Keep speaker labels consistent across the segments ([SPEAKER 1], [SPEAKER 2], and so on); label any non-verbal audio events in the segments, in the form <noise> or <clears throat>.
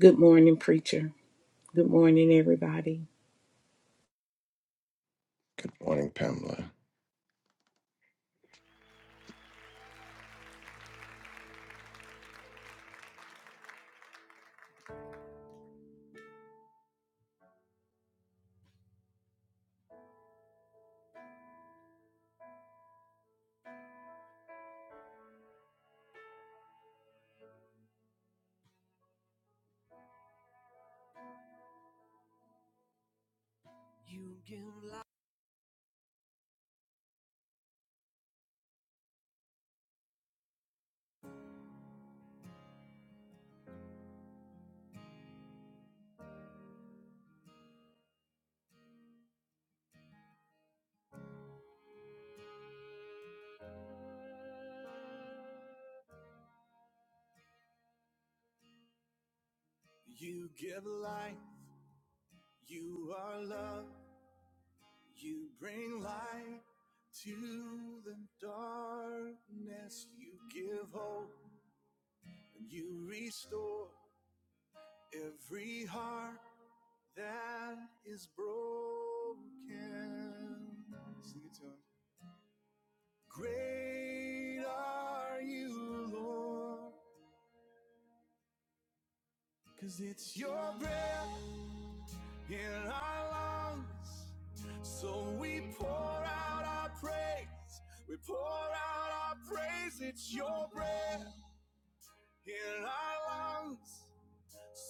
[SPEAKER 1] Good morning, preacher. Good morning, everybody.
[SPEAKER 2] Good morning, Pamela.
[SPEAKER 3] You give life. You give life. You are love. You bring light to the darkness. You give hope and you restore every heart that is broken. Sing it to him. Great are you, Lord. Cause it's your breath in our lungs. So we pour out our praise. We pour out our praise. It's your breath in our lungs.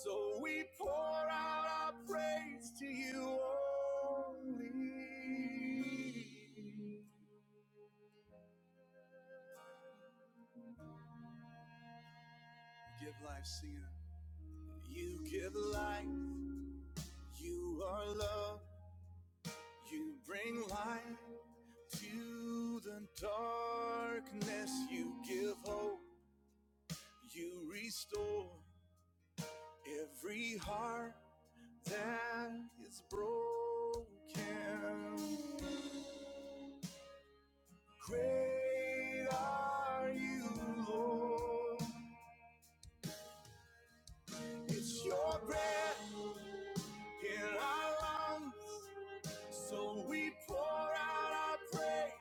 [SPEAKER 3] So we pour out our praise to you only. Give life, singer. You give life. You are love. You bring life. To the darkness you give hope, you restore every heart that is broken. Great are you, Lord. It's your breath in our lungs. So we pour out our praise.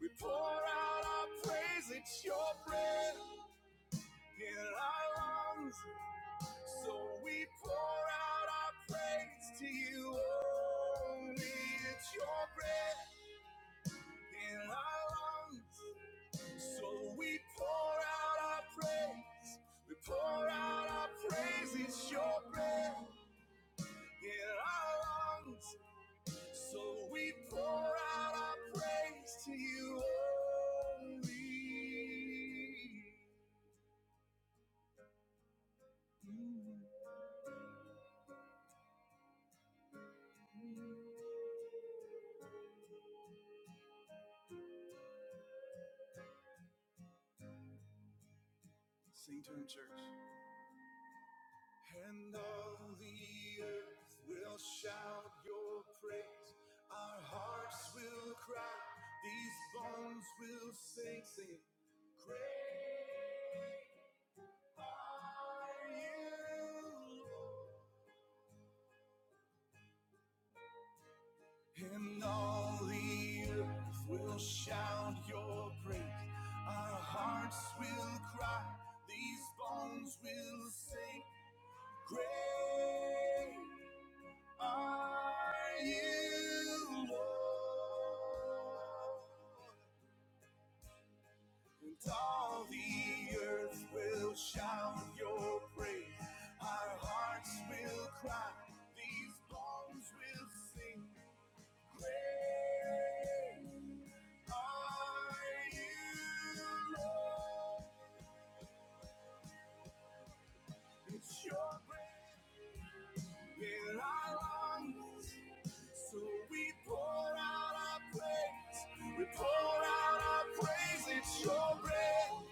[SPEAKER 3] We pour out our praise. It's your breath in our lungs. So we pour out our praise to you only. It's your breath in our lungs. So we pour out our praise. We pour out our praise. It's your breath in our lungs. So we pour out our praise to you only. Mm. Sing to him, church. And all the earth will shout your praise. Our hearts will cry. These bones will sing, sing. Great are you, Lord. And all the earth will shout your praise. Our hearts will cry. These bones will sing. Great Are you Lord? And all the earth will shout your praise. Our hearts will cry. These bones will sing. Great are you, Lord. It's your breath in our lungs. So we pour out our praise, we pour out our praise, it's your breath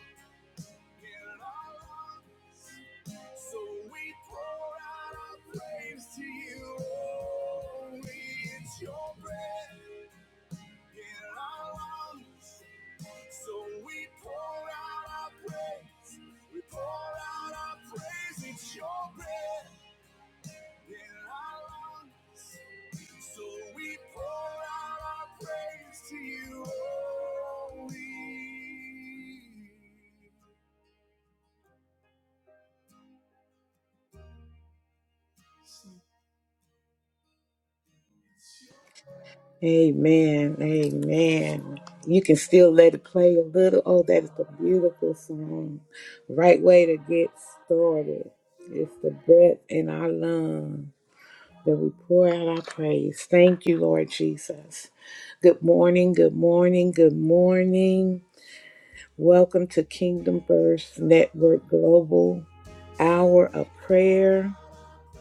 [SPEAKER 3] in our lungs. So we pour out our praise to you, holy, it's your breath in our lungs. So we pour out our praise, we pour out our praise, it's your breath in our lungs. So we pour out our praise to you, holy.
[SPEAKER 1] Amen. Amen. You can still let it play a little. Oh, that is a beautiful song. Right way to get started. It's the breath in our lungs that we pour out our praise. Thank you, Lord Jesus. Good morning. Good morning. Good morning. Welcome to Kingdom First Network Global
[SPEAKER 3] So
[SPEAKER 1] Hour
[SPEAKER 3] we
[SPEAKER 1] of
[SPEAKER 3] pour
[SPEAKER 1] Prayer,
[SPEAKER 3] out our,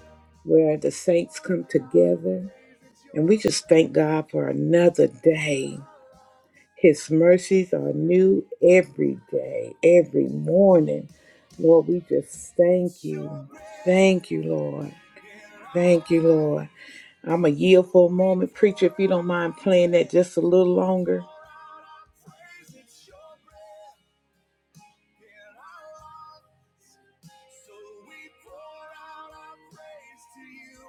[SPEAKER 1] where the
[SPEAKER 3] we
[SPEAKER 1] saints
[SPEAKER 3] pour
[SPEAKER 1] come
[SPEAKER 3] out our
[SPEAKER 1] together
[SPEAKER 3] praise. It's
[SPEAKER 1] And
[SPEAKER 3] your
[SPEAKER 1] we just thank
[SPEAKER 3] breath
[SPEAKER 1] God for another
[SPEAKER 3] in
[SPEAKER 1] day.
[SPEAKER 3] our lungs.
[SPEAKER 1] His mercies are new every day, every morning. Lord, we just thank
[SPEAKER 3] It's your
[SPEAKER 1] you.
[SPEAKER 3] breath
[SPEAKER 1] Thank you, Lord.
[SPEAKER 3] in our
[SPEAKER 1] Thank you, Lord.
[SPEAKER 3] lungs.
[SPEAKER 1] I'm a
[SPEAKER 3] So
[SPEAKER 1] yield for a
[SPEAKER 3] we
[SPEAKER 1] moment. Preacher,
[SPEAKER 3] pour
[SPEAKER 1] if you don't
[SPEAKER 3] out
[SPEAKER 1] mind
[SPEAKER 3] our
[SPEAKER 1] playing that just a
[SPEAKER 3] praise.
[SPEAKER 1] little
[SPEAKER 3] We
[SPEAKER 1] longer.
[SPEAKER 3] pour out our praise. It's your breath. in our lives. So we pour out our praise to you.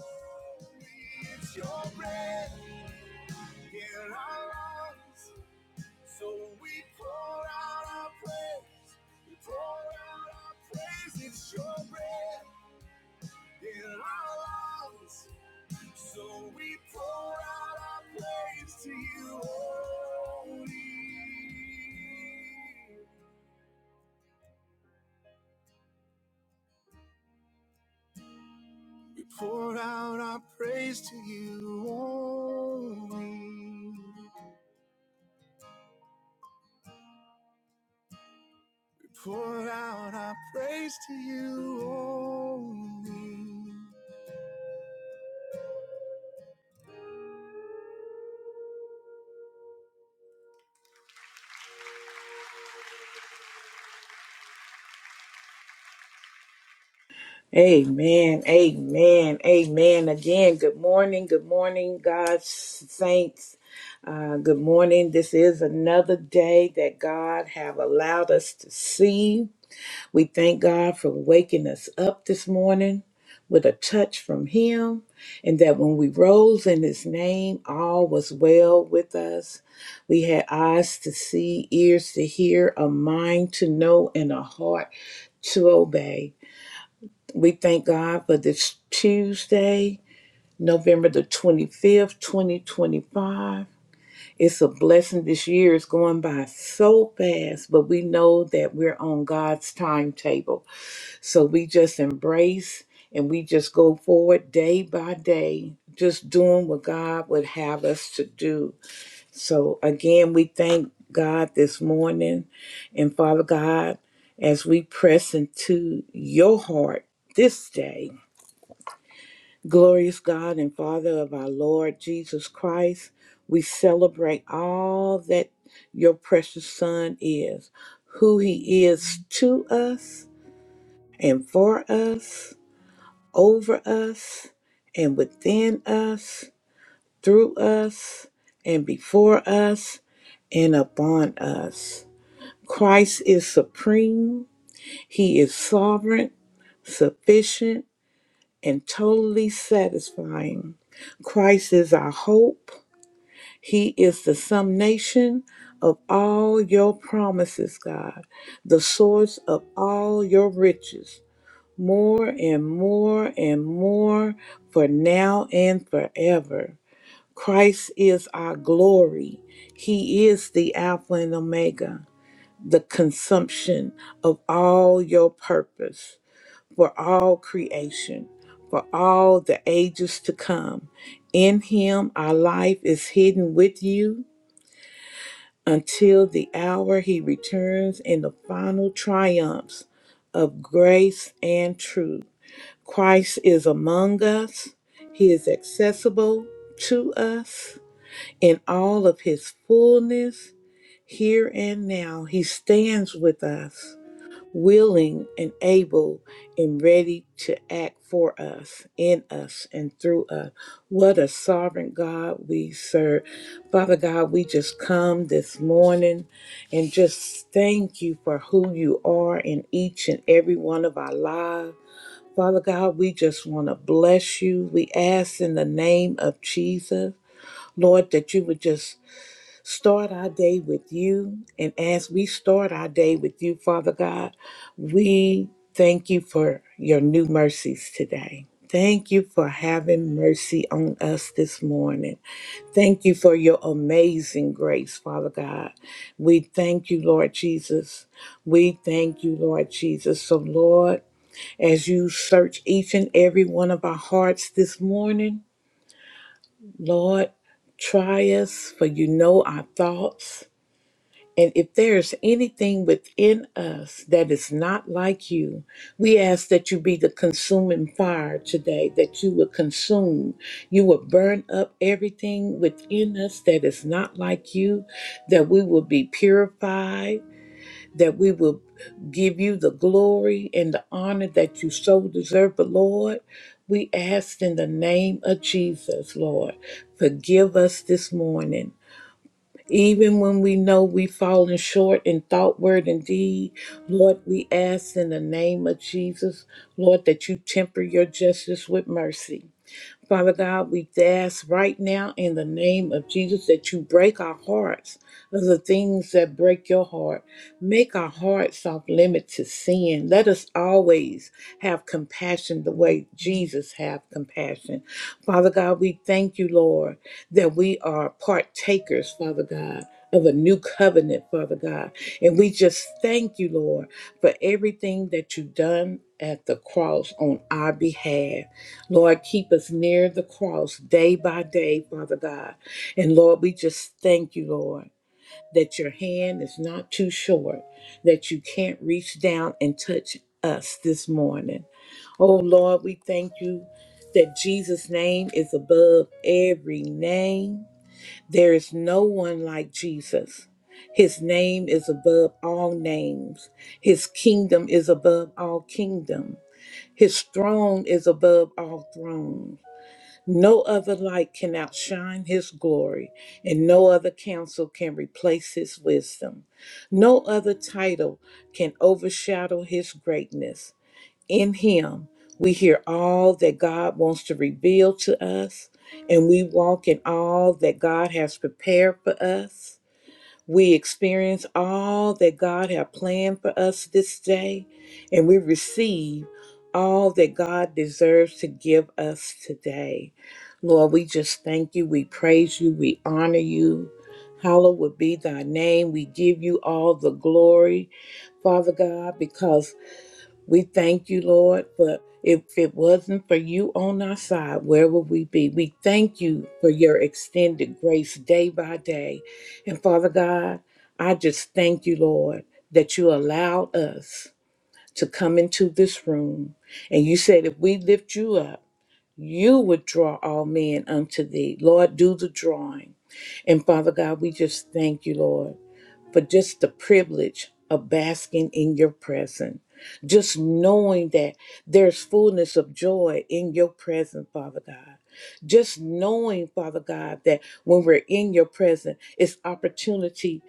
[SPEAKER 3] Holy, it's your breath in our lives. So we pour out our praise. We pour out our praise. It's your breath in our lives. So we pour out our praise to you. Holy. We pour out our praise to you only. We pour out our praise to you only.
[SPEAKER 1] Amen. Amen. Amen. Again, good morning. Good morning, God's saints. Uh, good morning. This is another day that God have allowed us to see. We thank God for waking us up this morning with a touch from Him, and that when we rose in His name, all was well with us. We had eyes to see, ears to hear, a mind to know, and a heart to obey. We thank God for this Tuesday, November the 25th, 2025. It's a blessing. This year is going by so fast, but we know that we're on God's timetable so we just embrace and we just go forward day by day, just doing what God would have us to do. So again, we thank God this morning. And Father God, as we press into your heart this day, glorious God and Father of our Lord Jesus Christ, we celebrate all that your precious Son is, who he is to us and for us over us and within us, through us and before us and upon us. Christ is supreme, He is sovereign, sufficient, and totally satisfying. Christ is our hope. He is the summation of all your promises, God, the source of all your riches more and more and more for now and forever. Christ is our glory. He is the Alpha and Omega, the consumption of all your purpose for all creation, for all the ages to come. In Him, our life is hidden with you until the hour He returns in the final triumphs of grace and truth. Christ is among us. He is accessible to us in all of his fullness here and now. He stands with us, willing and able and ready to act for us, in us, and through us. What a sovereign God we serve. Father God, we just come this morning and just thank you for who you are in each and every one of our lives. Father God, we just want to bless you. We ask in the name of Jesus, Lord, that you would just start our day with you. And as we start our day with you, Father God, we thank you for your new mercies today. Thank you for having mercy on us this morning. Thank you for your amazing grace, Father God. We thank you, Lord Jesus. We thank you, Lord Jesus. So, Lord, as you search each and every one of our hearts this morning, Lord, try us, for you know our thoughts. And if there is anything within us that is not like you, we ask that you be the consuming fire today, that you will consume, you will burn up everything within us that is not like you, that we will be purified that we will give you the glory and the honor that you so deserve. But Lord, we ask in the name of Jesus, Lord, forgive us this morning. Even when we know we've fallen short in thought, word, and deed, Lord, we ask in the name of Jesus, Lord, that you temper your justice with mercy. Father God, we ask right now in the name of Jesus that you break our hearts of the things that break your heart. Make our hearts off limit to sin. Let us always have compassion the way Jesus have compassion. Father God, we thank you, Lord, that we are partakers, Father God. Of a new covenant, Father God. And we just thank you, Lord, for everything that you've done at the cross on our behalf. Lord, keep us near the cross day by day, Father God. And Lord, we just thank you, Lord, that your hand is not too short, that you can't reach down and touch us this morning. Oh, Lord, we thank you that Jesus' name is above every name. There is no one like Jesus. His name is above all names. His kingdom is above all kingdom. His throne is above all thrones. No other light can outshine his glory, and no other counsel can replace his wisdom. No other title can overshadow his greatness. In him, we hear all that God wants to reveal to us, and we walk in all that God has prepared for us. We experience all that God has planned for us this day, and we receive all that God deserves to give us today. Lord, we just thank you. We praise you. We honor you. Hallowed be thy name. We give you all the glory, Father God, because we thank you, Lord, for if it wasn't for you on our side, where would we be? We thank you for your extended grace day by day. And Father God, I just thank you, Lord, that you allowed us to come into this room. And you said if we lift you up, you would draw all men unto thee. Lord, do the drawing. And Father God, we just thank you, Lord for just the privilege of basking in your presence. Just knowing that there's fullness of joy in your presence, Father God. Just knowing, Father God, that when we're in your presence, it's opportunity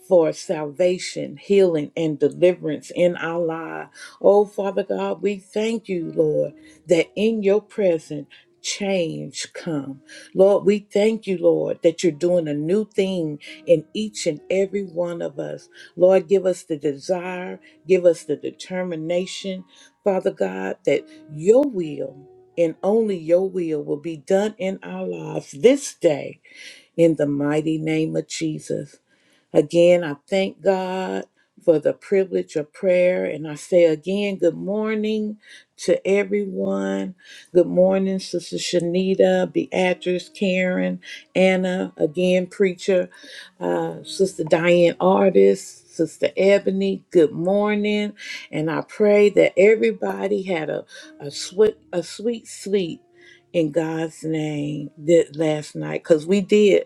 [SPEAKER 1] for salvation, healing, and deliverance in our life. Oh, Father God, we thank you, Lord, that in your presence, change come. Lord, we thank you, Lord, that you're doing a new thing in each and every one of us. Lord, give us the desire, give us the determination, Father God, that your will and only your will will be done in our lives this day in the mighty name of Jesus. Again, I thank God for the privilege of prayer. And I say again, good morning to everyone. Good morning, Sister Shanita, Beatrice, Karen, Anna, again, preacher, uh, Sister Diane Artist, Sister Ebony, good morning. And I pray that everybody had a, a sweet a sweet sleep in God's name that last night. Cause we did.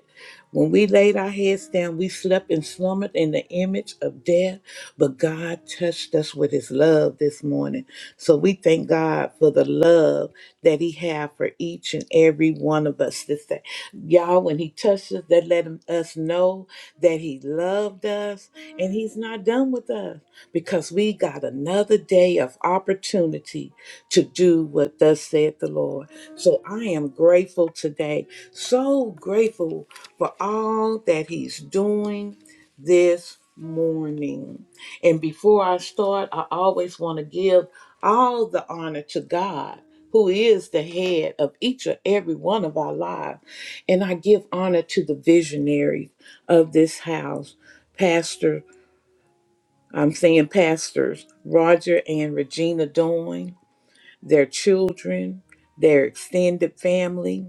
[SPEAKER 1] When we laid our heads down, we slept and slumbered in the image of death, but God touched us with his love this morning. So we thank God for the love that he has for each and every one of us this day. Y'all, when he touched us, that let him- us know that he loved us and he's not done with us because we got another day of opportunity to do what thus said the Lord. So I am grateful today. So grateful for all that he's doing this morning. And before I start, I always want to give all the honor to God, who is the head of each and every one of our lives. And I give honor to the visionaries of this house, Pastor, I'm saying pastors, Roger and Regina Doyne, their children, their extended family.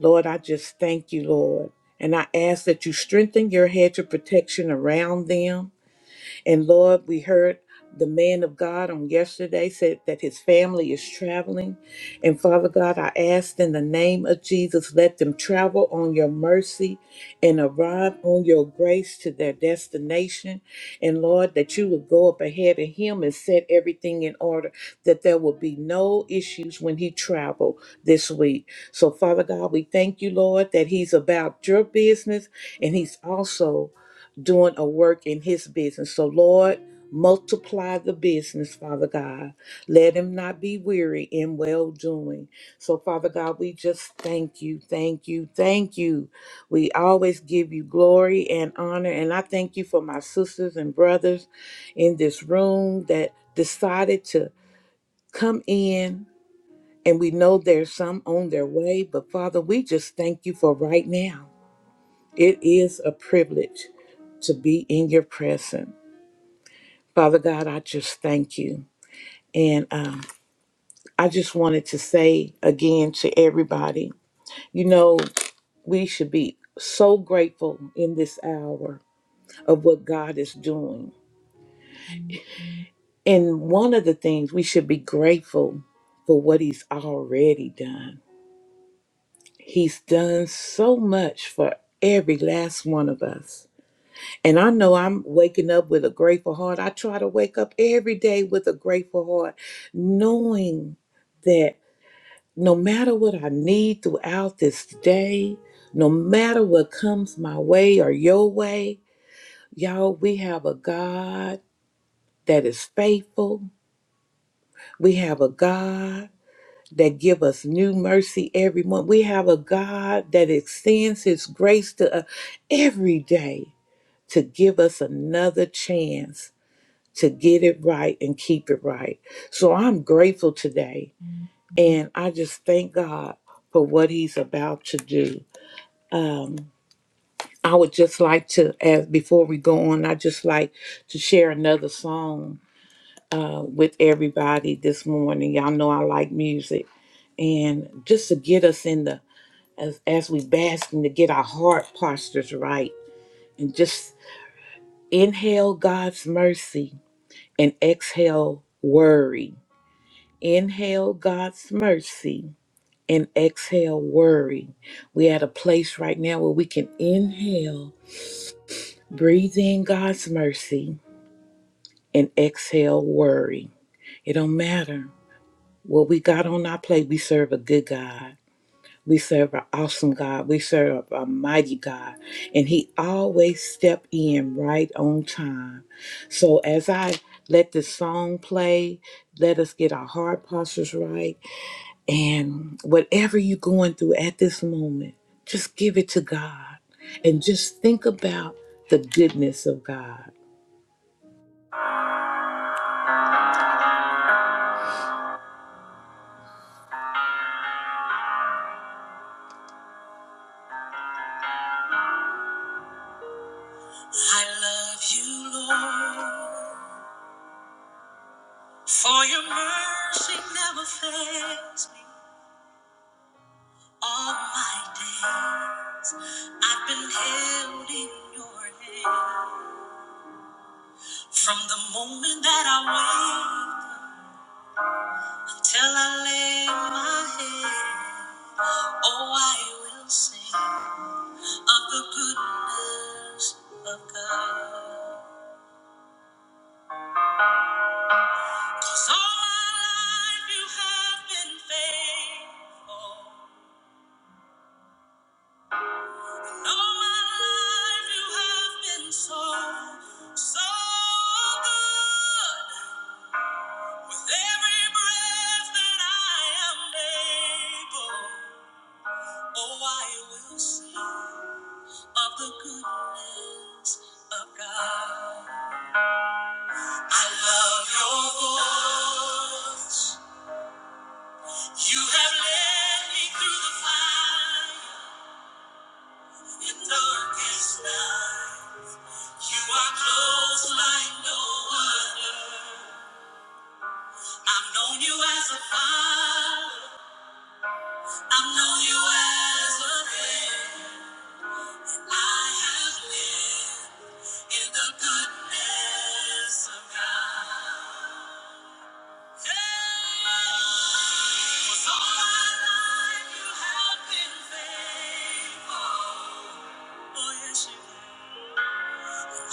[SPEAKER 1] Lord, I just thank you, Lord. And I ask that you strengthen your hedge of protection around them and Lord, we heard the man of God on yesterday said that his family is traveling. And Father God, I asked in the name of Jesus, let them travel on your mercy and arrive on your grace to their destination. And Lord, that you would go up ahead of him and set everything in order, that there will be no issues when he travel this week. So Father God, we thank you, Lord, that he's about your business and he's also doing a work in his business. So, Lord, multiply the business, Father God. Let him not be weary in well doing. So, Father God, we just thank you, thank you, thank you. We always give you glory and honor. And I thank you for my sisters and brothers in this room that decided to come in. And we know there's some on their way, but Father, we just thank you for right now. It is a privilege to be in your presence. Father God, I just thank you. And um, I just wanted to say again to everybody, you know, we should be so grateful in this hour of what God is doing. And one of the things we should be grateful for what He's already done. He's done so much for every last one of us. And I know I'm waking up with a grateful heart. I try to wake up every day with a grateful heart, knowing that no matter what I need throughout this day, no matter what comes my way or your way, y'all, we have a God that is faithful. We have a God that give us new mercy every month. We have a God that extends his grace to us every day to give us another chance to get it right and keep it right. So I'm grateful today. And I just thank God for what He's about to do. Um, I would just like to, as before we go on, I just like to share another song uh, with everybody this morning. Y'all know I like music, and just to get us in the as as we basking to get our heart postures right, and just inhale God's mercy and exhale worry Inhale God's mercy and exhale worry. We're at a place right now where we can inhale, breathe in God's mercy, and exhale worry. It don't matter what we got on our plate. We serve a good God. We serve an awesome God. We serve a mighty God. And He always step in right on time. So as I let this song play, let us get our heart postures right And whatever you're going through at this moment, just give it to God and just think about the goodness of God. I love you, Lord, for your mercy never fails me. All my days I've been held in your hand. From the moment that I wake till I lay my head, oh, I will sing. of the goodness of God. 'Cause all my life you have been faithful. All my life you have been so, so good. With every breath that I am able, oh, I will sing of the goodness of God. I love your voice. You have led me through the fire and darkest night. You are close like no other. I've known you as a father. I've known you as a friend. I have lived in the goodness of God. Yeah. 'Cause all my life you have been faithful. Oh yes. you have. Yeah.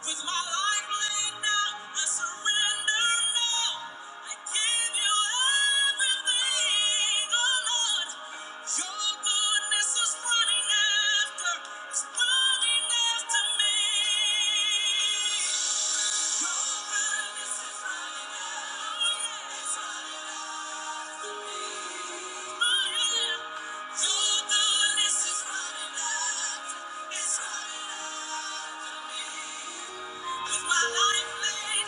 [SPEAKER 1] With my life laid down, I surrender now. I give you everything, oh Lord. Your goodness is running after, is running after me. Your goodness is running after, it's running after me. Oh yeah. Your goodness is running after, it's running after me. Though my life you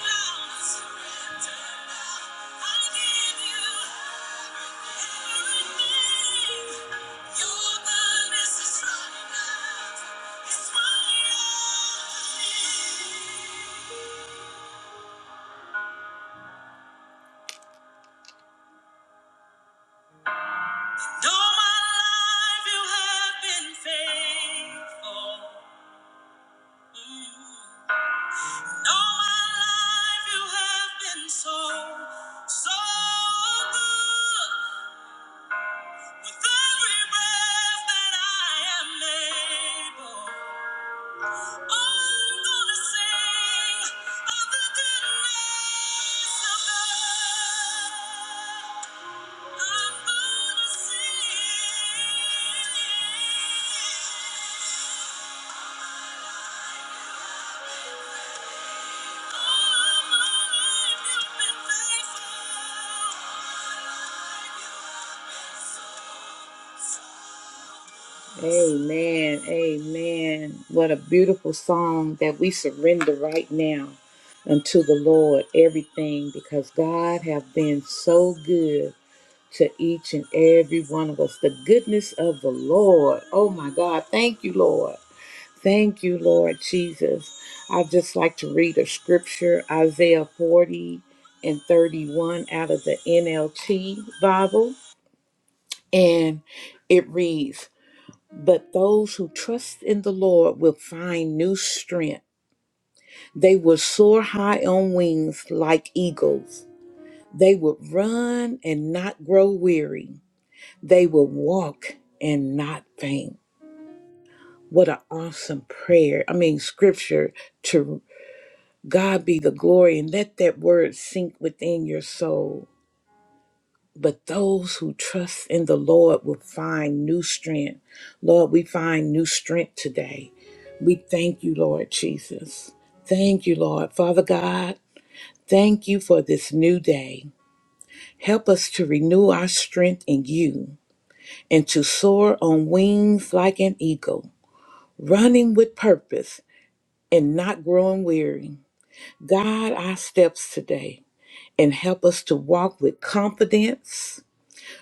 [SPEAKER 1] have been faithful. Mm. my life you have been so, so good. With every breath that I am able, I'm gonna sing of the goodness of God. I'm gonna sing. All of my life you've been faithful. Amen. Amen. What a beautiful song that we surrender right now unto the Lord everything because God have been so good to each and every one of us. The goodness of the Lord. Oh my God. Thank you, Lord. Thank you, Lord Jesus. I'd just like to read a scripture, Isaiah 40 and 31 out of the NLT Bible. And it reads, but those who trust in the Lord will find new strength. They will soar high on wings like eagles. They will run and not grow weary. They will walk and not faint. What an awesome prayer. I mean, scripture to God be the glory and let that word sink within your soul. But those who trust in the Lord will find new strength. Lord, we find new strength today. We thank you, Lord Jesus. Thank you, Lord. Father God, thank you for this new day. Help us to renew our strength in you and to soar on wings like an eagle, running with purpose and not growing weary. Guide our steps today and help us to walk with confidence,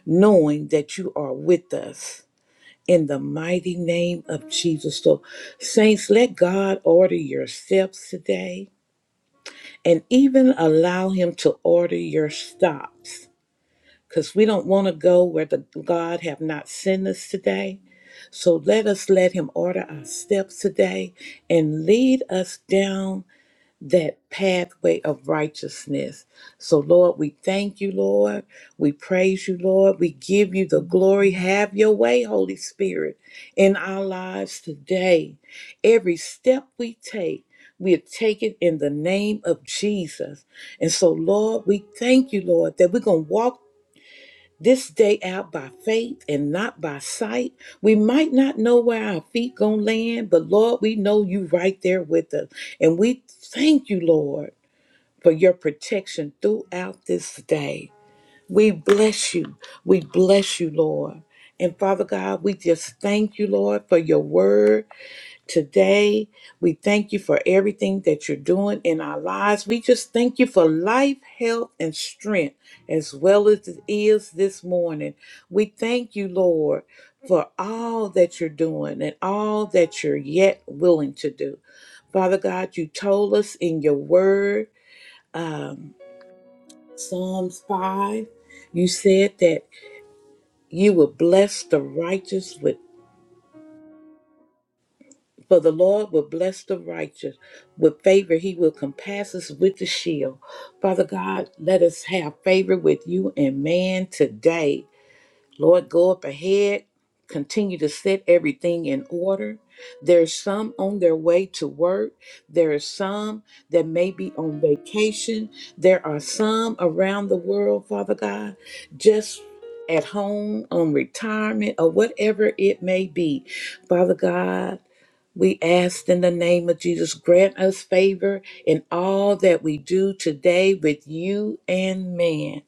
[SPEAKER 1] knowing that you are with us. In the mighty name of Jesus. So, Saints, let God order your steps today. and even allow him to order your stops because we don't want to go where the god have not sent us today so let us let him order our steps today and lead us down that pathway of righteousness. So, Lord, we thank you, Lord. We praise you, Lord. We give you the glory. Have your way, Holy Spirit, in our lives today. Every step we take, we are taking in the name of Jesus. And so, Lord, we thank you, Lord, that we're going to walk this day out by faith and not by sight. We might not know where our feet gonna land, but Lord, we know you right there with us. And we thank you, Lord, for your protection throughout this day. We bless you. We bless you, Lord. And Father God, we just thank you, Lord, for your word. Today, we thank you for everything that you're doing in our lives. We just thank you for life, health, and strength as well as it is this morning. We thank you, Lord, for all that you're doing and all that you're yet willing to do. Father God, you told us in your word, um, Psalms 5, you said that you will bless the righteous with For the Lord will bless the righteous. With favor, he will compass us with the shield. Father God, let us have favor with you and man today. Lord, go up ahead. Continue to set everything in order. There's some on their way to work. There are some that may be on vacation. There are some around the world, Father God, just at home, on retirement, or whatever it may be. Father God, we ask in the name of Jesus, grant us favor in all that we do today with you and man.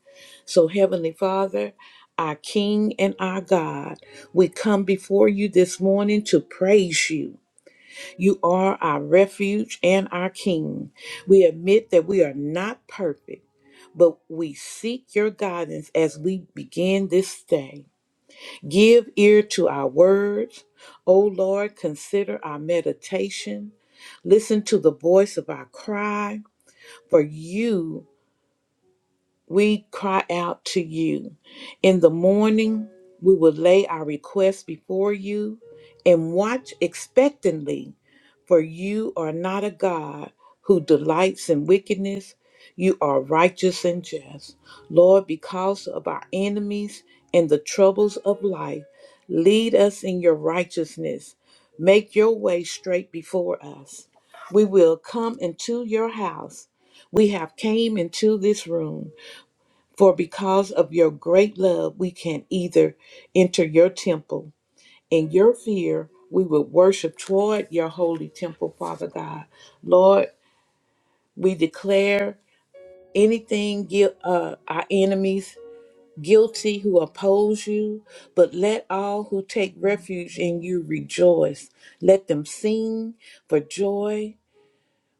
[SPEAKER 1] So, Heavenly Father, our King and our God, we come before you this morning to praise you. You are our refuge and our King. We admit that we are not perfect, but we seek your guidance as we begin this day. Give ear to our words. O Lord, consider our meditation. Listen to the voice of our cry, for you we cry out to you. In the morning, we will lay our requests before you and watch expectantly, for you are not a God who delights in wickedness. You are righteous and just. Lord, because of our enemies and the troubles of life, lead us in your righteousness. Make your way straight before us. We will come into your house. We have came into this room for because of your great love, we can either enter your temple. In your fear, we will worship toward your holy temple, Father God. Lord, we declare anything gui- uh, our enemies guilty who oppose you, but let all who take refuge in you rejoice. Let them sing for joy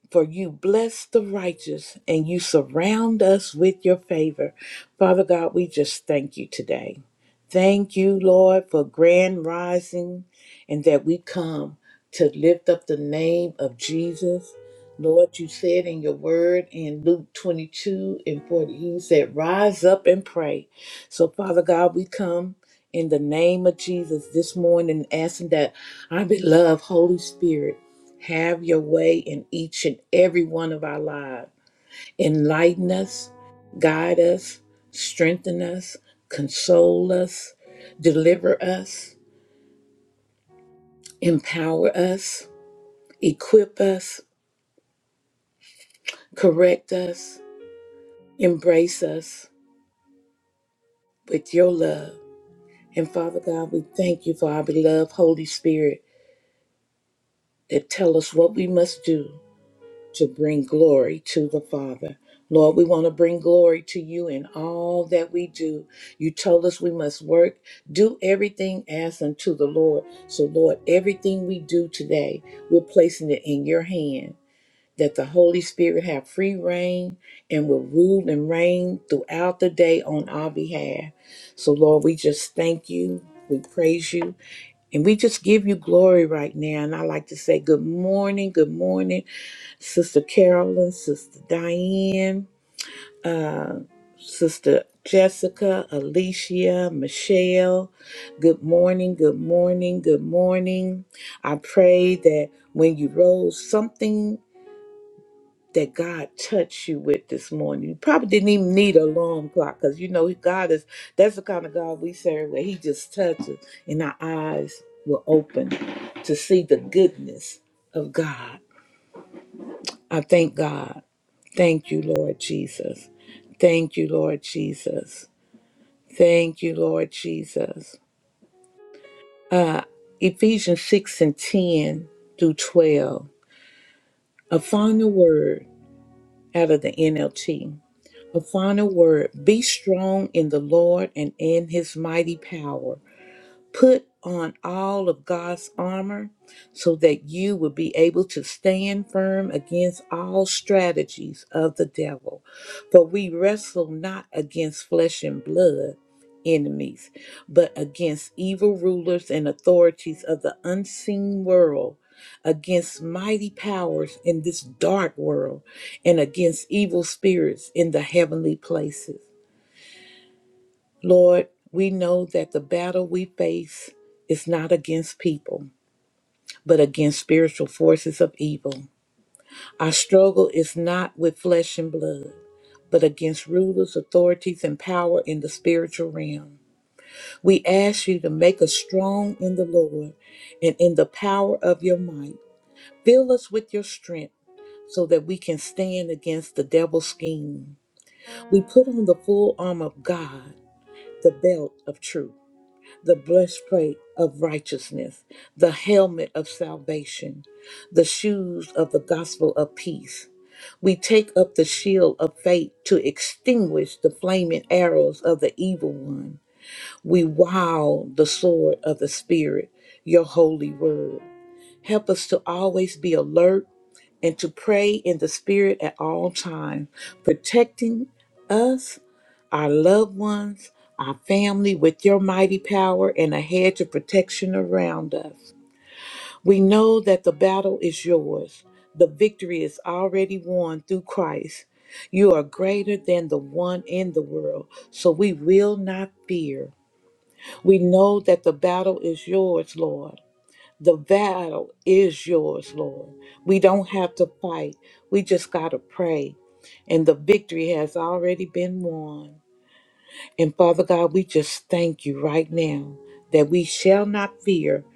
[SPEAKER 1] for you bless the righteous and you surround us with your favor. Father God, we just thank you today. Thank you, Lord, for grand rising and that we come to lift up the name of Jesus. Lord, you said in your word in Luke 22 and 40, you said, Rise up and pray. So, Father God, we come in the name of Jesus this morning asking that our beloved Holy Spirit have your way in each and every one of our lives. Enlighten us, guide us, strengthen us, console us, deliver us, empower us, equip us, correct us, embrace us with your love. And Father God, we thank you for our beloved Holy Spirit that tell us what we must do to bring glory to the Father. Lord, we want to bring glory to you in all that we do. You told us we must work, do everything as unto the Lord. So, Lord, everything we do today, we're placing it in your hand that the Holy Spirit have free reign and will rule and reign throughout the day on our behalf. So, Lord, we just thank you. We praise you and we just give you glory right now. And I like to say, Good morning, good morning. Sister Carolyn, Sister Diane, Sister Jessica, Alicia, Michelle. Good morning, good morning, good morning. I pray that when you rose, something that God touched you with this morning. You probably didn't even need an alarm clock because you know God is that's the kind of God we serve where He just touches and our eyes were open to see the goodness of God. I thank God. Thank you, Lord Jesus. Thank you, Lord Jesus. Thank you, Lord Jesus. Uh, Ephesians 6 and 10 through 12. A final word out of the NLT. A final word. Be strong in the Lord and in his mighty power. Put on all of God's armor so that you will be able to stand firm against all strategies of the devil. For we wrestle not against flesh and blood enemies, but against evil rulers and authorities of the unseen world, against mighty powers in this dark world, and against evil spirits in the heavenly places. Lord, we know that the battle we face is not against people, but against spiritual forces of evil. Our struggle is not with flesh and blood, but against rulers, authorities, and power in the spiritual realm. We ask you to make us strong in the Lord and in the power of your might. Fill us with your strength so that we can stand against the devil's scheme. We put on the full armor of God, the belt of truth the breastplate of righteousness, the helmet of salvation, the shoes of the gospel of peace. We take up the shield of faith to extinguish the flaming arrows of the evil one. We wow the sword of the Spirit, your holy word. Help us to always be alert and to pray in the Spirit at all times, protecting us, our loved ones, our family with your mighty power and a hedge of protection around us. We know that the battle is yours. The victory is already won through Christ. You are greater than the one in the world, so we will not fear. We know that the battle is yours, Lord the battle is yours, Lord. We don't have to fight. We just got to pray. And the victory has already been won. And Father God, we just thank you right now that we shall not fear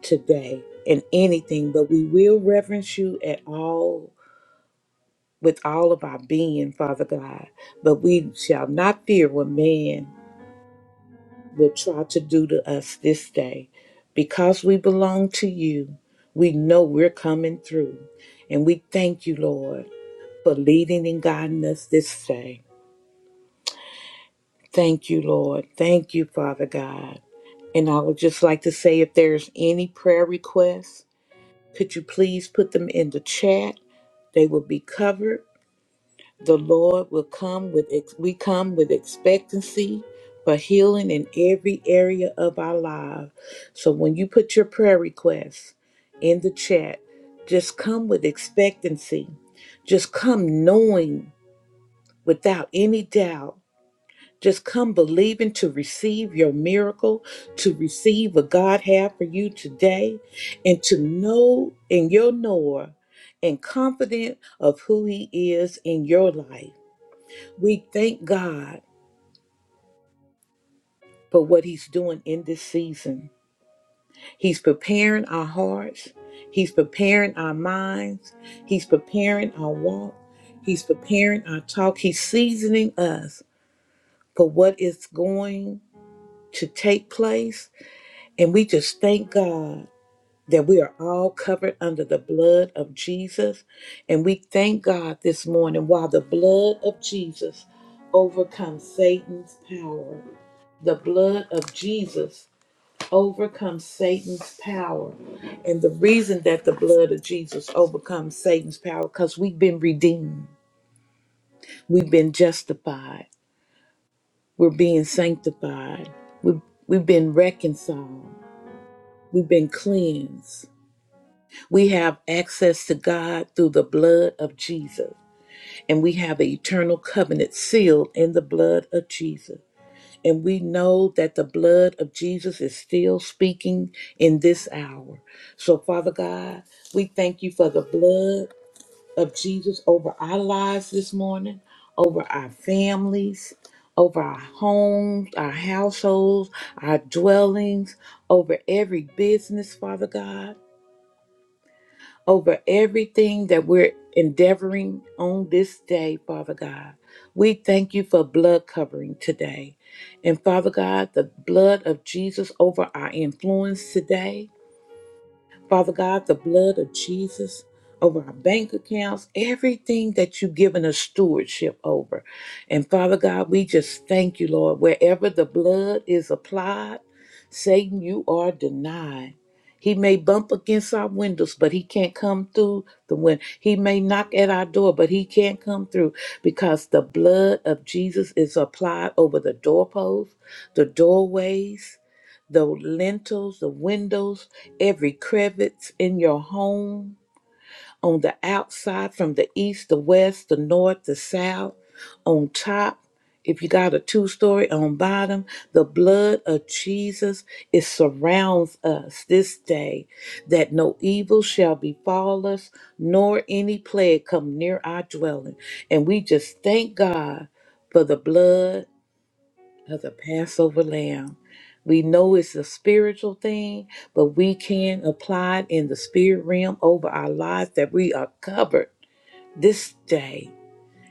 [SPEAKER 1] today in anything, but we will reverence you at all with all of our being, Father God. But we shall not fear what man will try to do to us this day. Because we belong to you, we know we're coming through. And we thank you, Lord, for leading and guiding us this day. Thank you, Lord. Thank you, Father God. And I would just like to say if there's any prayer requests, could you please put them in the chat? They will be covered The Lord will come with ex- we come with expectancy for healing in every area of our life. So when you put your prayer requests in the chat, just come with expectancy. Just come knowing without any doubt. Just come believing to receive your miracle, to receive what God had for you today, and to know in your knower and confident of who He is in your life. We thank God for what He's doing in this season. He's preparing our hearts, He's preparing our minds, He's preparing our walk, He's preparing our talk, He's seasoning us for what is going to take place. And we just thank God. That we are all covered under the blood of Jesus. And we thank God this morning while the blood of Jesus overcomes Satan's power. The blood of Jesus overcome Satan's power. And the reason that the blood of Jesus overcomes Satan's power, because we've been redeemed, we've been justified, we're being sanctified, we've, we've been reconciled, we've been cleansed. We have access to God through the blood of Jesus, and we have an eternal covenant sealed in the blood of Jesus. And we know that the blood of Jesus is still speaking in this hour. So, Father God, we thank you for the blood of Jesus over our lives this morning, over our families, over our homes, our households, our dwellings, over every business, Father God over everything that we're endeavoring on this day, Father God. We thank you for blood covering today. And Father God, the blood of Jesus over our influence today. Father God, the blood of Jesus over our bank accounts, everything that you've given us stewardship over. And Father God, we just thank you, Lord. Wherever the blood is applied, Satan, you are denied. He may bump against our windows, but he can't come through the window. He may knock at our door, but he can't come through because the blood of Jesus is applied over the doorposts, the doorways, the lintels, the windows, every crevice in your home, on the outside, from the east, the west, the north, the south, on top. If you got a two story on bottom, the blood of Jesus it surrounds us this day, that no evil shall befall us, nor any plague come near our dwelling. And we just thank God for the blood of the Passover lamb. We know it's a spiritual thing, but we can apply it in the spirit realm over our life that we are covered this day.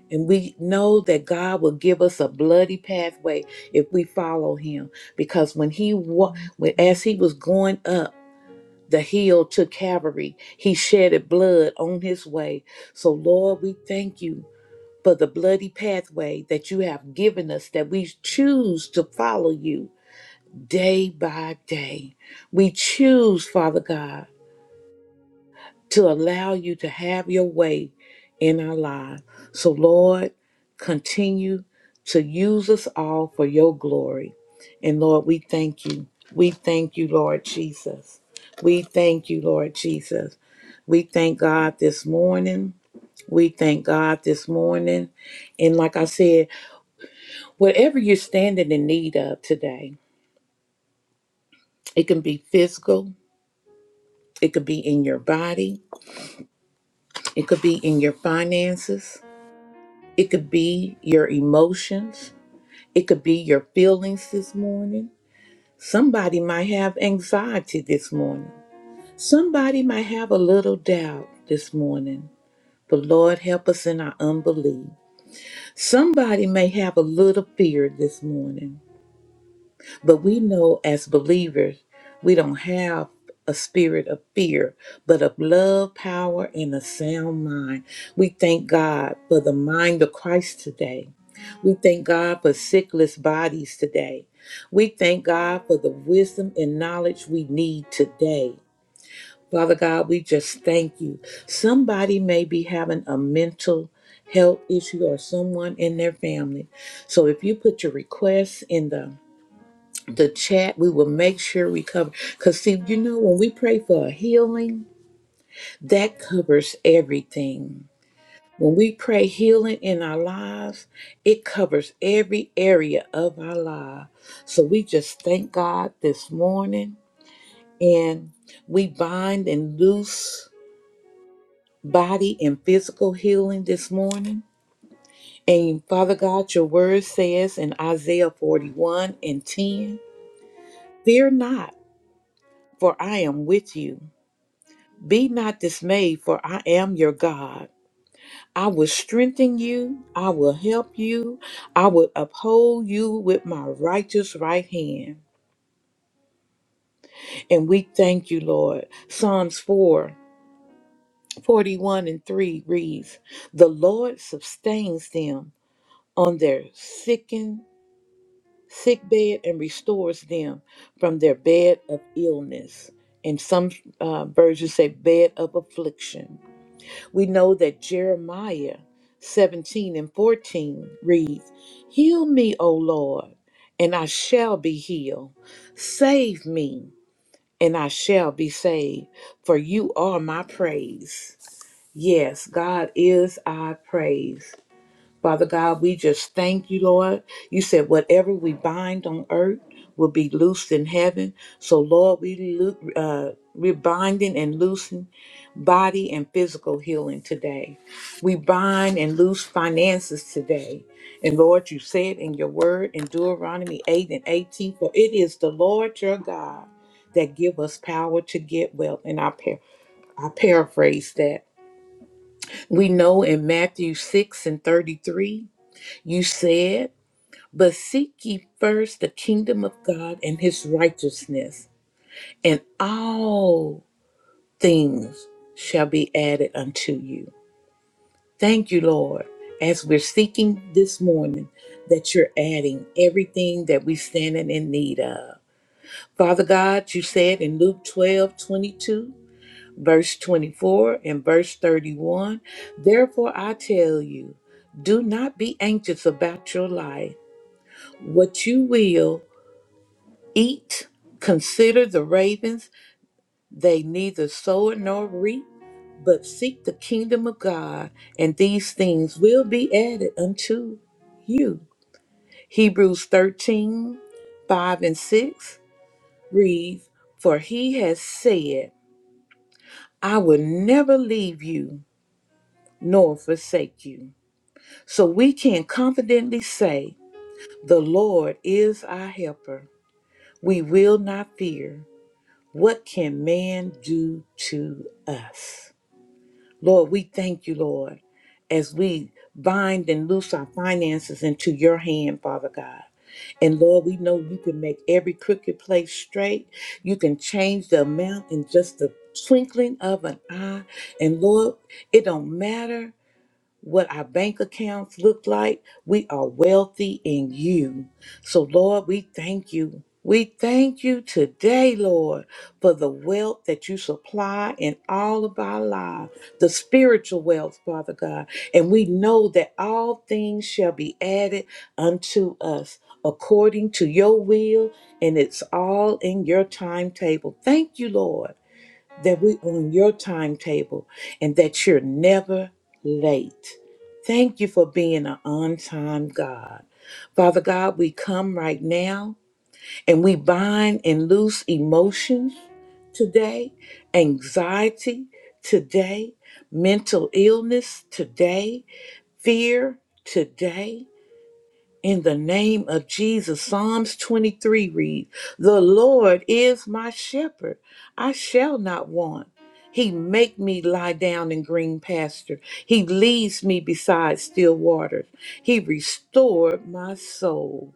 [SPEAKER 1] And we know that God will give us a bloody pathway if we follow him. Because when he wa- when as he was going up the hill to Calvary, he shedded blood on his way. So Lord, we thank you for the bloody pathway that you have given us that we choose to follow you day by day. We choose, Father God, to allow you to have your way in our lives. So, Lord, continue to use us all for your glory. And Lord, we thank you. We thank you, Lord Jesus. We thank you, Lord Jesus. We thank God this morning. We thank God this morning. And like I said, whatever you're standing in need of today, it can be physical, it could be in your body, It could be in your finances. It could be your emotions. It could be your feelings this morning. Somebody might have anxiety this morning. Somebody might have a little doubt this morning. But Lord, help us in our unbelief. Somebody may have a little fear this morning. But we know as believers, we don't have a spirit of fear, but of love, power, and a sound mind. We thank God for the mind of Christ today. We thank God for sickless bodies today. We thank God for the wisdom and knowledge we need today. Father God, we just thank you. Somebody may be having a mental health issue or someone in their family. So if you put your requests in the the chat. We will make sure we cover. Because, see, you know, when we pray for a healing, that covers everything. When we pray healing in our lives, it covers every area of our life. So we just thank God this morning and we bind and loose body and physical healing this morning. And Father God, your word says in Isaiah 41 and 10, Fear not, for I am with you. Be not dismayed, for I am your God. I will strengthen you, I will help you, I will uphold you with my righteous right hand. And we thank you, Lord. Psalms 4 41 and 3 reads, The Lord sustains them on their sickened sick bed and restores them from their bed of illness. And some uh, versions say bed of affliction. We know that Jeremiah 17 and 14 reads, Heal me, O Lord, and I shall be healed. Save me, and I shall be saved, for you are my praise. Yes, God is our praise. Father God, we just thank you, Lord. You said whatever we bind on earth will be loosed in heaven. So, Lord, we lo- uh, we're binding and loosing body and physical healing today. We bind and loose finances today. And Lord, you said in your word in Deuteronomy 8 and 18, for it is the Lord your God that give us power to get wealth. And I, par- I paraphrase that. We know in Matthew 6 and 33 you said, But seek ye first the kingdom of God and his righteousness, and all things shall be added unto you. Thank you, Lord, as we're seeking this morning that you're adding everything that we standing in need of. Father God, you said in Luke 12 22, verse 24 and verse 31, therefore I tell you, do not be anxious about your life, what you will Eat, consider the ravens, they neither sow nor reap, but seek the kingdom of God, and these things will be added unto you. Hebrews 13:5 and 6 reads, For he has said, I will never leave you nor forsake you. So we can confidently say, The Lord is our helper. We will not fear. What can man do to us? Lord, we thank you, Lord, as we bind and loose our finances into your hand, Father God. And Lord, we know you can make every crooked place straight. You can change the amount in just the twinkling of an eye. And Lord, it don't matter what our bank accounts look like. We are wealthy in you. So, Lord, we thank you. We thank you today, Lord, for the wealth that you supply in all of our lives, the spiritual wealth, Father God. And we know that all things shall be added unto us according to your will, and it's all in your timetable. Thank you, Lord that we on your timetable and that you're never late. Thank you for being an on time God. Father God, we come right now and we bind and loose emotions today, anxiety today, mental illness today, fear today. In the name of Jesus, Psalms 23 reads: The Lord is my shepherd. I shall not want. He make me lie down in green pasture. He leads me beside still waters. He restored my soul.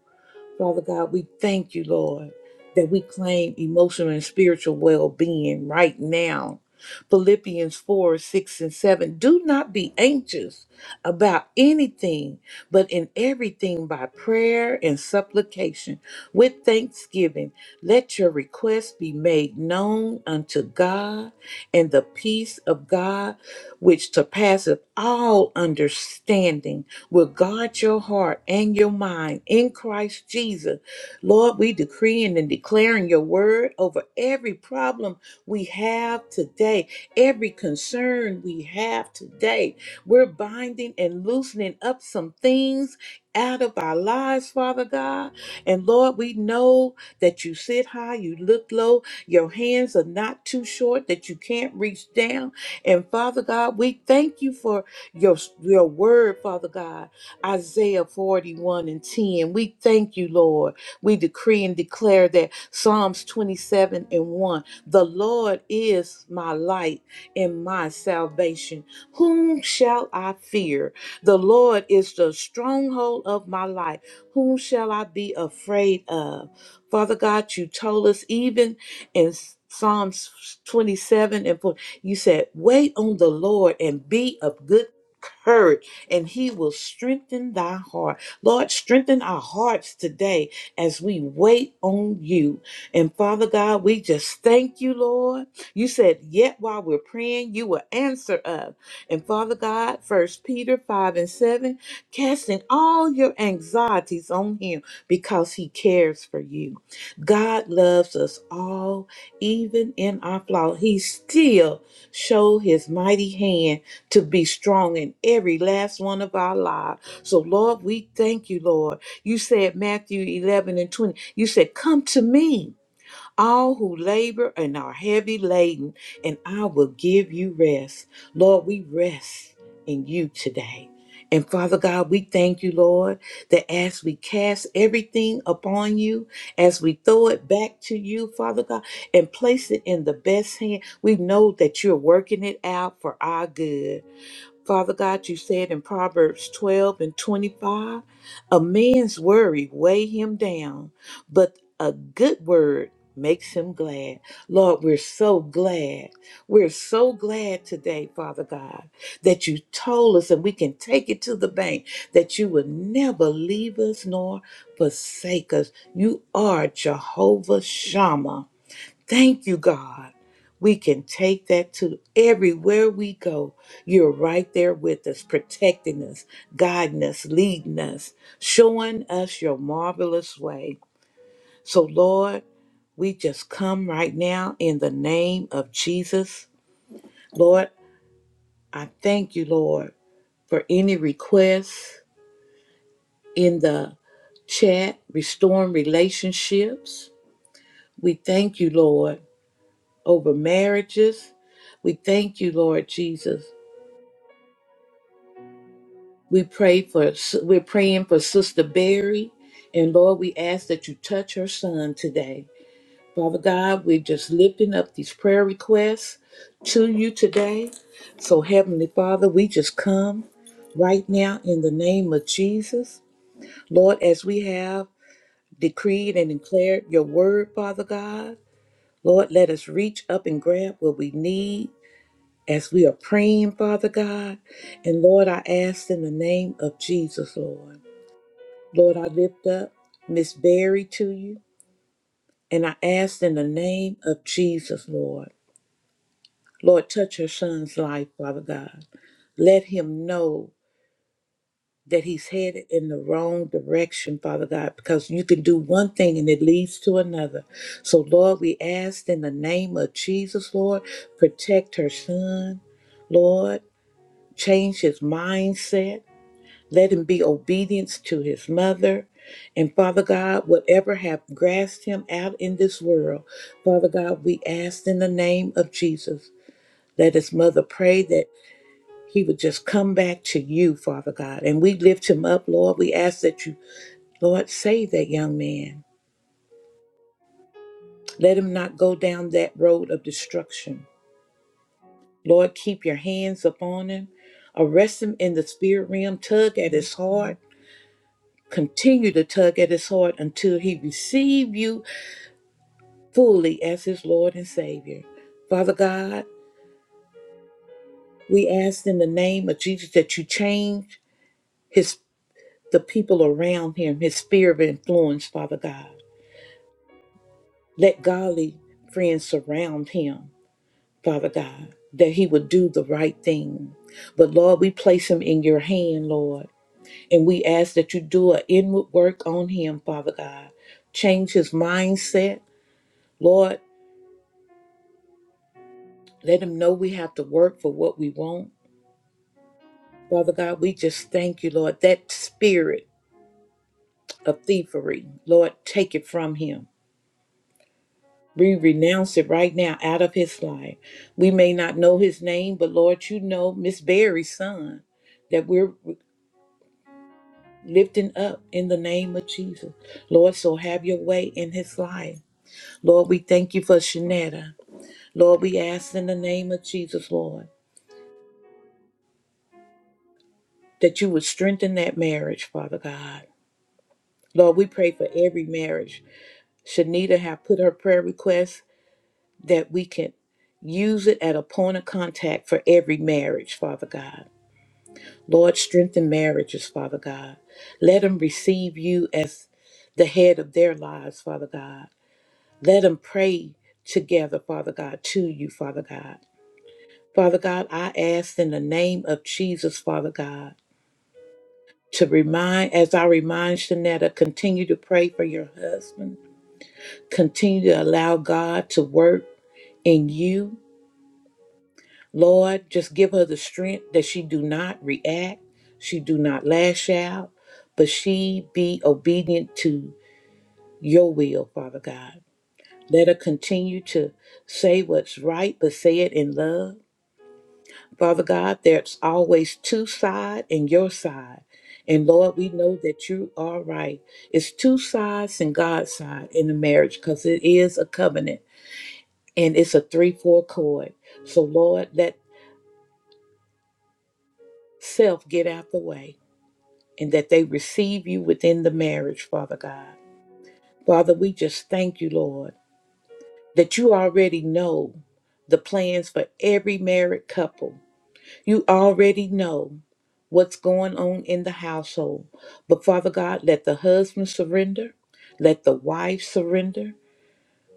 [SPEAKER 1] Father God, we thank you, Lord, that we claim emotional and spiritual well being right now. Philippians 4 6 and 7. Do not be anxious about anything, but in everything by prayer and supplication with thanksgiving. Let your requests be made known unto God, and the peace of God, which surpasseth all understanding will guard your heart and your mind in Christ Jesus. Lord, we decreeing and declaring your word over every problem we have today, every concern we have today. We're binding and loosening up some things out of our lives, Father God. And Lord, we know that you sit high, you look low, your hands are not too short, that you can't reach down. And Father God, we thank you for your, your word, Father God. Isaiah 41 and 10. We thank you, Lord. We decree and declare that Psalms 27 and 1. The Lord is my light and my salvation. Whom shall I fear? The Lord is the stronghold of my life. Whom shall I be afraid of? Father God, you told us even in Psalms 27 and 4, you said, Wait on the Lord and be of good courage and he will strengthen thy heart. Lord, strengthen our hearts today as we wait on you. And Father God, we just thank you, Lord. You said, yet while we're praying, you will answer us. And Father God, first Peter 5 and 7, casting all your anxieties on him because he cares for you. God loves us all, even in our flaw. He still showed his mighty hand to be strong in every last one of our lives. So, Lord, we thank you, Lord. You said, Matthew 11 and 20, you said, Come to me, all who labor and are heavy laden, and I will give you rest. Lord, we rest in you today. And Father God, we thank you, Lord, that as we cast everything upon you, as we throw it back to you, Father God, and place it in the best hand, we know that you're working it out for our good. Father God, you said in Proverbs 12 and 25, a man's worry weigh him down, but a good word makes him glad. Lord, we're so glad. We're so glad today, Father God, that you told us and we can take it to the bank that you would never leave us nor forsake us. You are Jehovah Shammah. Thank you, God. We can take that to everywhere we go. You're right there with us, protecting us, guiding us, leading us, showing us your marvelous way. So, Lord, we just come right now in the name of Jesus. Lord, I thank you, Lord, for any requests in the chat, restoring relationships. We thank you, Lord over marriages. We thank you, Lord Jesus. We pray for we're praying for Sister Barry, and Lord, we ask that you touch her son today. Father God, we're just lifting up these prayer requests to you today. So Heavenly Father, we just come right now in the name of Jesus. Lord, as we have decreed and declared your word, Father God, Lord, let us reach up and grab what we need as we are praying, Father God. And Lord, I ask in the name of Jesus, Lord. Lord, I lift up Miss Berry to you, and I ask in the name of Jesus, Lord. Lord, touch her son's life, Father God. Let him know that he's headed in the wrong direction, Father God, because you can do one thing and it leads to another. So, Lord, we ask in the name of Jesus, Lord, protect her son. Lord, change his mindset. Let him be obedient to his mother. And Father God, whatever have grasped him out in this world, Father God, we ask in the name of Jesus. Let his mother pray that he would just come back to you, Father God. And we lift him up, Lord. We ask that you, Lord, save that young man. Let him not go down that road of destruction. Lord, keep your hands upon him. Arrest him in the spirit realm. Tug at his heart continue to tug at his heart until he receive you fully as his Lord and Savior. Father God, we ask in the name of Jesus that you change his the people around him, his sphere of influence, Father God. Let godly friends surround him, Father God, that he would do the right thing. But Lord, we place him in your hand, Lord, and we ask that you do an inward work on him, Father God. Change his mindset, Lord Let them know we have to work for what we want. Father God, we just thank you, Lord. That spirit of thievery, Lord, take it from him. We renounce it right now out of his life. We may not know his name, but Lord, you know Miss Barry's son that we're lifting up in the name of Jesus. Lord, so have your way in his life. Lord, we thank you for Shanetta. Lord, we ask in the name of Jesus, Lord, that you would strengthen that marriage, Father God. Lord, we pray for every marriage. Shanita have put her prayer request that we can use it at a point of contact for every marriage, Father God. Lord, strengthen marriages, Father God. Let them receive you as the head of their lives, Father God. Let them pray together, Father God, to you, Father God. Father God, I ask in the name of Jesus, Father God, to remind, as I remind Shanetta, continue to pray for your husband Continue to allow God to work in you. Lord, just give her the strength that she do not react, she do not lash out, but she be obedient to your will, Father God. Let her continue to say what's right, but say it in love. Father God, there's always two sides and your side. And Lord, we know that you are right. It's two sides and God's side in the marriage because it is a covenant. and it's a three four chord. So Lord, let self get out the way and that they receive you within the marriage, Father God. Father, we just thank you, Lord, that you already know the plans for every married couple. You already know what's going on in the household. But Father God, let the husband surrender, let the wife surrender,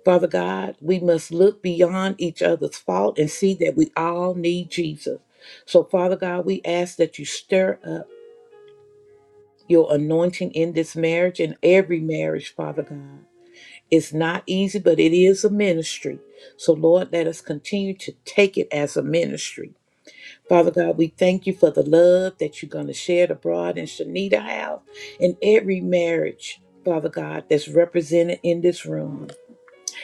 [SPEAKER 1] Father God, we must look beyond each other's fault and see that we all need Jesus. So, Father God, we ask that you stir up your anointing in this marriage and every marriage, Father God. It's not easy, but it is a ministry. So, Lord, let us continue to take it as a ministry. Father God, we thank you for the love that you're going to shed abroad in Shanita House and every marriage, Father God, that's represented in this room.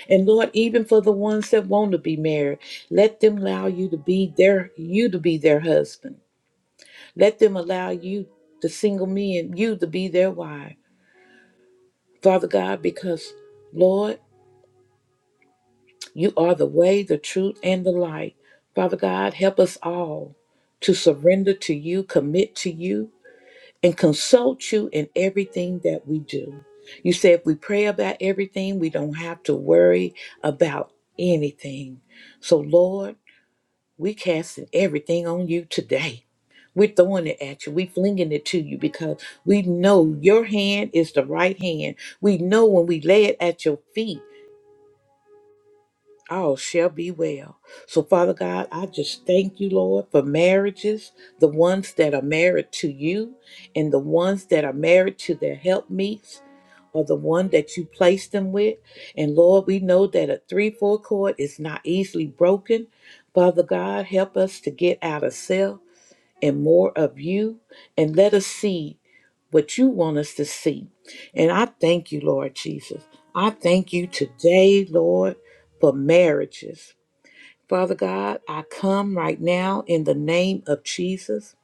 [SPEAKER 1] And Lord, even for the ones that want to be married, let them allow you to be their you to be their husband. Let them allow you, the single men, you to be their wife. Father God, because Lord, you are the way, the truth, and the light. Father God, help us all to surrender to you, commit to you, and consult you in everything that we do. You say if we pray about everything, we don't have to worry about anything. So, Lord, We're casting everything on you today. We're throwing it at you. We're flinging it to you because we know your hand is the right hand. We know when we lay it at your feet, all shall be well. So, Father God, I just thank you, Lord, for marriages, the ones that are married to you and the ones that are married to their helpmeets or the one that you placed them with. And Lord, we know that a 3 4 chord is not easily broken. Father God, help us to get out of self and more of you and let us see what you want us to see. And I thank you, Lord Jesus. I thank you today, Lord, for marriages. Father God, I come right now in the name of Jesus.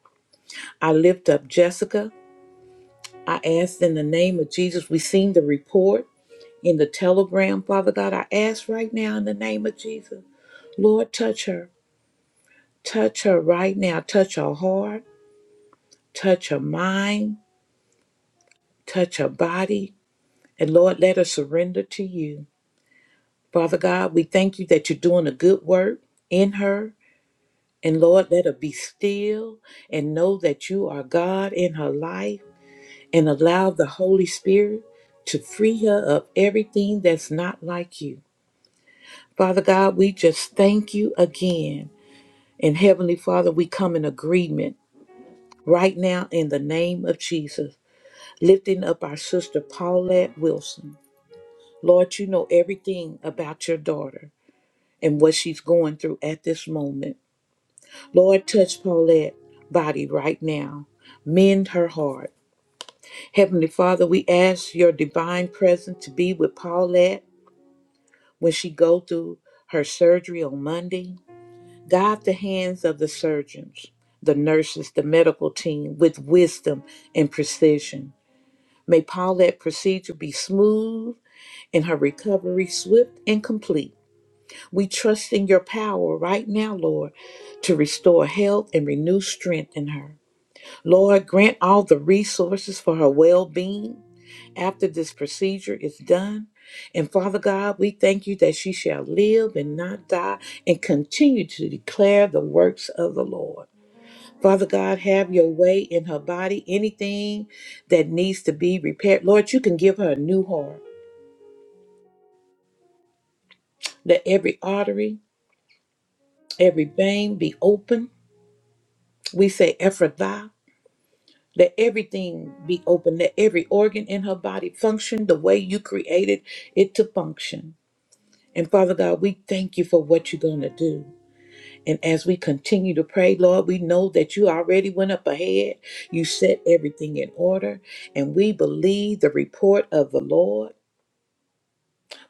[SPEAKER 1] I lift up Jessica. I ask in the name of Jesus. We've seen the report in the telegram, Father God. I ask right now in the name of Jesus, Lord, touch her. Touch her right now. Touch her heart. Touch her mind. Touch her body And Lord, let her surrender to you. Father God, we thank you that you're doing a good work in her. And Lord, let her be still and know that you are God in her life and allow the Holy Spirit to free her of everything that's not like you. Father God, we just thank you again. And Heavenly Father, we come in agreement right now in the name of Jesus, lifting up our sister Paulette Wilson. Lord, you know everything about your daughter. and what she's going through at this moment. Lord, touch Paulette body right now. Mend her heart. Heavenly Father, we ask your divine presence to be with Paulette when she go through her surgery on Monday. Guide the hands of the surgeons, the nurses, the medical team with wisdom and precision. May Paulette procedure be smooth and her recovery swift and complete. We trust in your power right now, Lord, to restore health and renew strength in her. Lord, grant all the resources for her well being after this procedure is done. And Father God, we thank you that she shall live and not die and continue to declare the works of the Lord. Father God, have your way in her body. Anything that needs to be repaired, Lord, you can give her a new heart. Let every artery, every vein be open We say Ephrathah, that everything be open, that every organ in her body function the way you created it to function. And Father God, we thank you for what you're going to do. And as we continue to pray, Lord, we know that you already went up ahead. You set everything in order, and we believe the report of the Lord.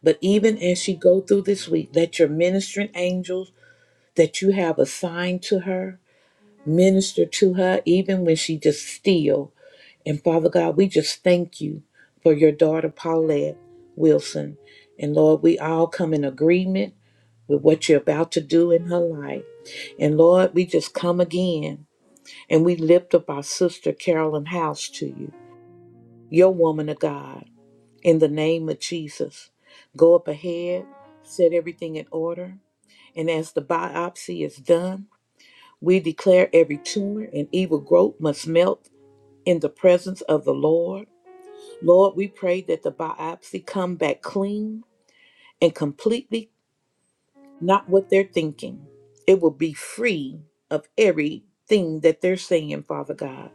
[SPEAKER 1] But even as she go through this week, let your ministering angels that you have assigned to her minister to her, even when she just still And Father God, we just thank you for your daughter, Paulette Wilson. And Lord, we all come in agreement with what you're about to do in her life. And Lord, we just come again and we lift up our sister, Carolyn House, to you, your woman of God, in the name of Jesus. Go up ahead, set everything in order. And as the biopsy is done, we declare every tumor and evil growth must melt in the presence of the Lord. Lord, we pray that the biopsy come back clean and completely not what they're thinking. It will be free of everything that they're saying, Father God.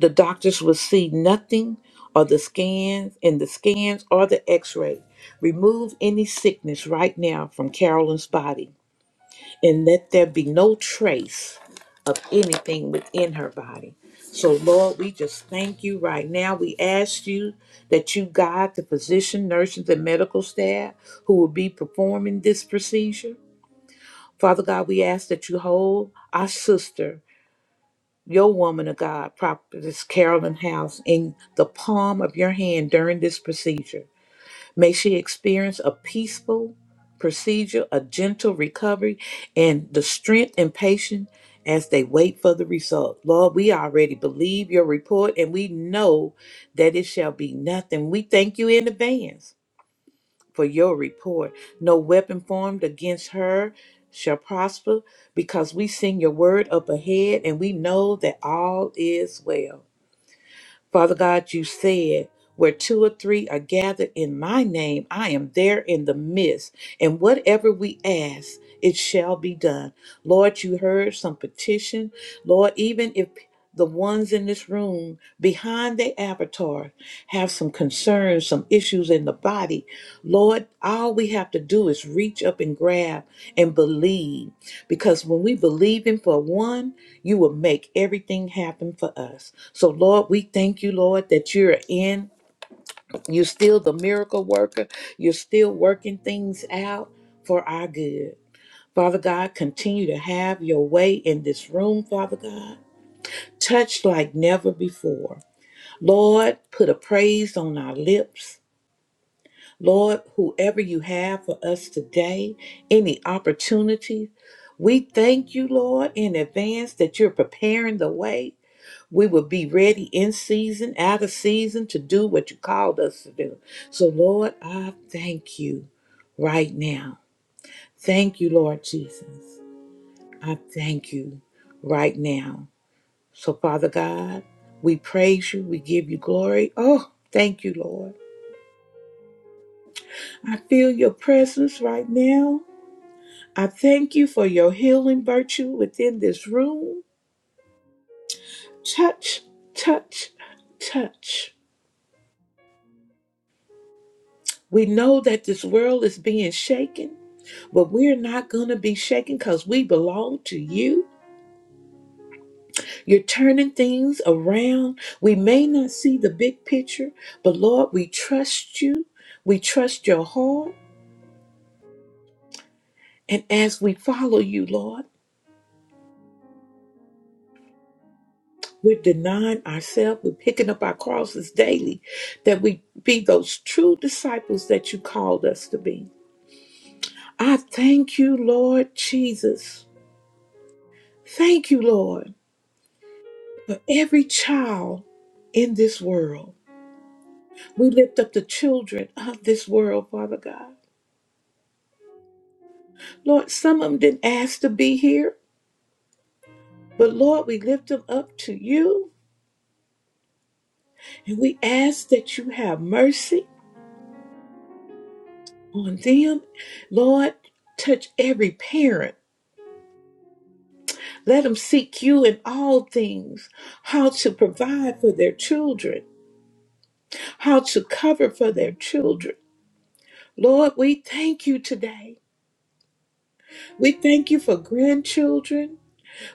[SPEAKER 1] The doctors will see nothing or the scans and the scans or the x-ray. Remove any sickness right now from Carolyn's body and let there be no trace of anything within her body. So, Lord, we just thank you right now. We ask you that you guide the physician, nurses, and medical staff who will be performing this procedure. Father God, we ask that you hold our sister, your woman of God, Prophetess Carolyn House, in the palm of your hand during this procedure. May she experience a peaceful procedure, a gentle recovery, and the strength and patience as they wait for the result. Lord, we already believe your report and we know that it shall be nothing. We thank you in advance for your report. No weapon formed against her shall prosper because we sing your word up ahead and we know that all is well. Father God, you said, where two or three are gathered in my name, I am there in the midst. And whatever we ask, it shall be done. Lord, you heard some petition. Lord, even if the ones in this room behind the avatar have some concerns, some issues in the body, Lord, all we have to do is reach up and grab and believe. Because when we believe in for one, you will make everything happen for us. So, Lord, we thank you, Lord, that you're in. You're still the miracle worker. You're still working things out for our good. Father God, continue to have your way in this room, Father God. Touch like never before. Lord, put a praise on our lips. Lord, whoever you have for us today, any opportunities, we thank you, Lord, in advance that you're preparing the way We will be ready in season, out of season to do what you called us to do. So, Lord, I thank you right now. Thank you, Lord Jesus. I thank you right now. So, Father God, we praise you. We give you glory. Oh, thank you, Lord. I feel your presence right now. I thank you for your healing virtue within this room. Touch, touch, touch. We know that this world is being shaken, but we're not going to be shaken because we belong to you. You're turning things around. We may not see the big picture, but Lord, we trust you. We trust your heart. And as we follow you, Lord, we're denying ourselves, we're picking up our crosses daily, that we be those true disciples that you called us to be. I thank you, Lord Jesus. Thank you, Lord. for every child in this world. We lift up the children of this world, Father God. Lord, some of them didn't ask to be here, but Lord, we lift them up to you and we ask that you have mercy on them. Lord, touch every parent. Let them seek you in all things, how to provide for their children, how to cover for their children. Lord, we thank you today. We thank you for grandchildren.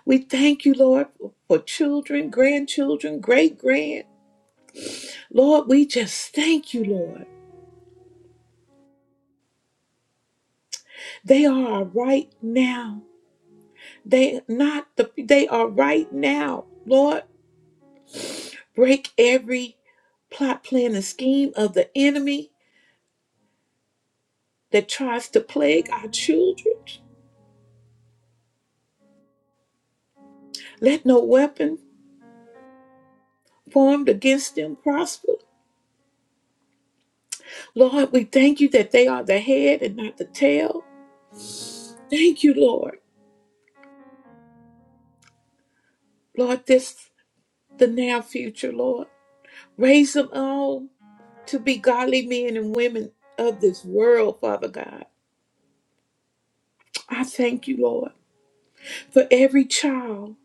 [SPEAKER 1] We thank you, Lord, for children, grandchildren, great grand. Lord, we just thank you, Lord. They are our right now. They not the they are right now. Lord, break every plot, plan, and scheme of the enemy that tries to plague our children. Let no weapon formed against them prosper. Lord, we thank you that they are the head and not the tail. Thank you, Lord. Lord, this the now future, Lord. Raise them all to be godly men and women of this world, Father God. I thank you, Lord, for every child,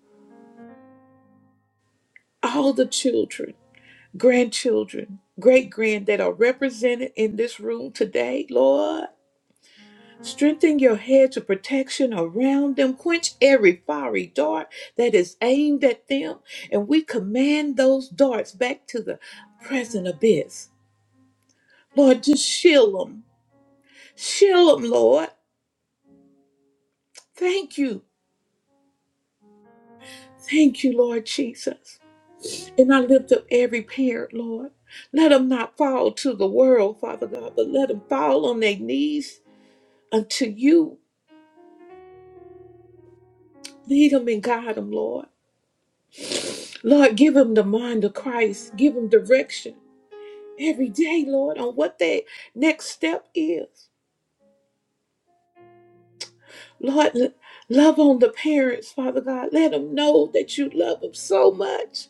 [SPEAKER 1] all the children, grandchildren, great grand that are represented in this room today, Lord. Strengthen your hedge of protection around them. Quench every fiery dart that is aimed at them. And we command those darts back to the present abyss. Lord, just shield them. Shield them, Lord. Thank you Thank you, Lord Jesus. And I lift up every parent, Lord. Let them not fall to the world, Father God, but let them fall on their knees unto you. Lead them and guide them, Lord. Lord, give them the mind of Christ. Give them direction every day, Lord, on what their next step is. Lord, l- love on the parents, Father God. Let them know that you love them so much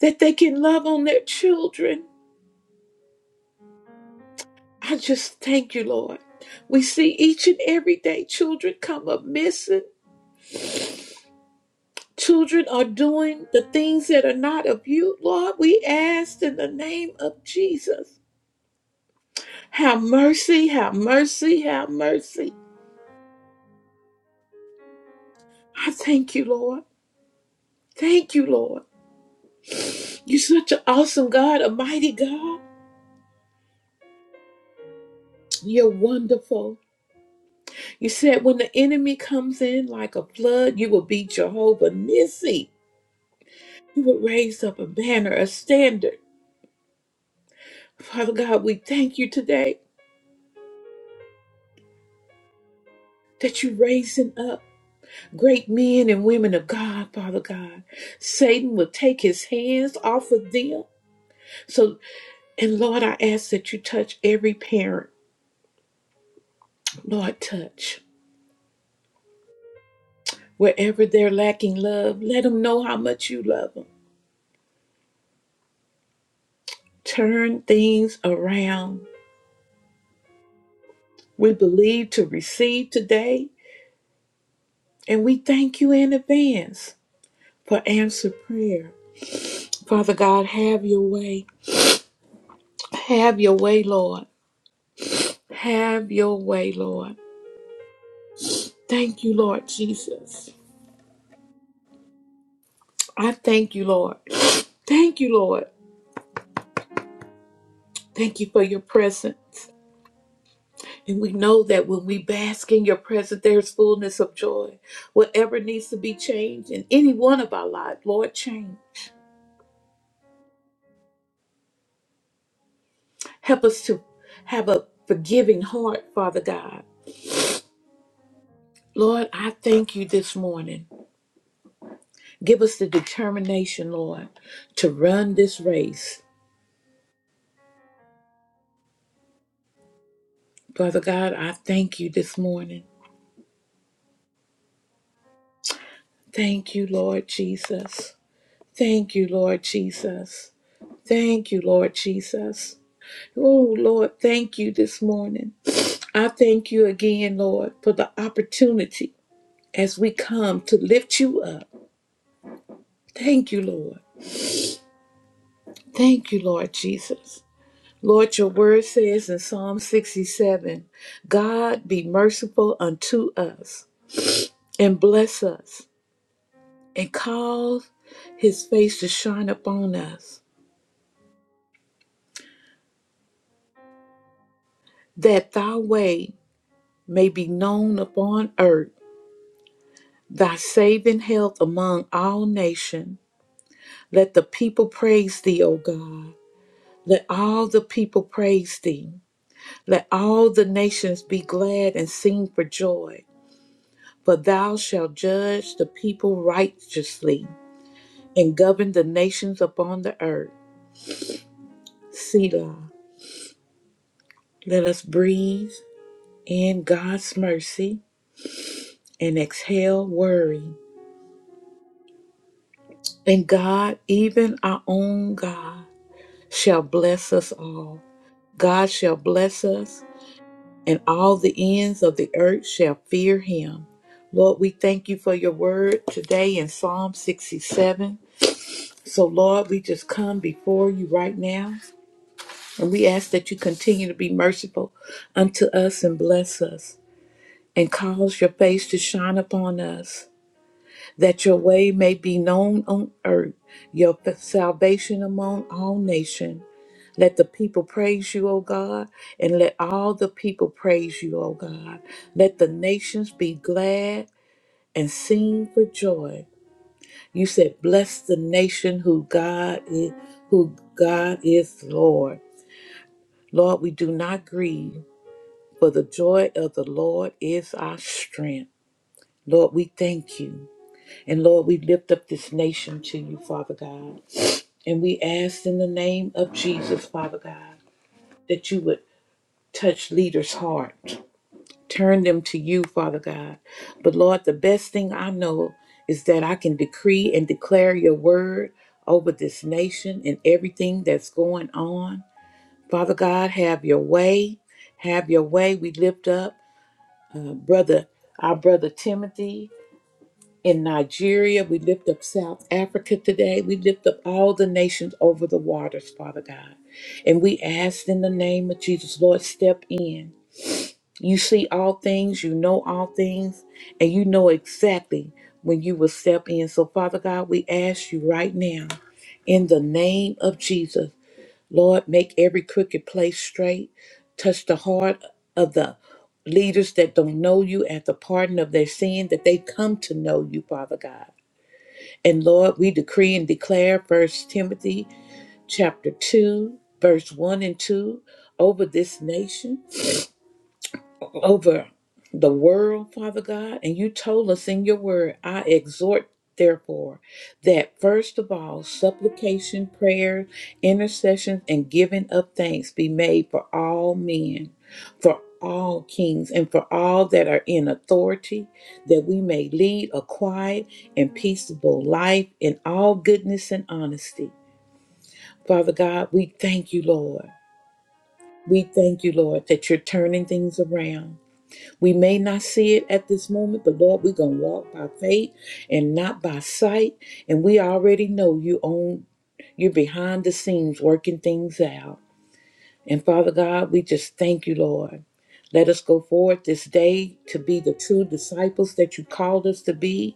[SPEAKER 1] that they can love on their children I just thank you, Lord. We see each and every day children come up missing. Children are doing the things that are not of you, Lord. We ask in the name of Jesus. Have mercy, have mercy, have mercy. I thank you, Lord. Thank you, Lord. You're such an awesome God, a mighty God. You're wonderful. You said when the enemy comes in like a flood, you will be Jehovah Nissi. You will raise up a banner, a standard Father God, we thank you today that you're raising up great men and women of God, Father God. Satan will take his hands off of them. So, and Lord, I ask that you touch every parent. Lord, touch. Wherever they're lacking love, let them know how much you love them. Turn things around. We believe to receive today, and we thank you in advance for answer prayer. Father God, have your way. Have your way, Lord. Have your way, Lord. Thank you, Lord Jesus. I thank you, Lord. <sniffs> Thank you, Lord. Thank you for your presence. And we know that when we bask in your presence, there's fullness of joy. Whatever needs to be changed in any one of our lives, Lord, change. Help us to have a forgiving heart, Father God. Lord, I thank you this morning. Give us the determination, Lord, to run this race. Father God, I thank you this morning. Thank you, Lord Jesus. Thank you, Lord Jesus. Thank you, Lord Jesus. Oh, Lord, thank you this morning. I thank you again, Lord, for the opportunity as we come to lift you up. Thank you, Lord. Thank you, Lord Jesus. Lord, your word says in Psalm 67 God be merciful unto us and bless us and cause his face to shine upon us, that thy way may be known upon earth, thy saving health among all nations. Let the people praise thee, O God. Let all the people praise thee. Let all the nations be glad and sing for joy. For thou shalt judge the people righteously and govern the nations upon the earth. Selah. Let us breathe in God's mercy and exhale worry. And God, even our own God. shall bless us all. God shall bless us, and all the ends of the earth shall fear him. Lord, we thank you for your word today in Psalm 67. So, Lord, we just come before you right now, and we ask that you continue to be merciful unto us and bless us, and cause your face to shine upon us, that your way may be known on earth, your salvation among all nations. Let the people praise you, O God, and let all the people praise you, O God. Let the nations be glad and sing for joy. You said, "Bless the nation who God is, who God is Lord." Lord, we do not grieve, for the joy of the Lord is our strength. Lord, we thank you. And Lord, we lift up this nation to you, Father God. And we ask in the name of Jesus, Father God, that you would touch leaders' heart. Turn them to you, Father God. But Lord, the best thing I know is that I can decree and declare your word over this nation and everything that's going on. Father God, have your way. Have your way. We lift up uh, brother, our brother Timothy in Nigeria. We lift up South Africa today. We lift up all the nations over the waters, Father God. And we ask in the name of Jesus, Lord, step in. You see all things, you know all things, and you know exactly when you will step in. So, Father God, we ask you right now, in the name of Jesus, Lord, make every crooked place straight, touch the heart of the leaders that don't know you at the pardon of their sin, that they come to know you, Father God. And Lord, we decree and declare First Timothy chapter 2, verse 1 and 2 over this nation over the world, Father God. And you told us in your word, I exhort, therefore, that first of all, supplication, prayer, intercession, and giving of thanks be made for all men, for all kings, and for all that are in authority, that we may lead a quiet and peaceable life in all goodness and honesty. Father God, we thank you, Lord. We thank you, Lord, that you're turning things around. We may not see it at this moment, but Lord, we're going to walk by faith and not by sight. And we already know you own, you're behind the scenes working things out. And Father God, we just thank you, Lord. Let us go forward this day to be the true disciples that you called us to be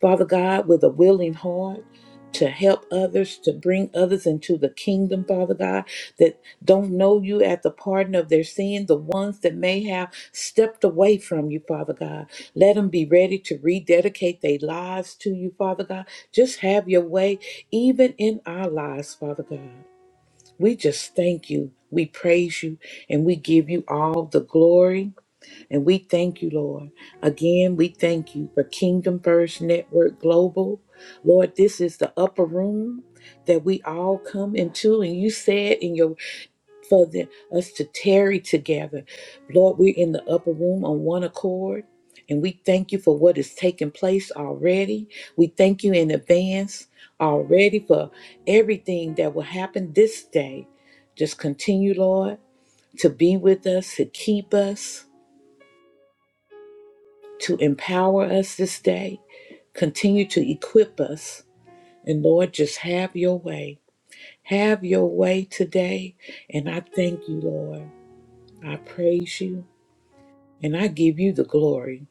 [SPEAKER 1] Father God, with a willing heart to help others, to bring others into the kingdom, Father God, that don't know you at the pardon of their sin, the ones that may have stepped away from you, Father God. Let them be ready to rededicate their lives to you, Father God. Just have your way, even in our lives, Father God. We just thank you, we praise you, and we give you all the glory and we thank you, Lord. Again, we thank you for Kingdom First Network Global. Lord, this is the upper room that we all come into. And you said in your for the, us to tarry together. Lord, we're in the upper room on one accord. And we thank you for what is taking place already. We thank you in advance already for everything that will happen this day. Just continue, Lord, to be with us, to keep us to empower us this day. Continue to equip us. And Lord, just have your way. Have your way today. And I thank you, Lord. I praise you. And I give you the glory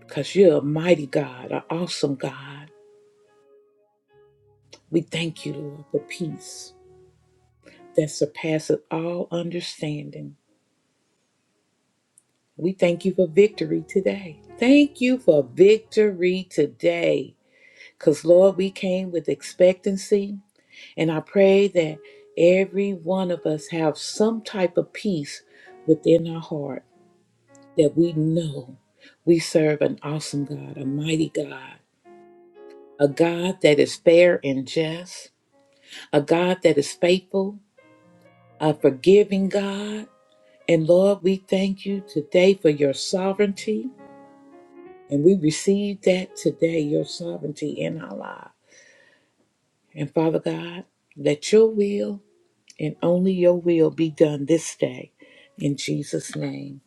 [SPEAKER 1] because you're a mighty God, an awesome God. We thank you, Lord, for peace that surpasses all understanding. We thank you for victory today. Thank you for victory today. Because, Lord, we came with expectancy. And I pray that every one of us have some type of peace within our heart that we know we serve an awesome God, a mighty God, a God that is fair and just, a God that is faithful, a forgiving God. And Lord, we thank you today for your sovereignty. And we receive that today, your sovereignty in our lives. And Father God, let your will and only your will be done this day. In Jesus' name,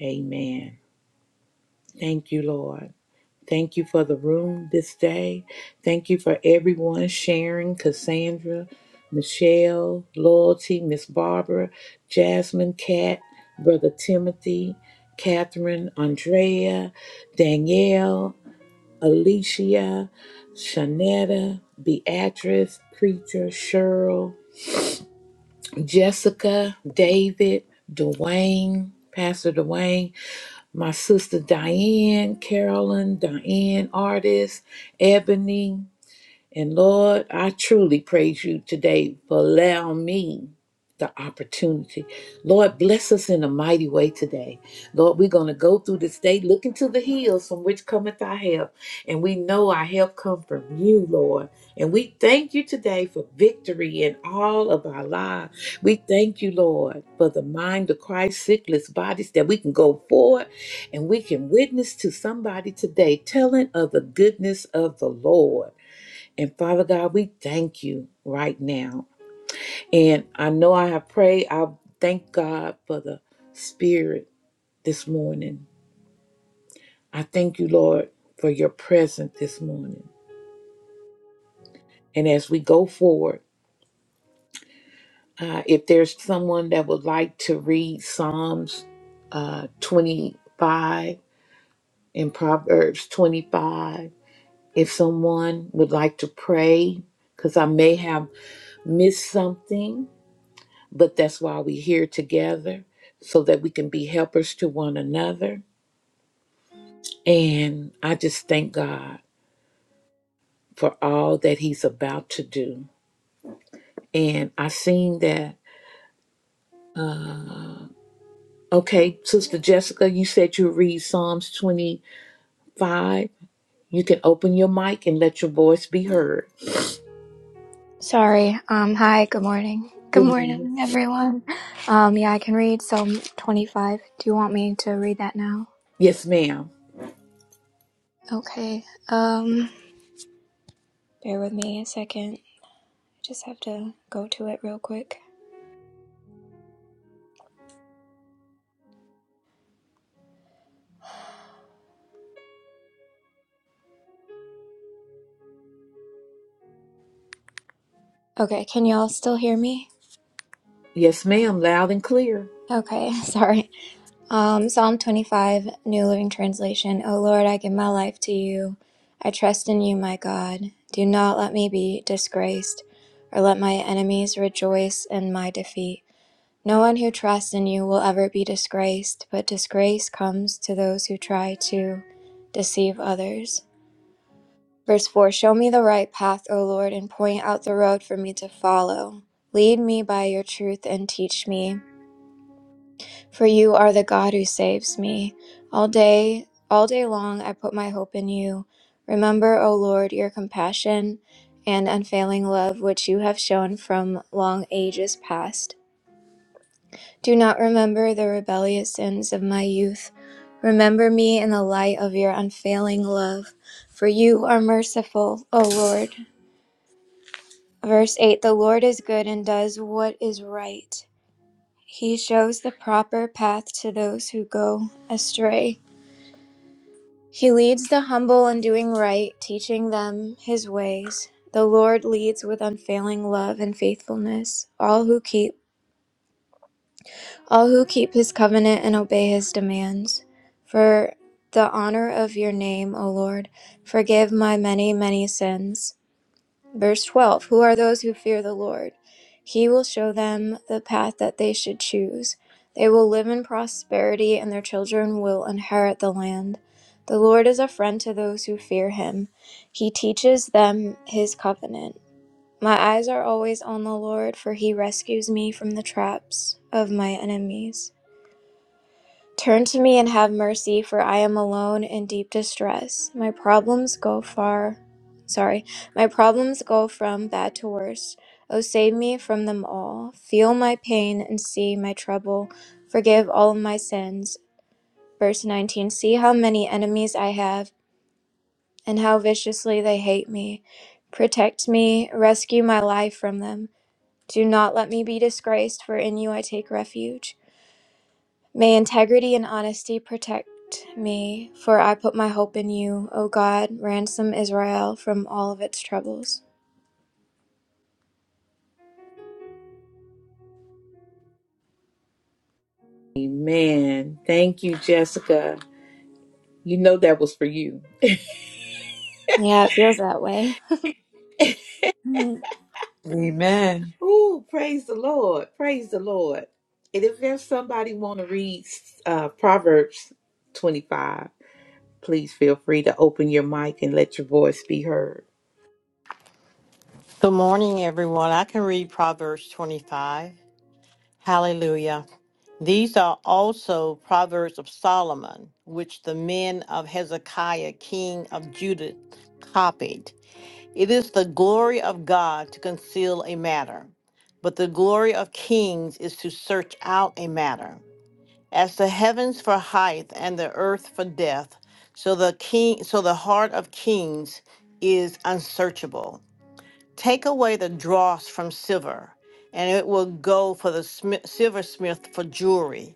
[SPEAKER 1] amen. Thank you, Lord. Thank you for the room this day. Thank you for everyone sharing Cassandra, Michelle, Loyalty, Miss Barbara, Jasmine, Cat, Brother Timothy, Catherine, Andrea, Danielle, Alicia, Shanetta, Beatrice, Preacher, Cheryl, Jessica, David, Dwayne, Pastor Dwayne, my sister Diane, Carolyn, Diane, artist, Ebony. And Lord, I truly praise you today for allowing me the opportunity. Lord, bless us in a mighty way today. Lord, we're going to go through this day looking to the hills from which cometh our help. And we know our help come from you, Lord. And we thank you today for victory in all of our lives. We thank you, Lord, for the mind of Christ, sickless bodies that we can go forward and we can witness to somebody today telling of the goodness of the Lord. And Father God, we thank you right now. And I know I have prayed. I thank God for the Spirit this morning. I thank you, Lord, for your presence this morning. And as we go forward, uh, if there's someone that would like to read Psalms uh, 25 and Proverbs 25, if someone would like to pray, because I may have missed something, but that's why we're here together so that we can be helpers to one another. And I just thank God for all that He's about to do. And I seen that. Uh, okay, Sister Jessica, you said you read Psalms 25. You can open your mic and let your voice be heard.
[SPEAKER 4] Sorry. Um, hi, good morning. Good
[SPEAKER 1] Good morning.
[SPEAKER 4] morning, everyone. Um, yeah, I can read Psalm 25. Do you want me to read that now?
[SPEAKER 1] Yes, ma'am.
[SPEAKER 4] Okay. Um, bear with me a second. I just have to go to it real quick. Okay, can y'all still hear me?
[SPEAKER 1] Yes, ma'am. Loud and clear.
[SPEAKER 4] Okay, <laughs> sorry. Um, Psalm 25, New Living Translation. O Lord, I give my life to you. I trust in you, my God. Do not let me be disgraced, or let my enemies rejoice in my defeat. No one who trusts in you will ever be disgraced, but disgrace comes to those who try to deceive others. Verse 4 Show me the right path, O Lord, and point out the road for me to follow. Lead me by your truth and teach me, for you are the God who saves me. All day, all day long, I put my hope in you. Remember, O Lord, your compassion and unfailing love, which you have shown from long ages past. Do not remember the rebellious sins of my youth. Remember me in the light of your unfailing love, for you are merciful, O Lord. Verse 8 The Lord is good and does what is right. He shows the proper path to those who go astray. He leads the humble in doing right, teaching them his ways. The Lord leads with unfailing love and faithfulness all who keep all who keep his covenant and obey his demands. For the honor of your name, O Lord, forgive my many, many sins. Verse 12 Who are those who fear the Lord? He will show them the path that they should choose. They will live in prosperity, and their children will inherit the land. The Lord is a friend to those who fear him. He teaches them his covenant. My eyes are always on the Lord, for he rescues me from the traps of my enemies. Turn to me and have mercy, for I am alone in deep distress. My problems go far. Sorry, my problems go from bad to worse. Oh, save me from them all. Feel my pain and see my trouble. Forgive all of my sins. Verse 19 See how many enemies I have, and how viciously they hate me. Protect me, rescue my life from them. Do not let me be disgraced, for in you I take refuge. May integrity and honesty protect me, for I put my hope in you, O God. Ransom Israel from all of its troubles.
[SPEAKER 1] Amen. Thank you, Jessica. You know that was for you.
[SPEAKER 4] Yeah, it feels that way. Mm,
[SPEAKER 5] Amen.
[SPEAKER 1] Ooh, praise the Lord. Praise the Lord. And if there's somebody want to read uh, Proverbs 25, please feel free to open your mic and let your voice be heard.
[SPEAKER 6] Good morning, everyone. I can read Proverbs 25. Hallelujah. These are also Proverbs of Solomon, which the men of Hezekiah, king of Judah, copied. It is the glory of God to conceal a matter, but the glory of kings is to search out a matter. As the heavens for height and the earth for depth, so the king so the heart of kings is unsearchable. Take away the dross from silver, and it will go for the smi- silversmith for jewelry.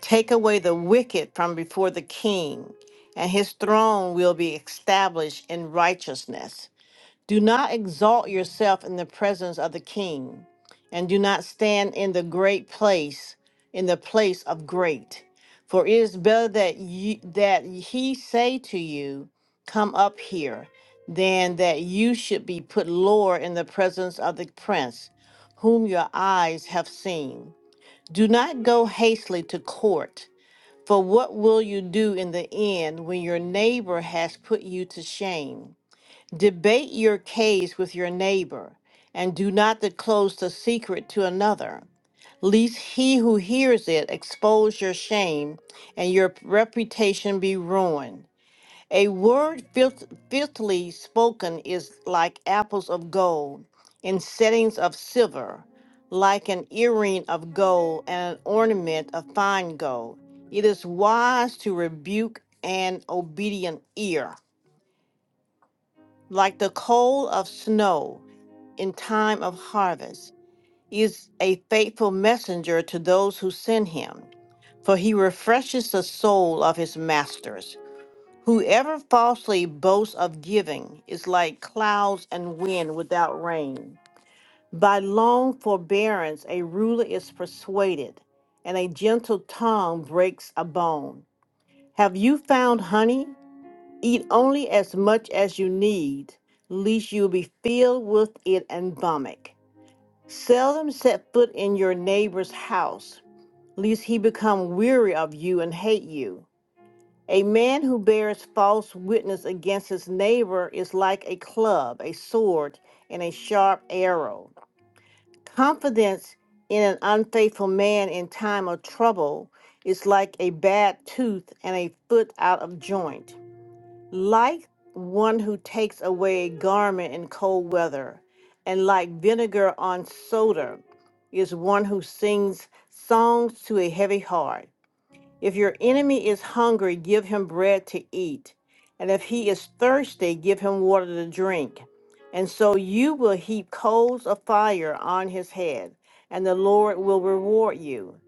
[SPEAKER 6] Take away the wicked from before the king, and his throne will be established in righteousness. Do not exalt yourself in the presence of the king, and do not stand in the great place, in the place of great. For it is better that you, that he say to you, "Come up here," than that you should be put lower in the presence of the prince, whom your eyes have seen. Do not go hastily to court. For what will you do in the end when your neighbor has put you to shame? Debate your case with your neighbor, and do not disclose the secret to another, lest he who hears it expose your shame and your reputation be ruined. A word filth- filthily spoken is like apples of gold in settings of silver, like an earring of gold and an ornament of fine gold. It is wise to rebuke an obedient ear, like the coal of snow in time of harvest. He is a faithful messenger to those who send him, for he refreshes the soul of his masters. Whoever falsely boasts of giving is like clouds and wind without rain. By long forbearance, a ruler is persuaded, and a gentle tongue breaks a bone. Have you found honey? Eat only as much as you need, lest you be filled with it and vomit. Seldom set foot in your neighbor's house, lest he become weary of you and hate you. A man who bears false witness against his neighbor is like a club, a sword, and a sharp arrow. Confidence in an unfaithful man in time of trouble is like a bad tooth and a foot out of joint like one who takes away a garment in cold weather, and like vinegar on soda is one who sings songs to a heavy heart. If your enemy is hungry, give him bread to eat. And if he is thirsty, give him water to drink. And so you will heap coals of fire on his head, and the Lord will reward you.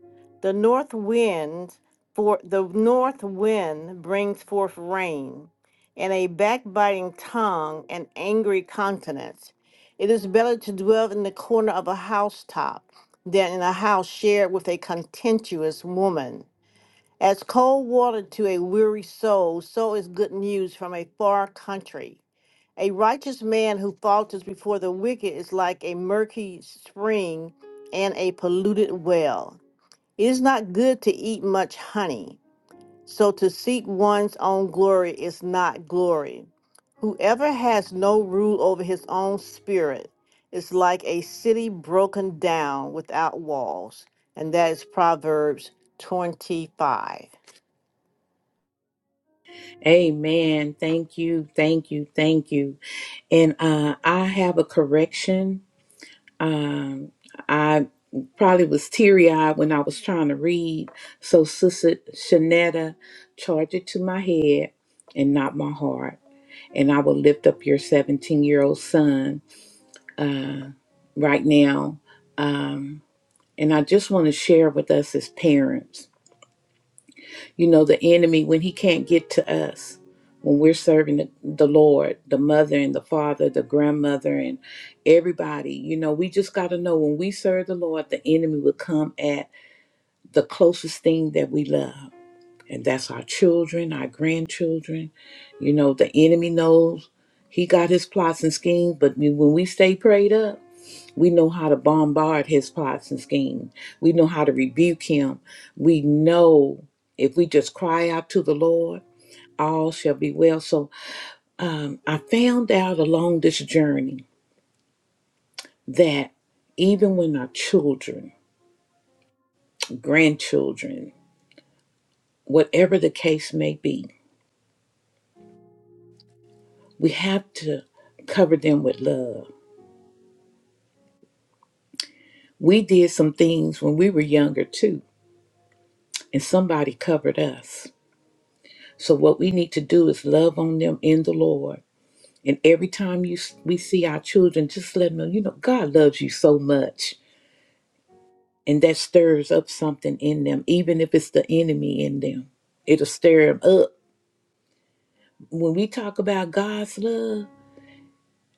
[SPEAKER 6] The north wind for the north wind brings forth rain, and a backbiting tongue and angry countenance. It is better to dwell in the corner of a housetop than in a house shared with a contentious woman. As cold water to a weary soul, so is good news from a far country. A righteous man who falters before the wicked is like a murky spring and a polluted well. It is not good to eat much honey, so to seek one's own glory is not glory. Whoever has no rule over his own spirit is like a city broken down without walls. And that is Proverbs 25.
[SPEAKER 1] Amen. Thank you. Thank you. Thank you. And uh, I have a correction. Um, I probably was teary eyed when I was trying to read. So, Sister Shanetta, charge it to my head and not my heart. And I will lift up your 17 year old son uh, right now. Um, and I just want to share with us as parents, you know, the enemy, when he can't get to us, when we're serving the, the Lord, the mother and the father, the grandmother, and everybody, you know, we just got to know when we serve the Lord, the enemy will come at the closest thing that we love. And that's our children, our grandchildren. You know, the enemy knows he got his plots and schemes, but when we stay prayed up, We know how to bombard his plots and schemes. We know how to rebuke him. We know if we just cry out to the Lord, all shall be well. So um, I found out along this journey that even when our children, grandchildren, whatever the case may be, we have to cover them with love. We did some things when we were younger too, and somebody covered us. So, what we need to do is love on them in the Lord And every time you s- we see our children, just let them know, you know, God loves you so much, and that stirs up something in them, even if it's the enemy in them. It'll stir them up. When we talk about God's love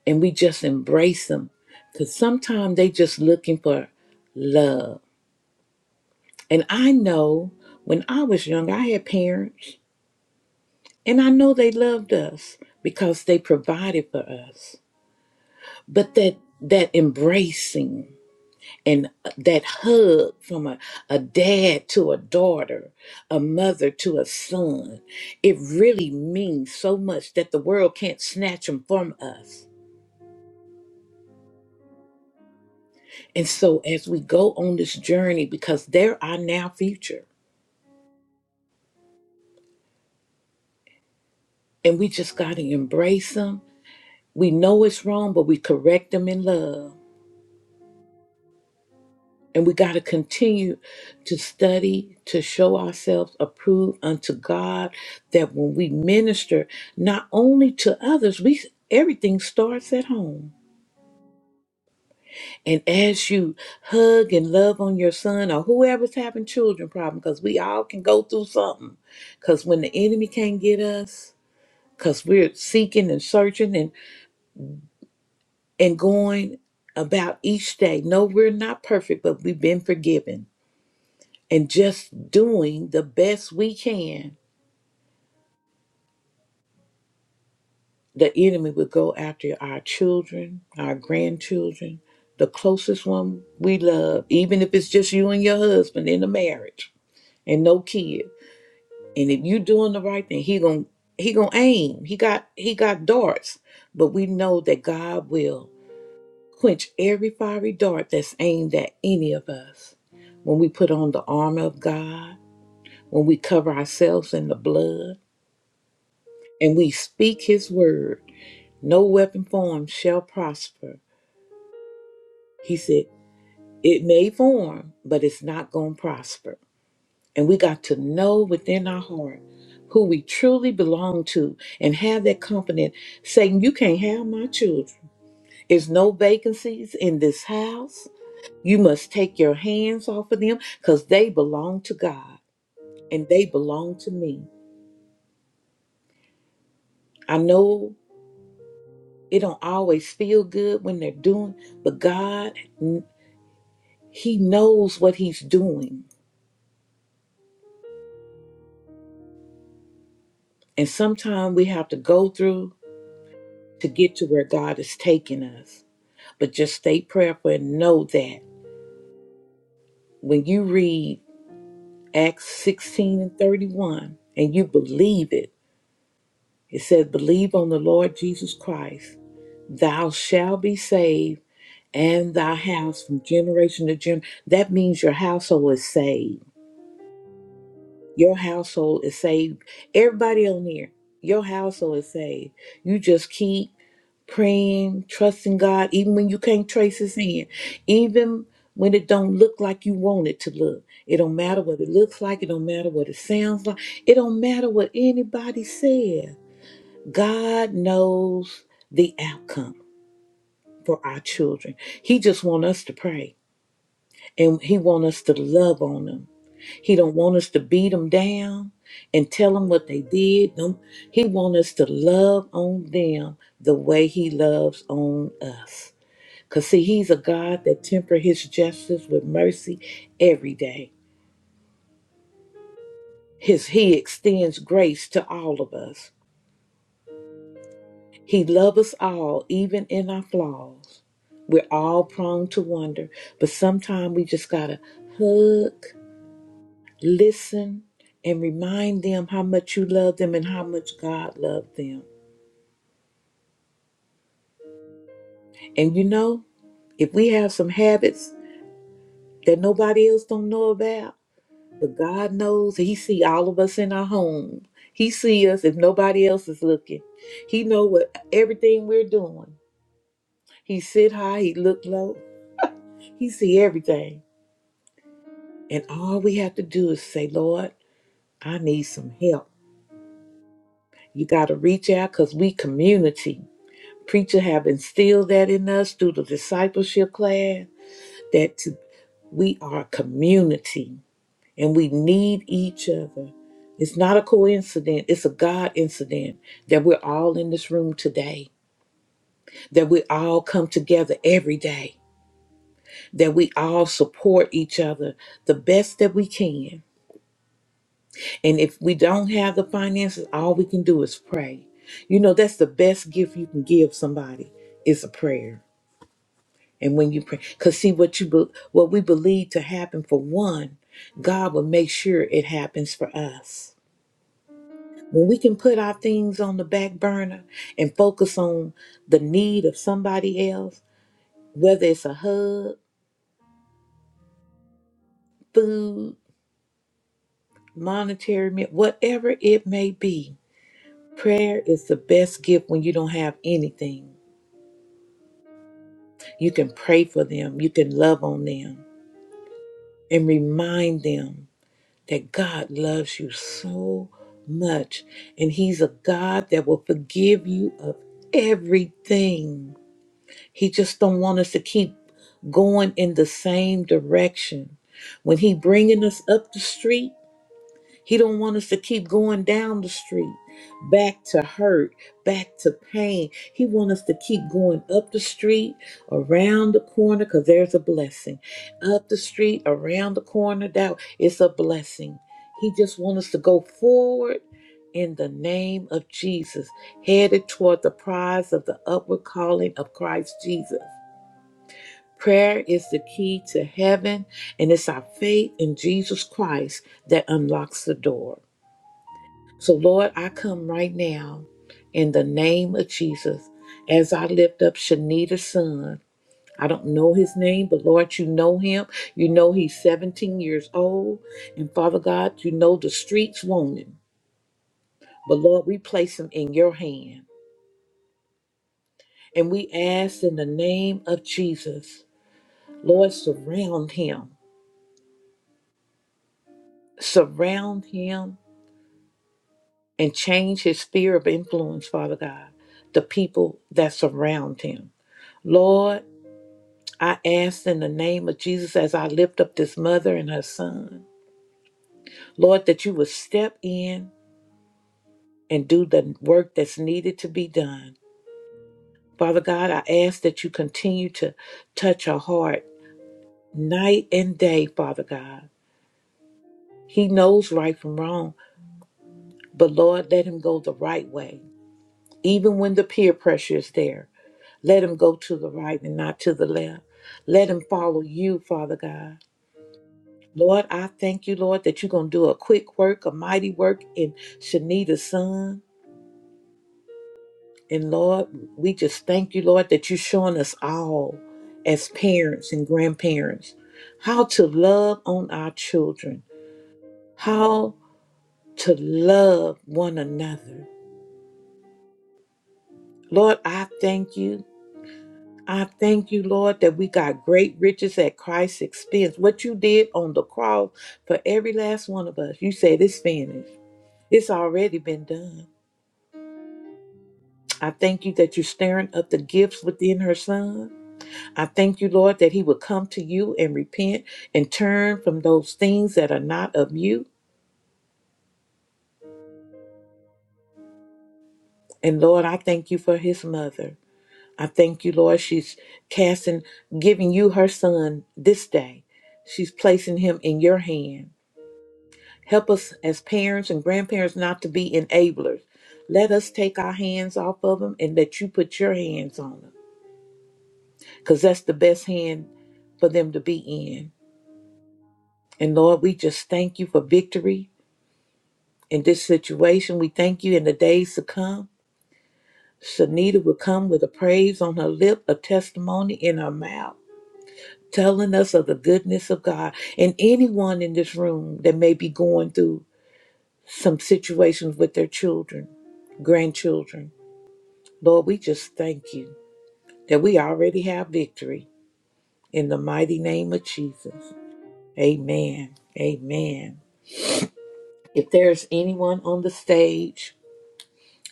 [SPEAKER 1] and we just embrace them, because sometimes they just looking for love. And I know when I was young, I had parents, and I know they loved us because they provided for us. But that that embracing and that hug from a, a dad to a daughter, a mother to a son, it really means so much that the world can't snatch them from us. And so, as we go on this journey, because they're our now future, and we just got to embrace them. We know it's wrong, but we correct them in love. And we got to continue to study, to show ourselves approved unto God, that when we minister, not only to others, we everything starts at home. And as you hug and love on your son or whoever's having children problem, because we all can go through something. Because when the enemy can't get us, because we're seeking and searching and, and going about each day. No, we're not perfect, but we've been forgiven and just doing the best we can, the enemy will go after our children, our grandchildren, the closest one we love, even if it's just you and your husband in a marriage and no kid. And if you're doing the right thing, he gon' he gonna aim. He got he got darts, but we know that God will quench every fiery dart that's aimed at any of us. When we put on the armor of God, when we cover ourselves in the blood, and we speak his word, no weapon formed shall prosper. He said, It may form, but it's not going to prosper. And we got to know within our heart who we truly belong to and have that confidence. Satan, you can't have my children. There's no vacancies in this house. You must take your hands off of them because they belong to God and they belong to me. I know it don't always feel good when they're doing, but God. He knows what he's doing. And sometimes we have to go through to get to where God is taking us. But just stay prayerful and know that when you read Acts 16 and 31 and you believe it, it says, Believe on the Lord Jesus Christ, thou shalt be saved and thy house from generation to generation. That means your household is saved. Your household is saved. Everybody on here, your household is saved. You just keep praying, trusting God, even when you can't trace His hand, even when it don't look like you want it to look. It don't matter what it looks like. It don't matter what it sounds like. It don't matter what anybody says. God knows the outcome for our children. He just want us to pray and he want us to love on them. He don't want us to beat them down and tell them what they did. Don't- He want us to love on them the way he loves on us. Because, see, He's a God that temper His justice with mercy every day. His, he extends grace to all of us. He loves us all, even in our flaws. We're all prone to wonder, but sometimes we just got to hug, listen, and remind them how much you love them and how much God loved them. And you know, if we have some habits that nobody else don't know about, But God knows He see all of us in our home. He see us if nobody else is looking. He know what everything we're doing. He sit high, he look low. He see everything. And all we have to do is say, Lord, I need some help. You got to reach out because we community. Preacher have instilled that in us through the discipleship class that to, we are community. and we need each other. It's not a coincidence, it's a God incident that we're all in this room today, that we all come together every day, that we all support each other the best that we can. And if we don't have the finances, all we can do is pray. You know, that's the best gift you can give somebody is a prayer. And when you pray, because see what you be- what we believe to happen for one, God will make sure it happens for us. When we can put our things on the back burner and focus on the need of somebody else, whether it's a hug, food, monetary, mi- whatever it may be, prayer is the best gift when you don't have anything. You can pray for them, you can love on them, and remind them that God loves you so much. And He's a God that will forgive you of everything He just don't want us to keep going in the same direction. When he bringing us up the street, he don't want us to keep going down the street, back to hurt, back to pain. He want us to keep going up the street, around the corner, cause there's a blessing. Up the street, around the corner, that it's a blessing. He just want us to go forward in the name of Jesus, headed toward the prize of the upward calling of Christ Jesus. Prayer is the key to heaven, and it's our faith in Jesus Christ that unlocks the door. So, Lord, I come right now in the name of Jesus as I lift up Shanita's son. I don't know his name, but Lord, you know him. You know he's 17 years old. And Father God, you know the streets want him. But Lord, we place him in your hand. And we ask in the name of Jesus, Lord, surround him. Surround him and change his sphere of influence, Father God, the people that surround him. Lord, I ask in the name of Jesus as I lift up this mother and her son, Lord, that you would step in and do the work that's needed to be done. Father God, I ask that you continue to touch her heart night and day, Father God. He knows right from wrong, but Lord, let him go the right way. even when the peer pressure is there. Let him go to the right and not to the left. Let him follow you, Father God. Lord, I thank you, Lord, that you're going to do a quick work, a mighty work in Shanita's son. And Lord, we just thank you, Lord, that you're showing us all as parents and grandparents how to love on our children, how to love one another. Lord, I thank you I thank you, Lord, that we got great riches at Christ's expense. What you did on the cross for every last one of us, you said it's finished. It's already been done. I thank you that you're stirring up the gifts within her son. I thank you, Lord, that he will come to you and repent and turn from those things that are not of you. And Lord, I thank you for his mother. I thank you, Lord, she's casting, giving you her son this day. She's placing him in your hand. Help us as parents and grandparents not to be enablers. Let us take our hands off of them and let you put your hands on them because that's the best hand for them to be in. And Lord, we just thank you for victory in this situation. We thank you in the days to come. Shanita will come with a praise on her lip, a testimony in her mouth, telling us of the goodness of God. And anyone in this room that may be going through some situations with their children, grandchildren. Lord, we just thank you that we already have victory in the mighty name of Jesus. Amen. Amen. If there's anyone on the stage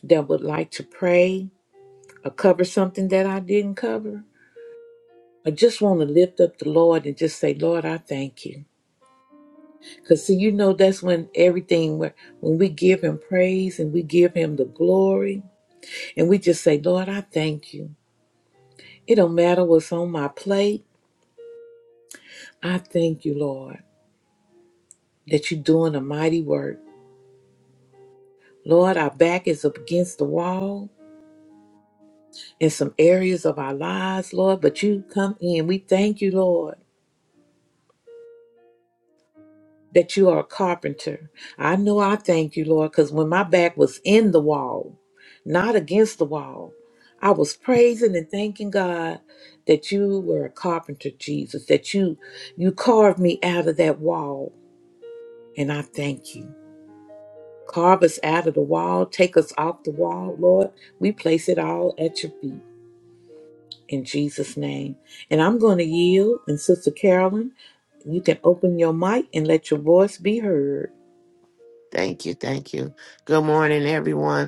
[SPEAKER 1] that would like to pray or cover something that I didn't cover, I just want to lift up the Lord and just say, Lord, I thank you. Because, see, you know, that's when everything, when when we give Him praise and we give Him the glory, and we just say, Lord, I thank you. It don't matter what's on my plate. I thank you, Lord. that you're doing a mighty work. Lord, our back is up against the wall in some areas of our lives, Lord, but you come in. We thank you, Lord, that you are a carpenter. I know I thank you, Lord, because when my back was in the wall, not against the wall, I was praising and thanking God that you were a carpenter, Jesus, that you you carved me out of that wall. And I thank you. Carve us out of the wall. Take us off the wall, Lord. We place it all at your feet in Jesus' name. And I'm going to yield. And Sister Carolyn, you can open your mic and let your voice be heard.
[SPEAKER 7] Thank you. Thank you. Good morning, everyone.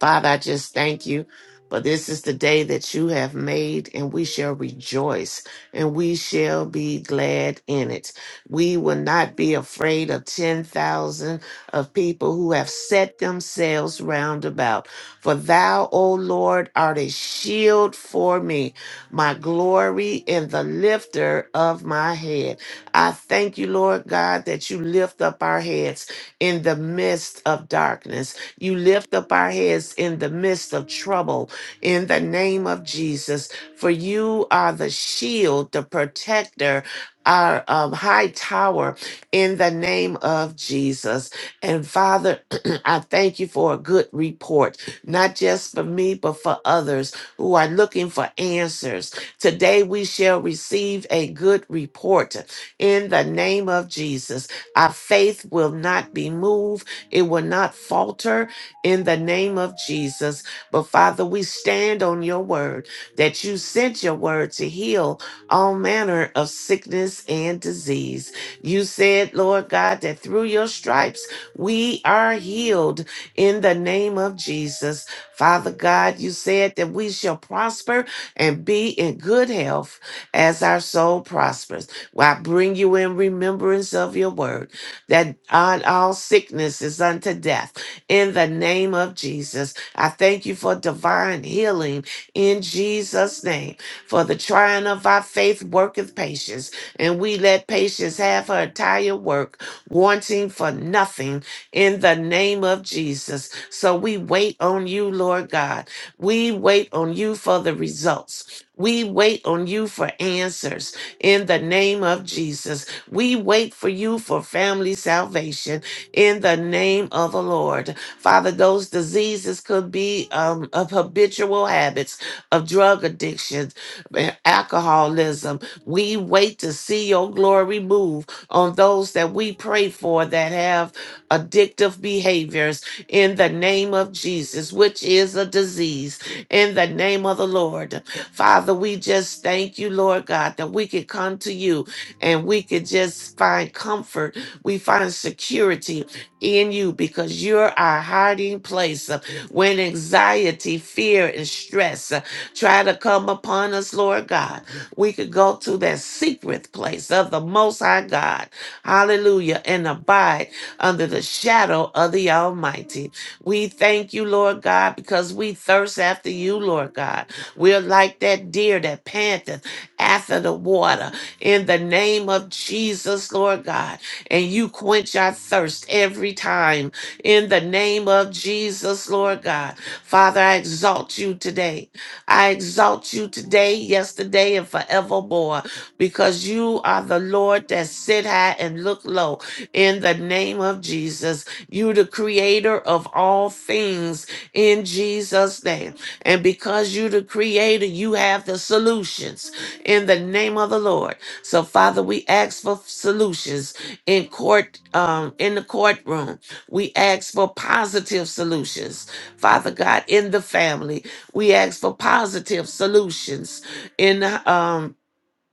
[SPEAKER 7] Father, I just thank you. For this is the day that you have made, and we shall rejoice and we shall be glad in it. We will not be afraid of 10,000 of people who have set themselves round about. For thou, O Lord, art a shield for me, my glory and the lifter of my head. I thank you, Lord God, that you lift up our heads in the midst of darkness you lift up our heads in the midst of trouble in the name of Jesus, for you are the shield, the protector. Our um, high tower in the name of Jesus. And Father, <clears throat> I thank you for a good report, not just for me, but for others who are looking for answers. Today we shall receive a good report in the name of Jesus. Our faith will not be moved, it will not falter in the name of Jesus. But Father, we stand on your word that you sent your word to heal all manner of sickness and disease. You said, Lord God, that through your stripes we are healed in the name of Jesus. Father God, you said that we shall prosper and be in good health as our soul prospers. Well, I bring you in remembrance of your word that on all sickness is unto death in the name of Jesus. I thank you for divine healing in Jesus' name. For the trying of our faith worketh patience, and we let patience have her entire work, wanting for nothing in the name of Jesus. So we wait on you, Lord God. We wait on you for the results. We wait on you for answers in the name of Jesus. We wait for you for family salvation in the name of the Lord. Father, those diseases could be um, of habitual habits, of drug addiction, eh, alcoholism. We wait to see your glory move on those that we pray for that have addictive behaviors in the name of Jesus, which is a disease, in the name of the Lord. Father, we just thank you, Lord God, that we could come to you and we could just find comfort. We find security in you because you're our hiding place uh, when anxiety, fear, and stress uh, try to come upon us, Lord God. We could go to that secret place of the Most High God. Hallelujah. And abide under the shadow of the Almighty. We thank you, Lord God, because we thirst after you, Lord God. We're like that deer that panteth after the water. In the name of Jesus, Lord God and you quench our thirst every time. In the name of Jesus, Lord God. Father, I exalt you today. I exalt you today, yesterday, and forevermore, because you are the Lord that sit high and look low. In the name of Jesus, you the creator of all things in Jesus' name. And because you the creator, you have the solutions in the name of the Lord. So, Father, we ask for solutions in court um in the courtroom we ask for positive solutions father god in the family we ask for positive solutions in um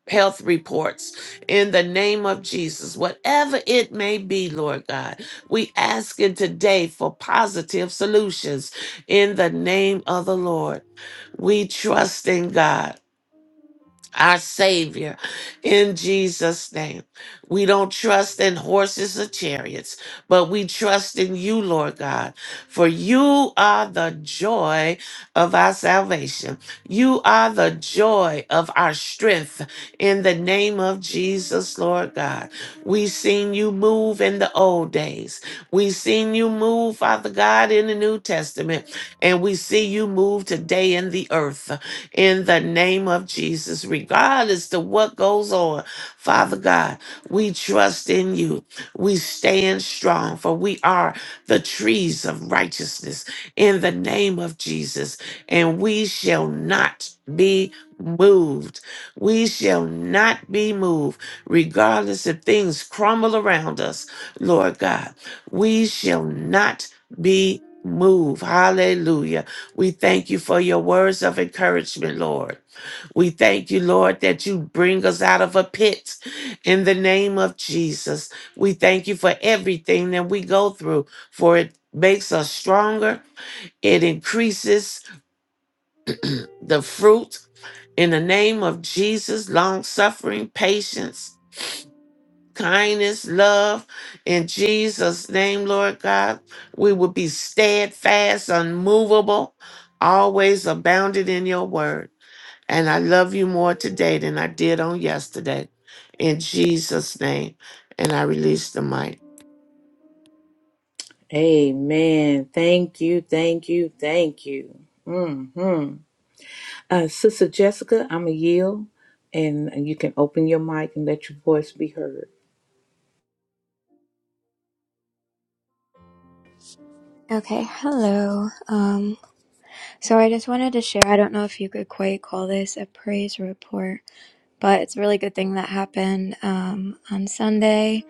[SPEAKER 7] health reports in the name of jesus whatever it may be lord god we ask in today for positive solutions in the name of the lord we trust in god our Savior, in Jesus' name. We don't trust in horses or chariots, but we trust in you, Lord God, for you are the joy of our salvation. You are the joy of our strength in the name of Jesus, Lord God. we seen you move in the old days. we seen you move, Father God, in the New Testament, and we see you move today in the earth in the name of Jesus, regardless to what goes on. Father God, we trust in you. We stand strong, for we are the trees of righteousness in the name of Jesus, and we shall not be moved. We shall not be moved, regardless if things crumble around us, Lord God. We shall not be moved. Hallelujah. We thank you for your words of encouragement, Lord. We thank you, Lord, that you bring us out of a pit in the name of Jesus. We thank you for everything that we go through, for it makes us stronger. It increases the fruit in the name of Jesus, long suffering, patience, kindness, love. In Jesus' name, Lord God, we will be steadfast, unmovable, always abounded in your word. And I love you more today than I did on yesterday. In Jesus' name. And I release the mic.
[SPEAKER 1] Amen. Thank you. Thank you. Thank you. hmm Uh, Sister Jessica, I'm a yield. And you can open your mic and let your voice be heard.
[SPEAKER 4] Okay, hello. Um, so I just wanted to share. I don't know if you could quite call this a praise report, but it's a really good thing that happened um, on Sunday,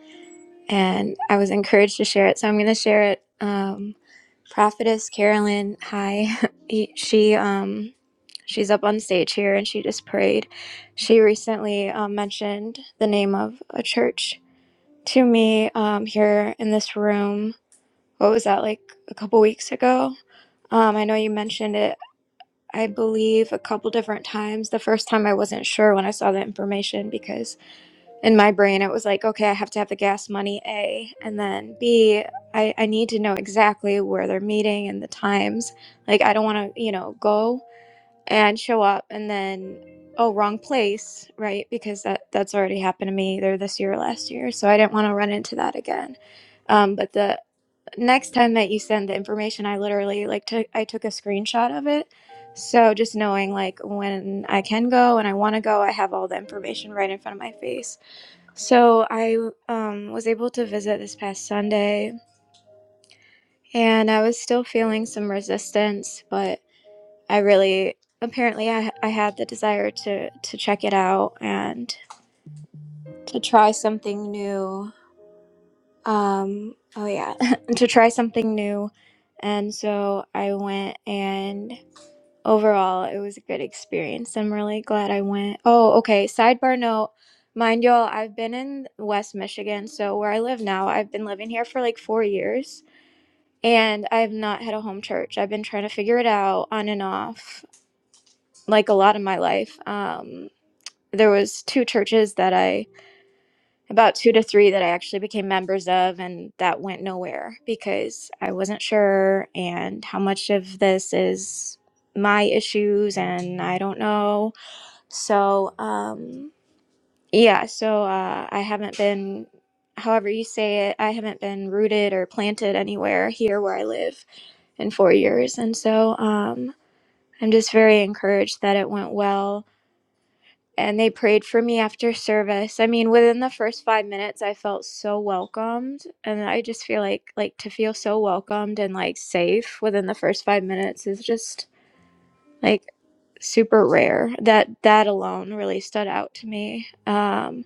[SPEAKER 4] and I was encouraged to share it, so I'm going to share it. Um, Prophetess Carolyn, hi. <laughs> He- She um she's up on stage here and she just prayed. She recently um, mentioned the name of a church to me um here in this room. What was that like a couple weeks ago? Um I know you mentioned it I believe a couple different times. The first time I wasn't sure when I saw the information because in my brain it was like okay i have to have the gas money a and then b i, I need to know exactly where they're meeting and the times like i don't want to you know go and show up and then oh wrong place right because that that's already happened to me either this year or last year so i didn't want to run into that again um, but the next time that you send the information i literally like took i took a screenshot of it so just knowing like when i can go and i want to go i have all the information right in front of my face so I um, was able to visit this past Sunday, and I was still feeling some resistance, but I really apparently I, I had the desire to to check it out and to try something new. Um, oh yeah, <laughs> to try something new, and so I went and overall, it was a good experience. I'm really glad I went. Oh, okay. Sidebar note. Mind y'all, I've been in West Michigan, so where I live now, I've been living here for like four years, and I've not had a home church. I've been trying to figure it out on and off, like a lot of my life. Um, there was two churches that I, about two to three that I actually became members of, and that went nowhere because I wasn't sure and how much of this is my issues, and I don't know so, um, yeah, so uh, I haven't been, however you say it, I haven't been rooted or planted anywhere here where I live in four years. And so um, I'm just very encouraged that it went well. And they prayed for me after service. I mean, within the first five minutes, I felt so welcomed, and I just feel like like to feel so welcomed and like safe within the first five minutes is just like super rare. That that alone really stood out to me. Um,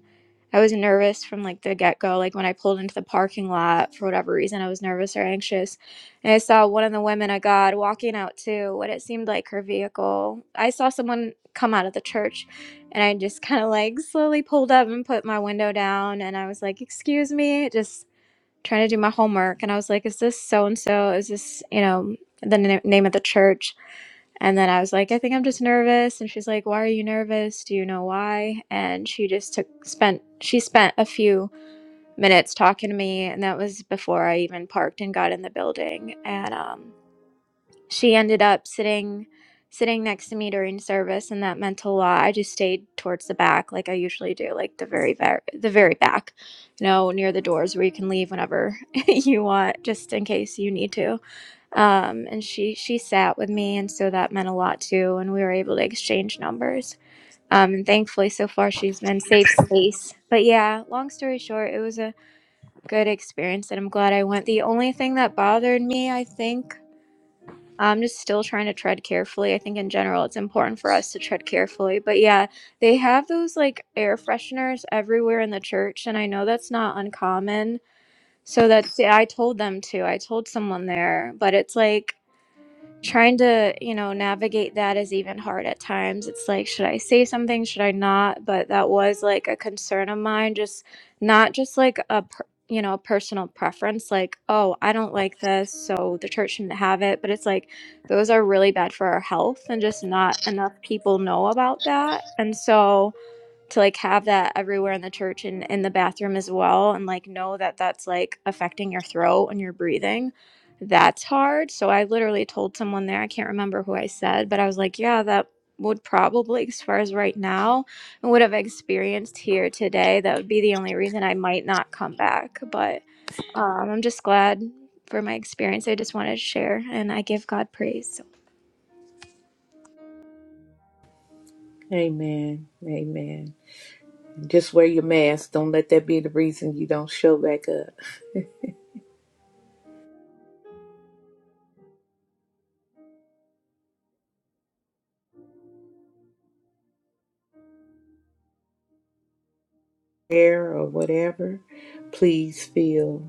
[SPEAKER 4] I was nervous from like the get go. Like when I pulled into the parking lot for whatever reason, I was nervous or anxious. And I saw one of the women of God walking out to what it seemed like her vehicle. I saw someone come out of the church and I just <laughs> kind of like slowly pulled up and put my window down. And I was like, Excuse me, just trying to do my homework. And I was like, Is this so and so? Is this, you know, the na- name of the church? And then I was like, I think I'm just nervous. And she's like, Why are you nervous? Do you know why? And she just took spent she spent a few minutes talking to me, and that was before I even parked and got in the building. And um, she ended up sitting sitting next to me during service, and that meant a lot. I just stayed towards the back, like I usually do, like the very very the very back, you know, near the doors where you can leave whenever <laughs> you want, just in case you need to um, and she she sat with me, and so that meant a lot too. And we were able to exchange numbers. Um, and thankfully, so far she's been safe space. But yeah, long story short, it was a good experience, and I'm glad I went. The only thing that bothered me, I think, I'm just still trying to tread carefully. I think in general, it's important for us to tread carefully. But yeah, they have those like air fresheners everywhere in the church, and I know that's not uncommon. So that's I told them to. I told someone there, but it's like trying to you know navigate that is even hard at times it's like should i say something should i not but that was like a concern of mine just not just like a per, you know a personal preference like oh i don't like this so the church shouldn't have it but it's like those are really bad for our health and just not enough people know about that and so to like have that everywhere in the church and in the bathroom as well and like know that that's like affecting your throat and your breathing that's hard so i literally told someone there i can't remember who i said but i was like yeah that would probably as far as right now and would have experienced here today that would be the only reason i might not come back but um, i'm just glad for my experience i just wanted to share and i give god praise so
[SPEAKER 1] Amen. Amen. just wear your mask. Don't let that be the reason you don't show back up. prayer or whatever, please feel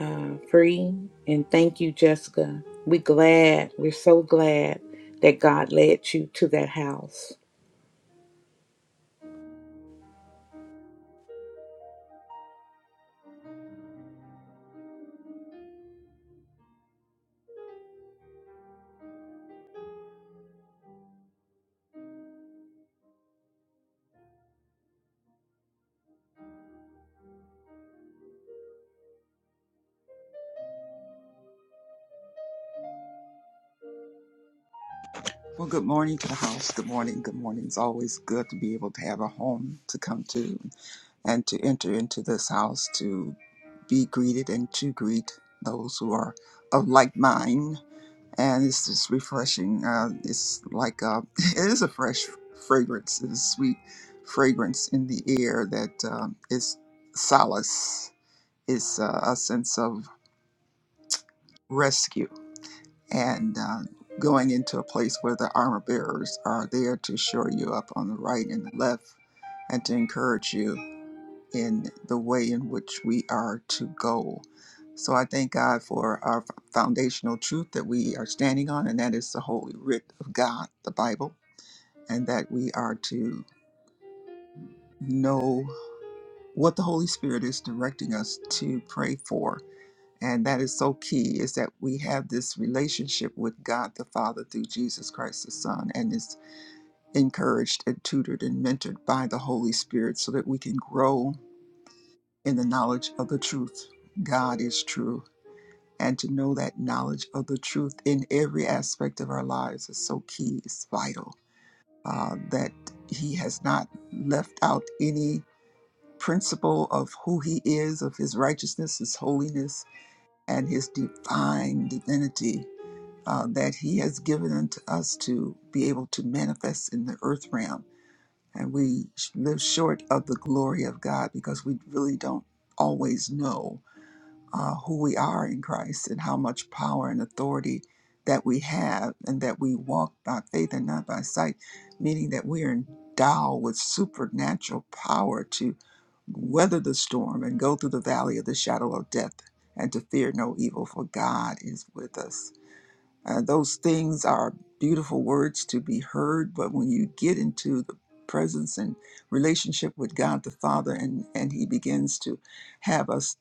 [SPEAKER 1] uh, free. And thank you, Jessica. We're glad, we're so glad that God led you to that house.
[SPEAKER 8] Well, good morning to the house. Good morning. Good morning. It's always good to be able to have a home to come to and to enter into this house to be greeted and to greet those who are of like mind. And it's just refreshing. Uh, it's like uh <laughs> it is a fresh fragrance, it's a sweet fragrance in the air that uh, is solace, it's uh, a sense of rescue and uh, going into a place where the armor bearers are there to shore you up on the right and the left and to encourage you in the way in which we are to go. So I thank God for our foundational truth that we are standing on, and that is the Holy Writ of God, the Bible, and that we are to know what the Holy Spirit is directing us to pray for And that is so key is that we have this relationship with God the Father through Jesus Christ the Son, and is encouraged and tutored and mentored by the Holy Spirit so that we can grow in the knowledge of the truth. God is true. And to know that knowledge of the truth in every aspect of our lives is so key, it's vital uh, that He has not left out any principle of who He is, of His righteousness, His holiness, and His divine divinity uh, that He has given unto us to be able to manifest in the earth realm. And we live short of the glory of God because we really don't always know uh, who we are in Christ and how much power and authority that we have, and that we walk by faith and not by sight, meaning that we are endowed with supernatural power to weather the storm and go through the valley of the shadow of death and to fear no evil, for God is with us. Uh, those things are beautiful words to be heard, but when you get into the presence and relationship with God the Father, and, and He begins to have us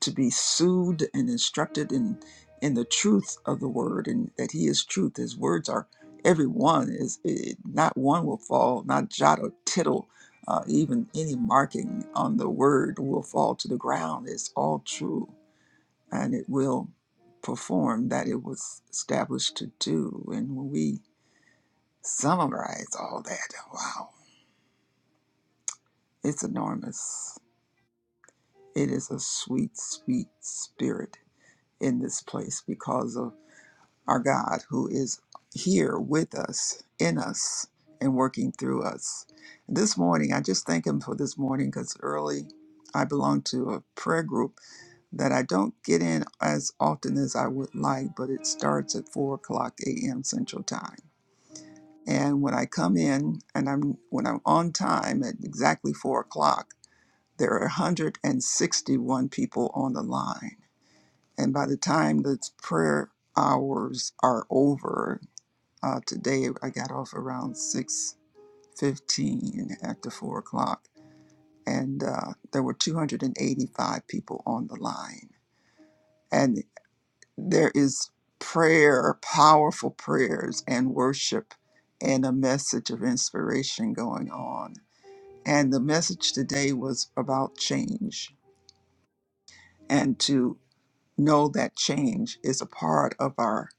[SPEAKER 8] to be soothed and instructed in, in the truth of the Word, and that He is truth. His words are every one is it, not one will fall, not jot or tittle. Uh, even any marking on the word will fall to the ground. It's all true and it will perform that it was established to do. And when we summarize all that, wow, it's enormous. It is a sweet, sweet spirit in this place because of our God who is here with us, in us, and working through us. This morning, I just thank Him for this morning because early I belong to a prayer group that I don't get in as often as I would like, but it starts at four o'clock a.m. Central Time. And when I come in and I'm when I'm on time at exactly four o'clock, there are 161 people on the line. And by the time the prayer hours are over, uh, today I got off around 6:15 after four o'clock, and uh, there were 285 people on the line and. there is prayer, powerful prayers, and worship, and a message of inspiration going on. And the message today was about change and to know that change is a part of our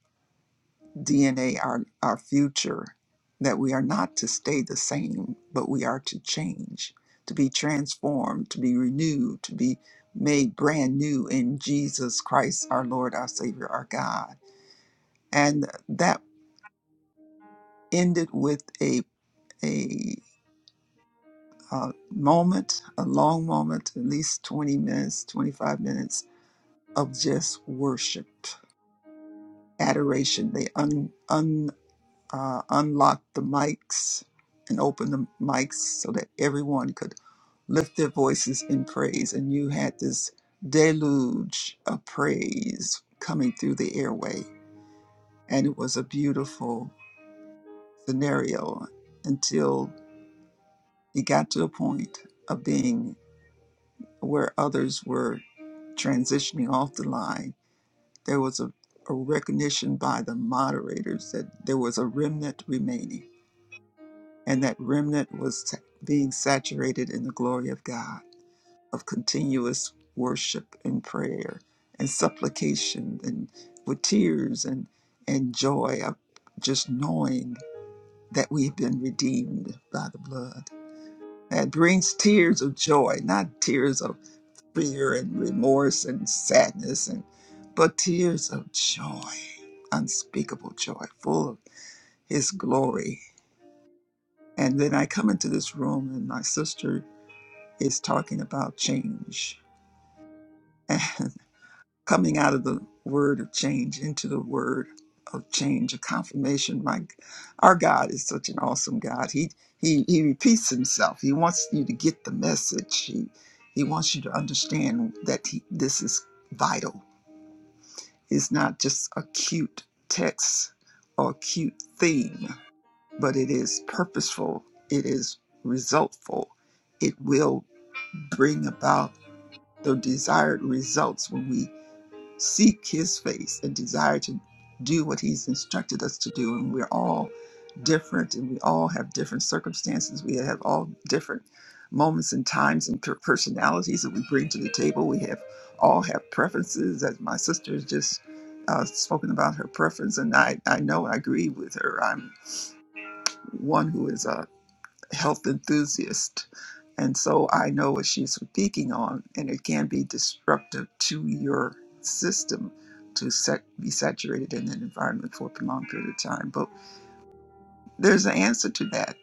[SPEAKER 8] DNA, our, our future, that we are not to stay the same, but we are to change, to be transformed, to be renewed, to be made brand new in Jesus Christ, our Lord, our Savior, our God and that ended with a a uh, moment, a long moment, at least 20 minutes, 25 minutes of just worship, adoration. They un, un, uh, unlocked the mics and opened the mics so that everyone could lift their voices in praise. And you had this deluge of praise coming through the airway. And it was a beautiful scenario until it got to a point of being where others were transitioning off the line, there was a, a recognition by the moderators that there was a remnant remaining, and that remnant was sa- being saturated in the glory of God, of continuous worship and prayer and supplication and with tears and, and joy of just knowing that we've been redeemed by the blood. That brings tears of joy, not tears of fear and remorse and sadness and but tears of joy, unspeakable joy, full of his glory. And then I come into this room and my sister is talking about change and <laughs> coming out of the word of change into the word of change, a confirmation. My our God is such an awesome God. He he he repeats himself. He wants you to get the message. He he wants you to understand that he, this is vital Is not just a cute text or a cute theme, but it is purposeful, it is resultful, it will bring about the desired results when we seek his face and desire to do what he's instructed us to do and we're all different and we all have different circumstances we have all different moments and times and per- personalities that we bring to the table we have all have preferences as my sister has just uh, spoken about her preference and I, I know i agree with her i'm one who is uh, health enthusiast. And so I know what she's speaking on, and it can be disruptive to your system to set, be saturated in an environment for a prolonged period of time. But there's an answer to that.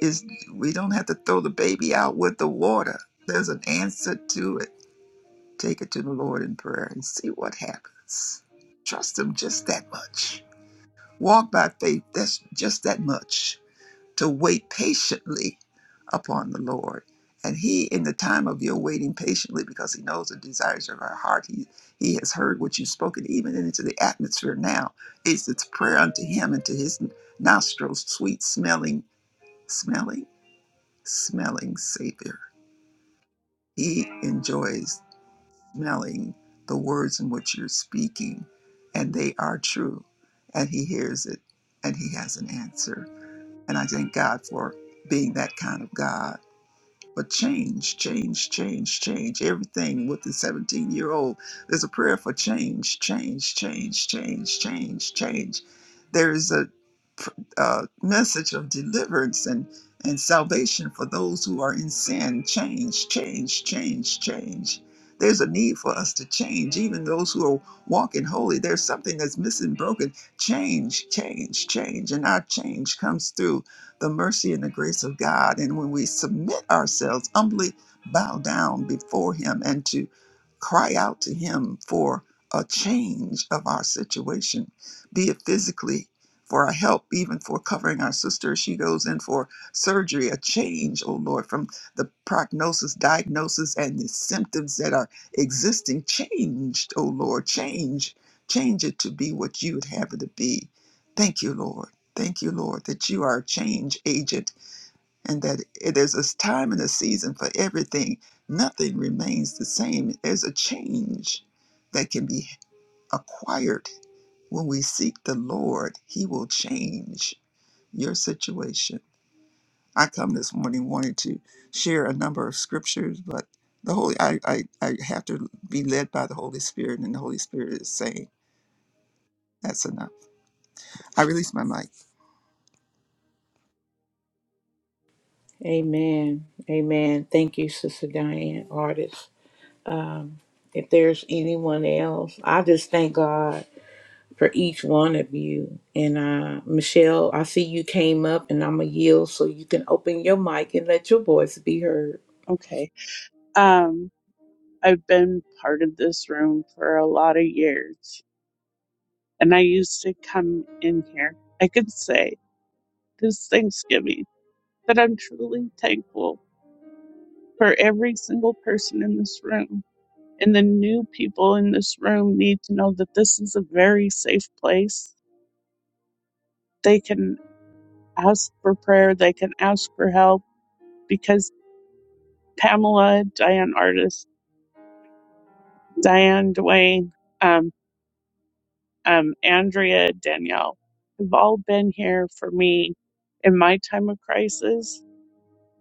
[SPEAKER 8] Is we don't have to throw the baby out with the water. There's an answer to it. Take it to the Lord in prayer and see what happens. Trust Him just that much. Walk by faith. That's just that much to wait patiently upon the Lord. And he, in the time of your waiting patiently, because he knows the desires of our heart, he, he has heard what you've spoken, even into the atmosphere now. It's, it's prayer unto him and to his nostrils, sweet smelling, smelling, smelling Savior. He enjoys smelling the words in which you're speaking, and they are true. And he hears it, and he has an answer. And I thank God for being that kind of God But change, change, change, change. Everything with the 17 year old, there's a prayer for change, change, change, change, change, change. There is a uh, message of deliverance and, and salvation for those who are in sin. Change, change, change, change. There's a need for us to change. Even those who are walking holy, there's something that's missing, broken. Change, change, change. And our change comes through the mercy and the grace of God. And when we submit ourselves, humbly bow down before Him and to cry out to Him for a change of our situation, be it physically for our help, even for covering our sister as she goes in for surgery, a change, oh Lord, from the prognosis, diagnosis, and the symptoms that are existing. Changed, oh Lord, change, change it to be what you would have it to be. Thank you, Lord. Thank you, Lord, that you are a change agent and that it is a time and a season for everything. Nothing remains the same. There's a change that can be acquired. When we seek the Lord, He will change your situation. I come this morning wanting to share a number of scriptures, but the Holy I, I, I have to be led by the Holy Spirit, and the Holy Spirit is saying, That's enough. I release my mic.
[SPEAKER 1] Amen. Amen. Thank you, Sister Diane, artist. Um, if there's anyone else, I just thank God for each one of you. And uh, Michelle, I see you came up and I'm going to yield so you can open your mic and let your voice be heard.
[SPEAKER 9] Okay. Um, I've been part of this room for a lot of years, and I used to come in here. I could say this Thanksgiving that I'm truly thankful for every single person in this room. And the new people in this room need to know that this is a very safe place. They can ask for prayer, they can ask for help because Pamela, Diane Artist, Diane Dwayne, um, Andrea, Danielle, have all been here for me in my time of crisis.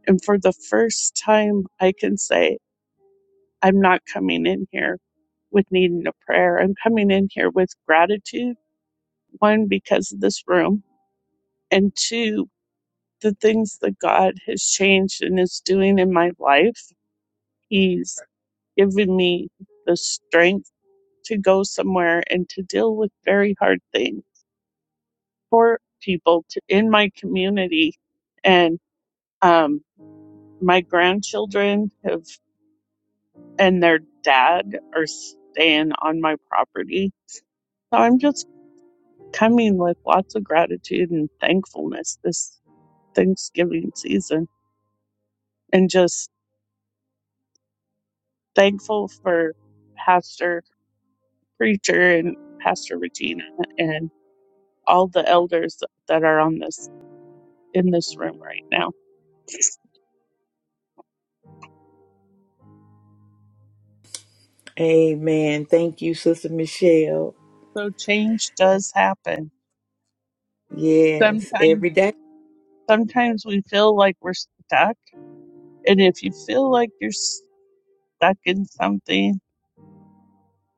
[SPEAKER 9] And for the first time, I can say, I'm not coming in here with needing a prayer. I'm coming in here with gratitude. One, because of this room, and two, the things that God has changed and is doing in my life. He's given me the strength to go somewhere and to deal with very hard things support people to, in my community. And um, my grandchildren have and their dad are staying on my property. So I'm just coming with lots of gratitude and thankfulness this Thanksgiving season and just thankful for Pastor Preacher and Pastor Regina and all the elders that are on this in this room right now.
[SPEAKER 1] Amen. Thank you, Sister Michelle.
[SPEAKER 9] So change does happen.
[SPEAKER 1] Yes,
[SPEAKER 9] Sometimes
[SPEAKER 1] every day.
[SPEAKER 9] Sometimes we feel like we're stuck. And if you feel like you're stuck in something,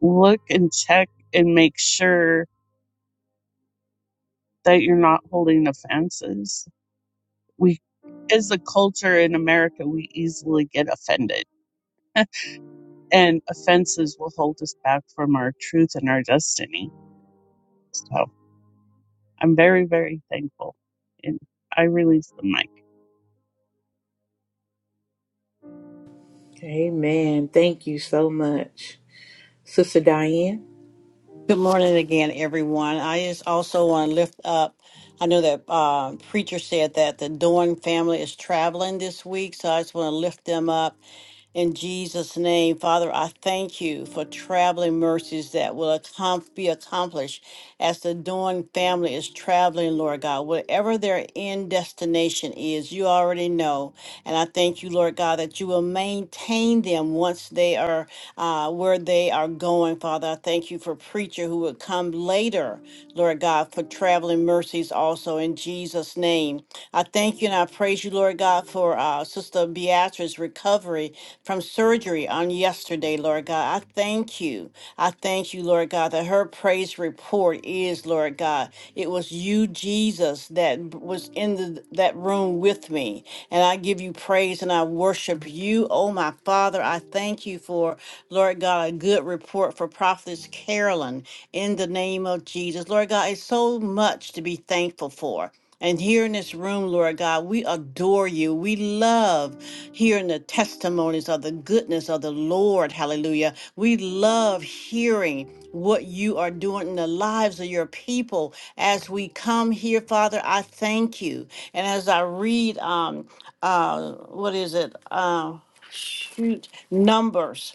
[SPEAKER 9] look and check and make sure that you're not holding offenses. We, as a culture in America, we easily get offended, and offenses will hold us back from our truth and our destiny. So I'm very, very thankful. And I release the mic.
[SPEAKER 1] Amen. Thank you so much, Sister Diane.
[SPEAKER 6] Good morning again, everyone. I just also want to lift up. I know that uh, preacher said that the Dorn family is traveling this week, so I just want to lift them up in Jesus' name, Father, I thank you for traveling mercies that will accom- be accomplished as the Dawn family is traveling, Lord God. Whatever their end destination is, you already know. And I thank you, Lord God, that you will maintain them once they are uh, where they are going, Father. I thank you for preacher who will come later, Lord God, for traveling mercies also in Jesus' name. I thank you and I praise you, Lord God, for uh, Sister Beatrice's recovery from surgery on yesterday, Lord God. I thank you. I thank you, Lord God, that her praise report is, Lord God, it was you, Jesus, that b- was in the, that room with me. And I give you praise and I worship you, oh my Father. I thank you for, Lord God, a good report for Prophetess Carolyn in the name of Jesus. Lord God, it's so much to be thankful for. And here in this room, Lord God, we adore you. We love hearing the testimonies of the goodness of the Lord. Hallelujah. We love hearing what you are doing in the lives of your people as we come here, Father. I thank you. And as I read, um, uh, what is it? Uh, shoot, Numbers.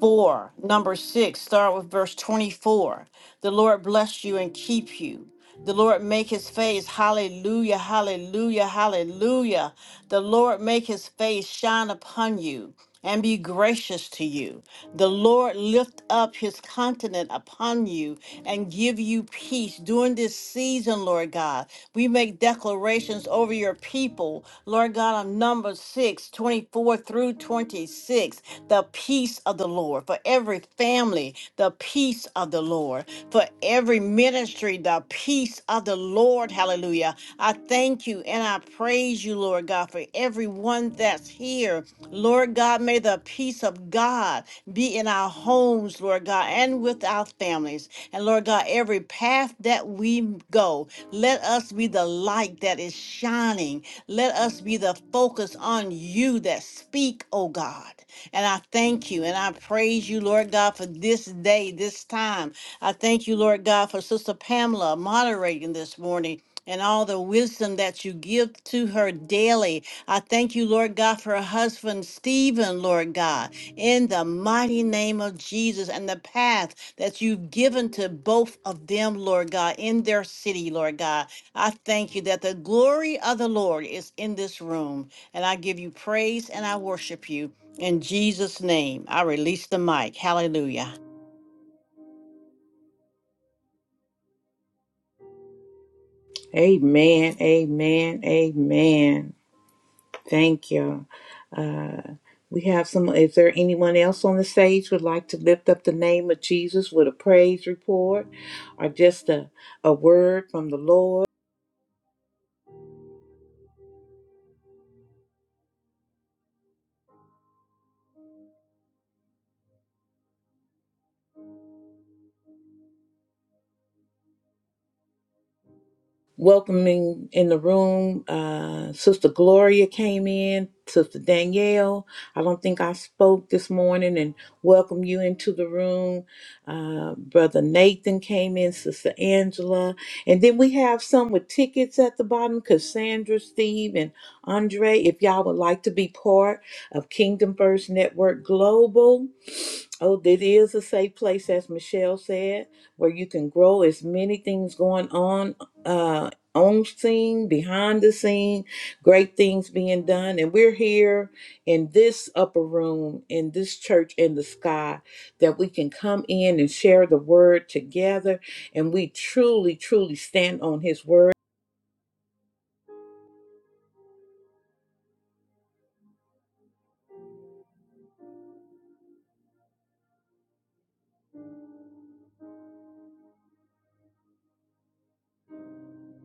[SPEAKER 6] 4. Number 6, start with verse 24. The Lord bless you and keep you. The Lord make his face, hallelujah, hallelujah, hallelujah. The Lord make his face shine upon you and be gracious to you. The Lord lift up his countenance upon you and give you peace during this season, Lord God. we make declarations over your people. Lord God, on number 6 24 through 26, the peace of the Lord. For every family, the peace of the Lord. For every ministry, the peace of the Lord. Hallelujah. I thank you and I praise you, Lord God, for everyone that's here. Lord God, may the peace of God. God, be in our homes, Lord God, and with our families. And Lord God, every path that we go, let us be the light that is shining. Let us be the focus on you that speak, oh God. And I thank you and I praise you, Lord God, for this day, this time. I thank you, Lord God, for Sister Pamela moderating this morning. And all the wisdom that you give to her daily. I thank you, Lord God, for her husband, Stephen, Lord God in the mighty name of Jesus and the path that you've given to both of them, Lord God, in their city, Lord God. I thank you that the glory of the Lord is in this room. And I give you praise and I worship you. In Jesus' name, I release the mic. Hallelujah.
[SPEAKER 1] Amen. Amen. Amen. Thank you. Uh, we have some. Is there anyone else on the stage would like to lift up the name of Jesus with a praise report or just a, a word from the Lord? welcoming in the room. Uh, Sister Gloria came in, Sister Danielle. I don't think I spoke this morning and welcome you into the room. Uh, Brother Nathan came in, Sister Angela. And then we have some with tickets at the bottom Cassandra, Steve, and Andre. If y'all would like to be part of Kingdom First Network Global, Oh, this is a safe place, as Michelle said, where you can grow. As many things going on, uh, on scene, behind the scene, great things being done, and we're here in this upper room, in this church in the sky, that we can come in and share the word together, and we truly, truly stand on His word.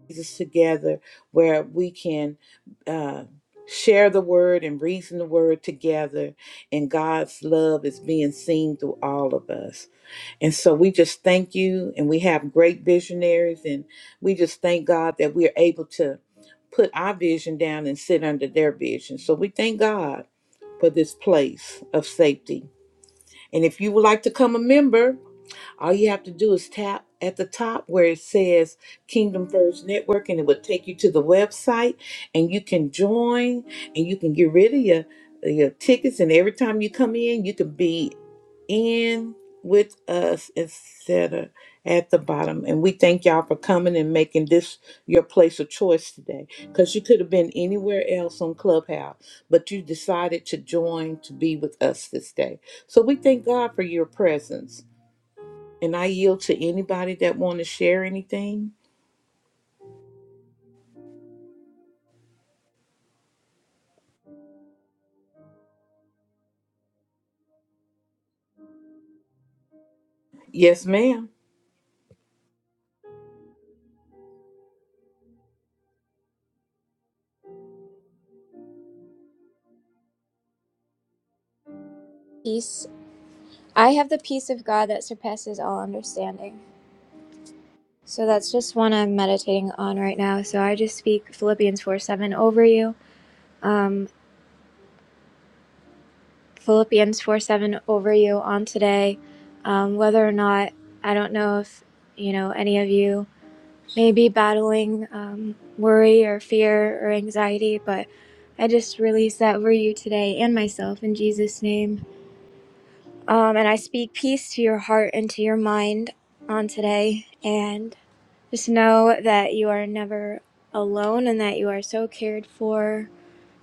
[SPEAKER 1] Jesus together where we can uh, share the word and reason the word together, and God's love is being seen through all of us. And so we just thank you, and we have great visionaries, and we just thank God that we are able to put our vision down and sit under their vision. So we thank God for this place of safety. And if you would like to come a member, all you have to do is tap at the top where it says Kingdom First Network, and it will take you to the website, and you can join, and you can get rid of your your tickets, and every time you come in, you can be in with us, etc. At the bottom, and we thank y'all for coming and making this your place of choice today, because you could have been anywhere else on Clubhouse, but you decided to join to be with us this day. So we thank God for your presence. And I yield to anybody that want to share anything. Yes, ma'am.
[SPEAKER 4] peace i have the peace of god that surpasses all understanding So that's just one I'm meditating on right now. So I just speak Philippians 4 7 over you. Um, Philippians 4 7 over you on today. Um, whether or not, I don't know if, you know, any of you may be battling um, worry or fear or anxiety, but I just release that over you today and myself in Jesus' name. Um, and I speak peace to your heart and to your mind on today. and. Just know that you are never alone and that you are so cared for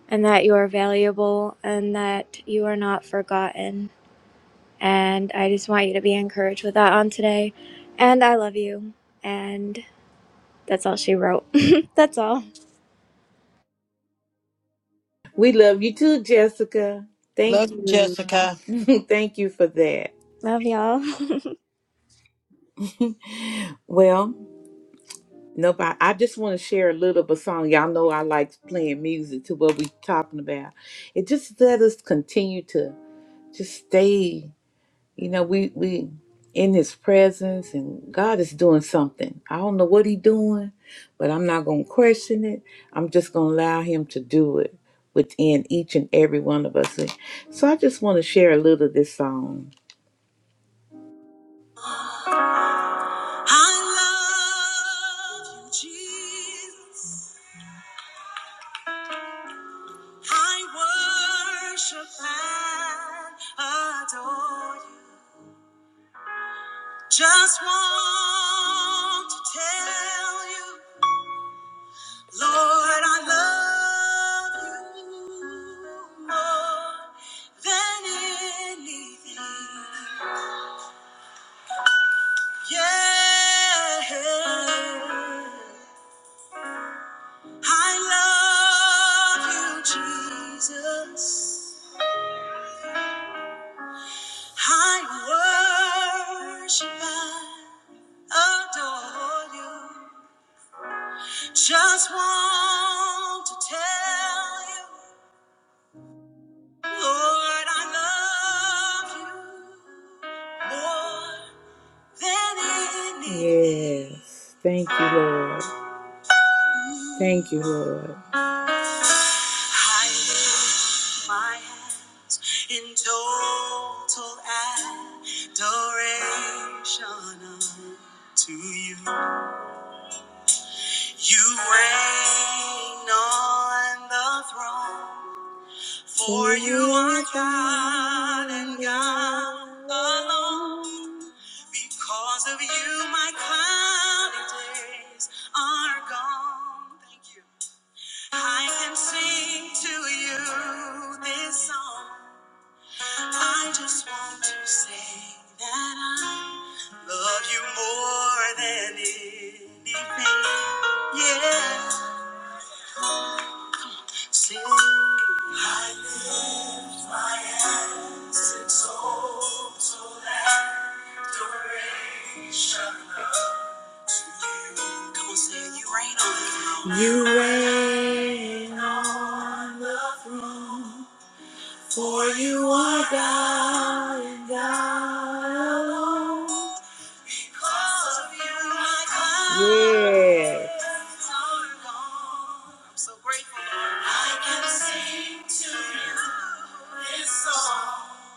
[SPEAKER 4] and that you are valuable and that you are not forgotten. And I just want you to be encouraged with that on today. And I love you. And that's all she wrote. <laughs> that's all.
[SPEAKER 1] We love you too, Jessica. Thank
[SPEAKER 6] Love you,
[SPEAKER 1] you.
[SPEAKER 6] Jessica.
[SPEAKER 1] <laughs> Thank you for that.
[SPEAKER 4] Love y'all.
[SPEAKER 1] Well, nobody I just want to share a little bit of song. Y'all know I like playing music to what we are talking about. It just let us continue to just stay You know, we we in his presence and God is doing something. I don't know what He's doing, but I'm not going to question it. I'm just going to allow him to do it within each and every one of us. So I just want to share a little of this song. I love you, Jesus. I worship and adore you. Just want to tell you. Lord, I love you more than anything. Yeah. I love you, Jesus. I worship and adore you. Just want to tell you. Lord, I love you more than anything. Yes. Thank you, Lord. Thank you, Lord. I lift my hands in total adoration unto you. You reign on the throne. For you are God and God alone. Because of you, my cloudy days are gone. Thank you. I can sing to you this song. I just want to say that I love you more than anything. Yeah. Sing, I lift my hands in total adoration unto you. Come on, say it. You reign on the throne. You reign on the throne. For you are God and God alone. Because of you, my God. Yes. I'm so grateful, Lord. I can sing to you this song.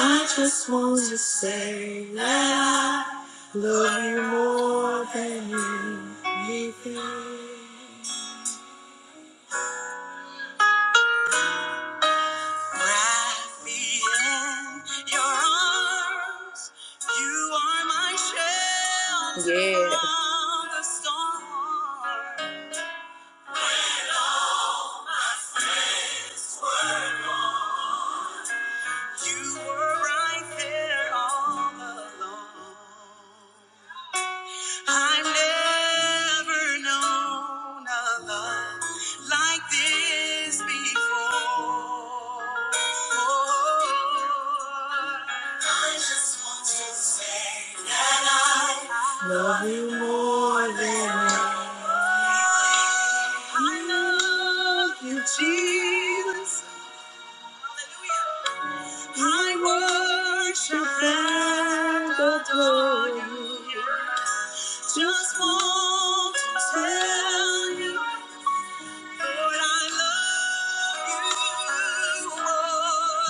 [SPEAKER 1] I just want to say that I love you more than anything. Wrap me in your arms. You are my shelter yeah. from the storm. When all my friends were gone, you were right there all along. I've never known a love like this before. I just want to say that I love you more than I love you, Jesus. I worship and adore you. Just want to tell you Lord, I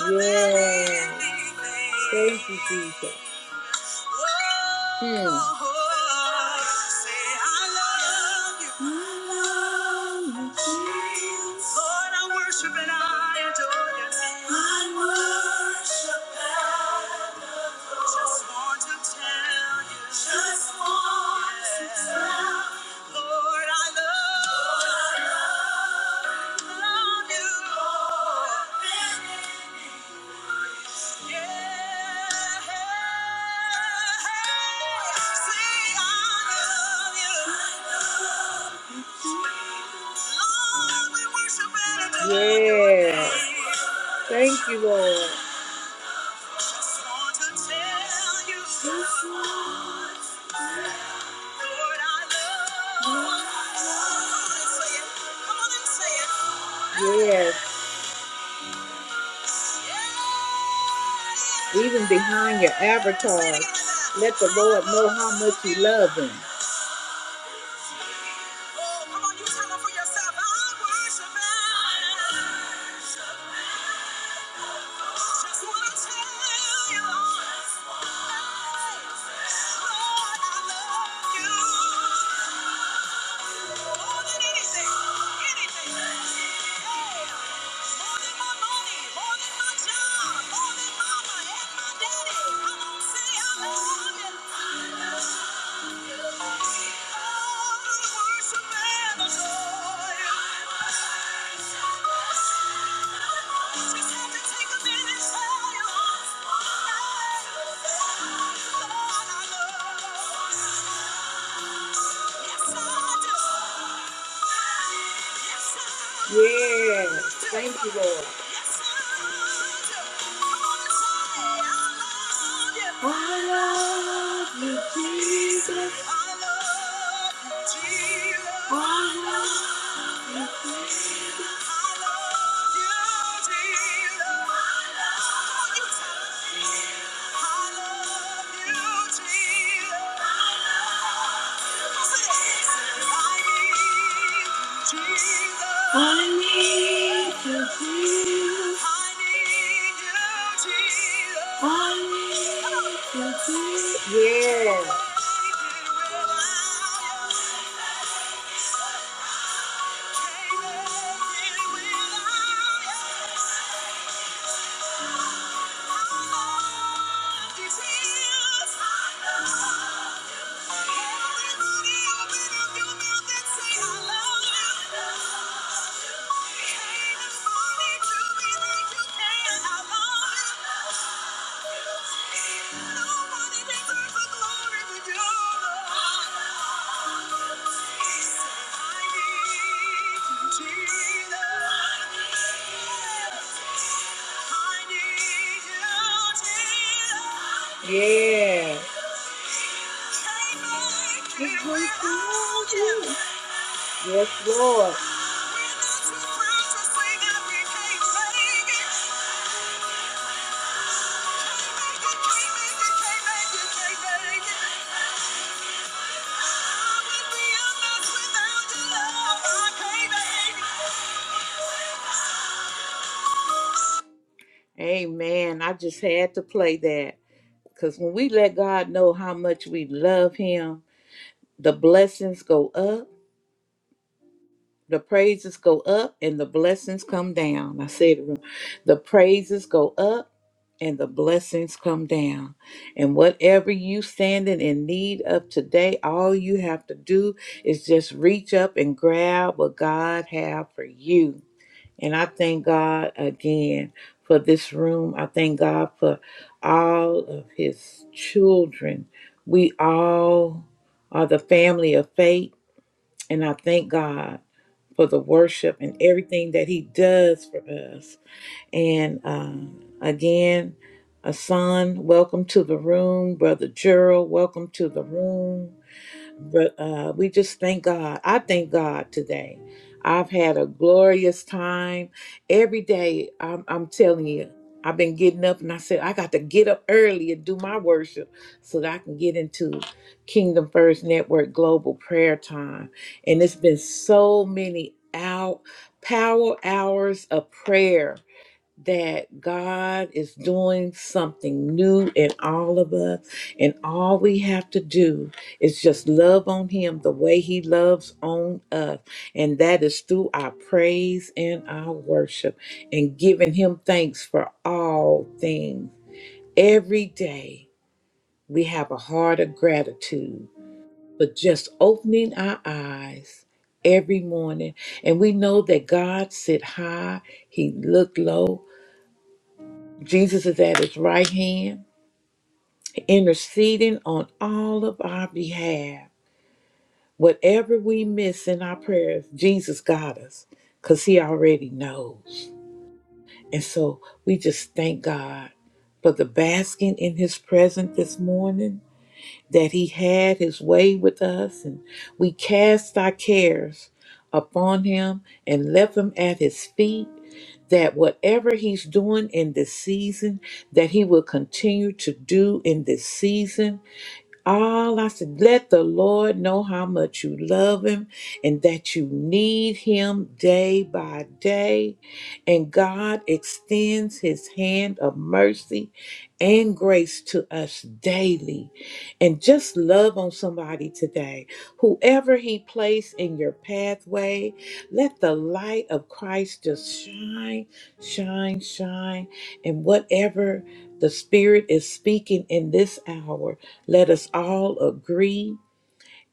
[SPEAKER 1] love you more yeah. than anything. Thank you, Jesus. Hmm. Say I love you. Lord, I worship and I adore you. I Just want to tell you. Just want yeah. to tell you. Lord, I love. Lord, I love love you. Lord, yeah. Hey, hey, hey. See, I love you. Lord, we worship and adore you. Yeah. Thank you, Lord. Just want to tell you, Lord, I love you. Come on and say it. Come on and say it. Yes. Even behind your avatar, let the Lord know how much you love him. Oh, come on, you tell him for yourself. I worship him. Just wanna tell you, Lord, I love you more than anything, anything. Yeah. More than my money, more than my job, more than mama and my daddy. Come on, say I love you. I love you. Oh, I worship and adore. Yes, thank you, Lord. What? I love you, Jesus. I need you. Jesus. Yeah. Thank you. Yeah. It's without you. Yes, Lord. Amen. I just had to play that because when we let God know how much we love Him, the blessings go up the praises go up and the blessings come down. I said it wrong. The praises go up and the blessings come down. And whatever you standing in need of today, all you have to do is just reach up and grab what God have for you. And I thank God again for this room. I thank God for all of his children. We all are the family of faith. And I thank God for the worship and everything that he does for us. And um, again, Asan, welcome to the room. Brother Gerald, welcome to the room. But uh, we just thank God. I thank God today. I've had a glorious time. Every day, I'm, I'm telling you, I've been getting up and I said, I got to get up early and do my worship so that I can get into Kingdom First Network Global Prayer Time. And it's been so many out power hours of prayer that God is doing something new in all of us, and all we have to do is just love on Him the way He loves on us, and that is through our praise and our worship and giving Him thanks for all things. Every day, we have a heart of gratitude but just opening our eyes every morning, and we know that God sit high, He looked low. Jesus is at his right hand, interceding on all of our behalf. Whatever we miss in our prayers, Jesus got us because he already knows. And so we just thank God for the basking in his presence this morning, that he had his way with us, and we cast our cares upon him and left them at his feet that whatever he's doing in this season, that he will continue to do in this season all I said, let the Lord know how much you love him and that you need him day by day. And God extends his hand of mercy and grace to us daily. And just love on somebody today. Whoever he placed in your pathway, let the light of Christ just shine, shine, shine. And whatever the Spirit is speaking in this hour. Let us all agree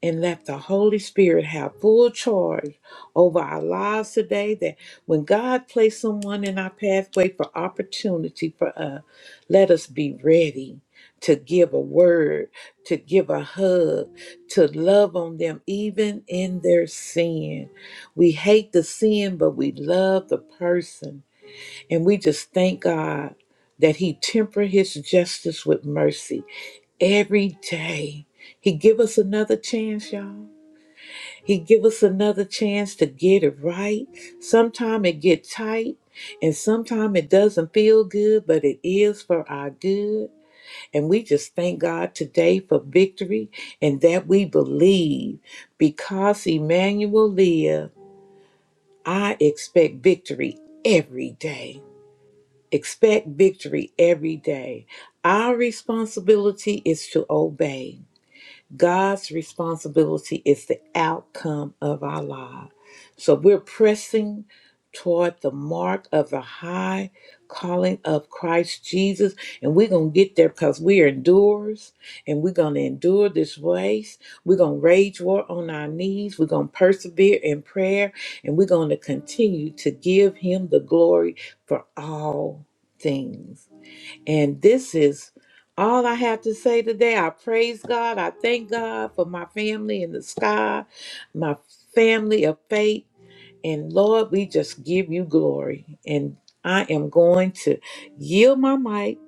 [SPEAKER 1] and let the Holy Spirit have full charge over our lives today. That when God placed someone in our pathway for opportunity for us, let us be ready to give a word, to give a hug, to love on them, even in their sin. We hate the sin, but we love the person. And we just thank God that he temper his justice with mercy every day. He give us another chance, y'all. He give us another chance to get it right. Sometime it get tight and sometime it doesn't feel good, but it is for our good. And we just thank God today for victory and that we believe because Emmanuel live, I expect victory every day. Expect victory every day. Our responsibility is to obey. God's responsibility is the outcome of our lives. So we're pressing toward the mark of the high calling of Christ Jesus, and we're going to get there because we are endurers and we're going to endure this race. We're going to rage war on our knees. We're going to persevere in prayer, and we're going to continue to give Him the glory for all things. And this is all I have to say today. I praise God. I thank God for my family in the sky, my family of faith. And Lord, we just give you glory. And I am going to yield my mic.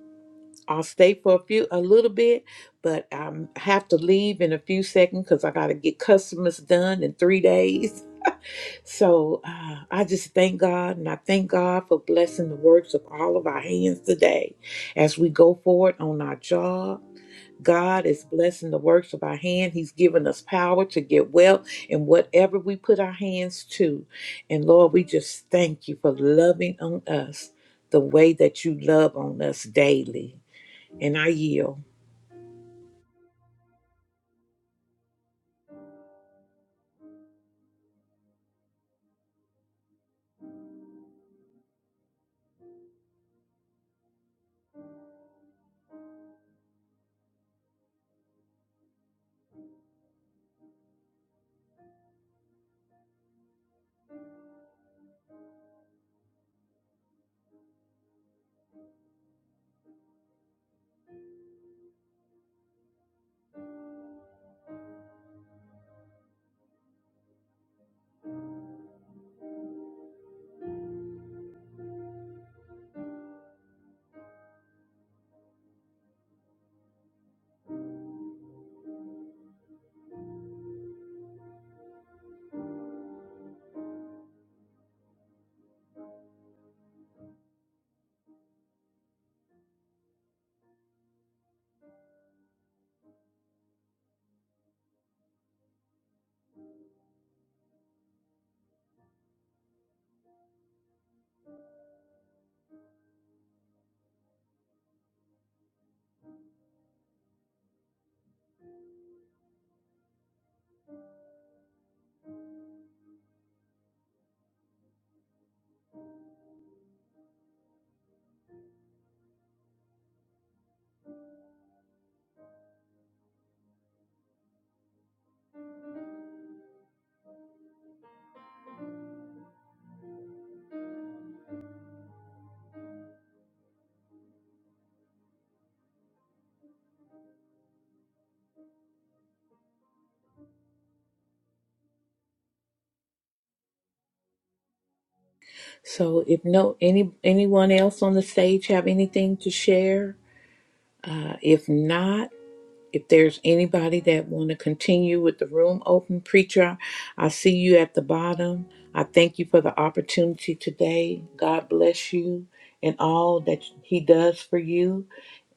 [SPEAKER 1] I'll stay for a few, a little bit, but I have to leave in a few seconds because I got to get customers done in three days. So uh, I just thank God and I thank God for blessing the works of all of our hands today. As we go forward on our job, God is blessing the works of our hand. He's given us power to get well in whatever we put our hands to. And Lord, we just thank you for loving on us the way that you love on us daily. And I yield. So if no any anyone else on the stage have anything to share, uh, if not, if there's anybody that want to continue with the room open preacher i see you at the bottom i thank you for the opportunity today god bless you and all that he does for you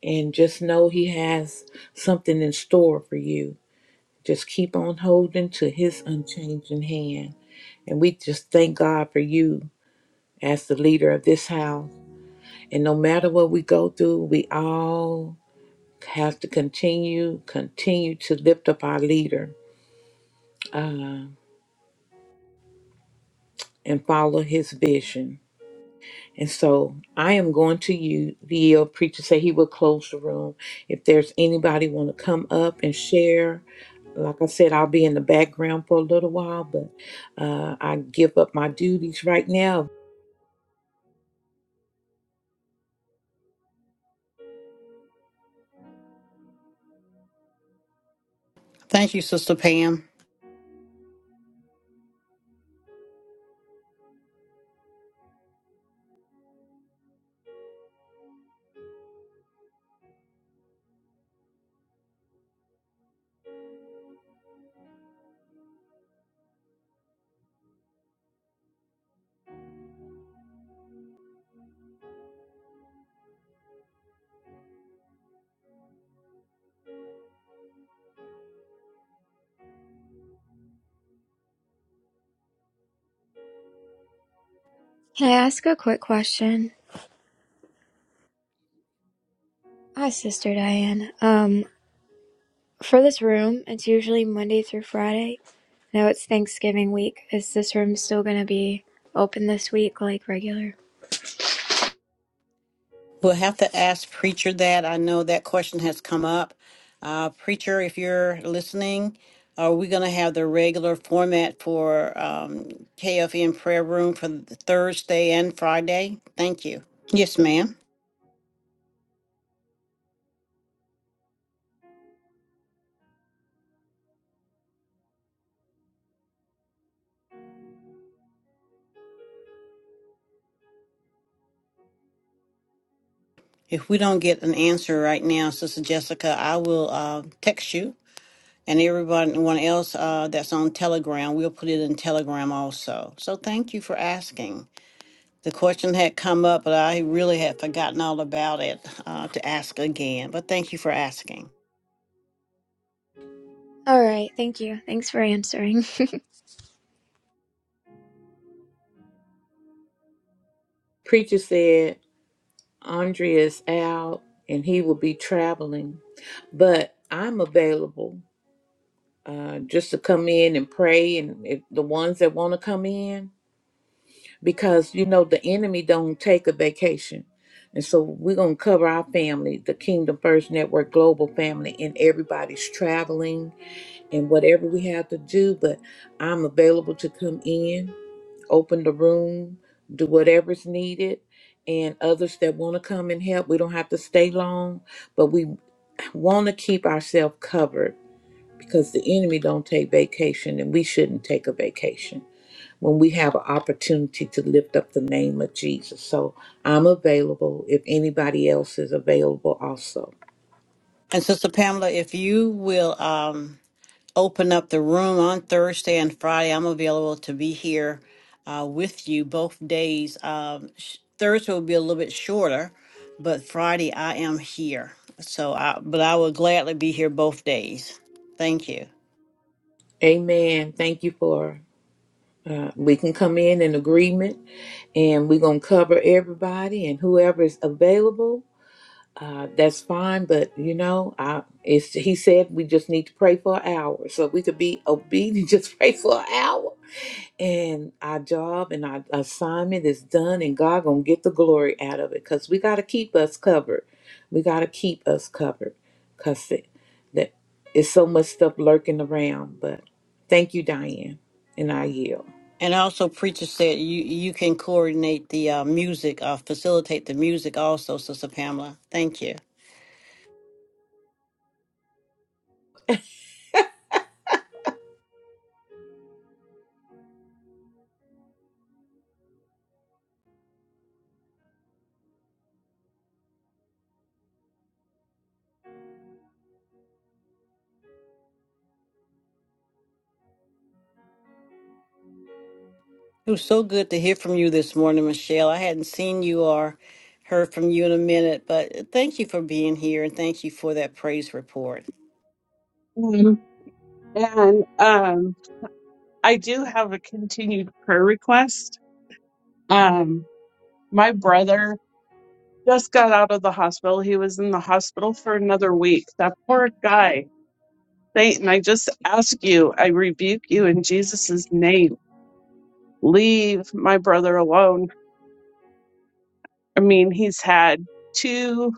[SPEAKER 1] and just know he has something in store for you just keep on holding to his unchanging hand and we just thank god for you as the leader of this house and no matter what we go through we all have to continue, continue to lift up our leader uh, and follow his vision. And so I am going to you, the yield preacher said he will close the room. If there's anybody want to come up and share, like I said, I'll be in the background for a little while, but uh, I give up my duties right now.
[SPEAKER 6] Thank you, Sister Pam.
[SPEAKER 4] Can I ask a quick question? Hi, Sister Diane. Um, for this room, it's usually Monday through Friday. Now it's Thanksgiving week. Is this room still going to be open this week like regular?
[SPEAKER 6] We'll have to ask Preacher that. I know that question has come up. Uh, Preacher, if you're listening, are we going to have the regular format for um, KFN prayer room for the Thursday and Friday? Thank you. Yes, ma'am. If we don't get an answer right now, Sister Jessica, I will uh, text you and everyone else uh, that's on Telegram. We'll put it in Telegram also. So thank you for asking. The question had come up, but I really had forgotten all about it uh, to ask again. But thank you for asking.
[SPEAKER 4] All right, thank you. Thanks for answering.
[SPEAKER 1] Preacher said Andrea is out and he will be traveling, but I'm available uh, just to come in and pray and if the ones that want to come in because you know the enemy don't take a vacation and so we're going to cover our family the kingdom first network global family and everybody's traveling and whatever we have to do but i'm available to come in open the room do whatever's needed and others that want to come and help we don't have to stay long but we want to keep ourselves covered because the enemy don't take vacation and we shouldn't take a vacation when we have an opportunity to lift up the name of Jesus. So I'm available if anybody else is available also.
[SPEAKER 6] And Sister Pamela, if you will um, open up the room on Thursday and Friday, I'm available to be here uh, with you both days. Um, sh- Thursday will be a little bit shorter, but Friday I am here. So, I, but I will gladly be here both days. Thank you.
[SPEAKER 1] Amen. Thank you for uh, we can come in in agreement and we're going to cover everybody and whoever is available. Uh, that's fine, but you know, I, it's, he said we just need to pray for an hour. So we could be obedient, <laughs> just pray for an hour and our job and our assignment is done and god gonna get the glory out of it because we gotta keep us covered we gotta keep us covered because it, that it's so much stuff lurking around but thank you diane and i yield
[SPEAKER 6] And also, preacher said you you can coordinate the uh, music, uh, facilitate the music also, Sister Pamela. Thank you. It was so good to hear from you this morning, Michelle. I hadn't seen you or heard from you in a minute, but thank you for being here and thank you for that praise report.
[SPEAKER 9] Um, and um, I do have a continued prayer request. Um, my brother just got out of the hospital. He was in the hospital for another week. That poor guy. Satan, I just ask you, I rebuke you in Jesus' name. Leave my brother alone. I mean, he's had two,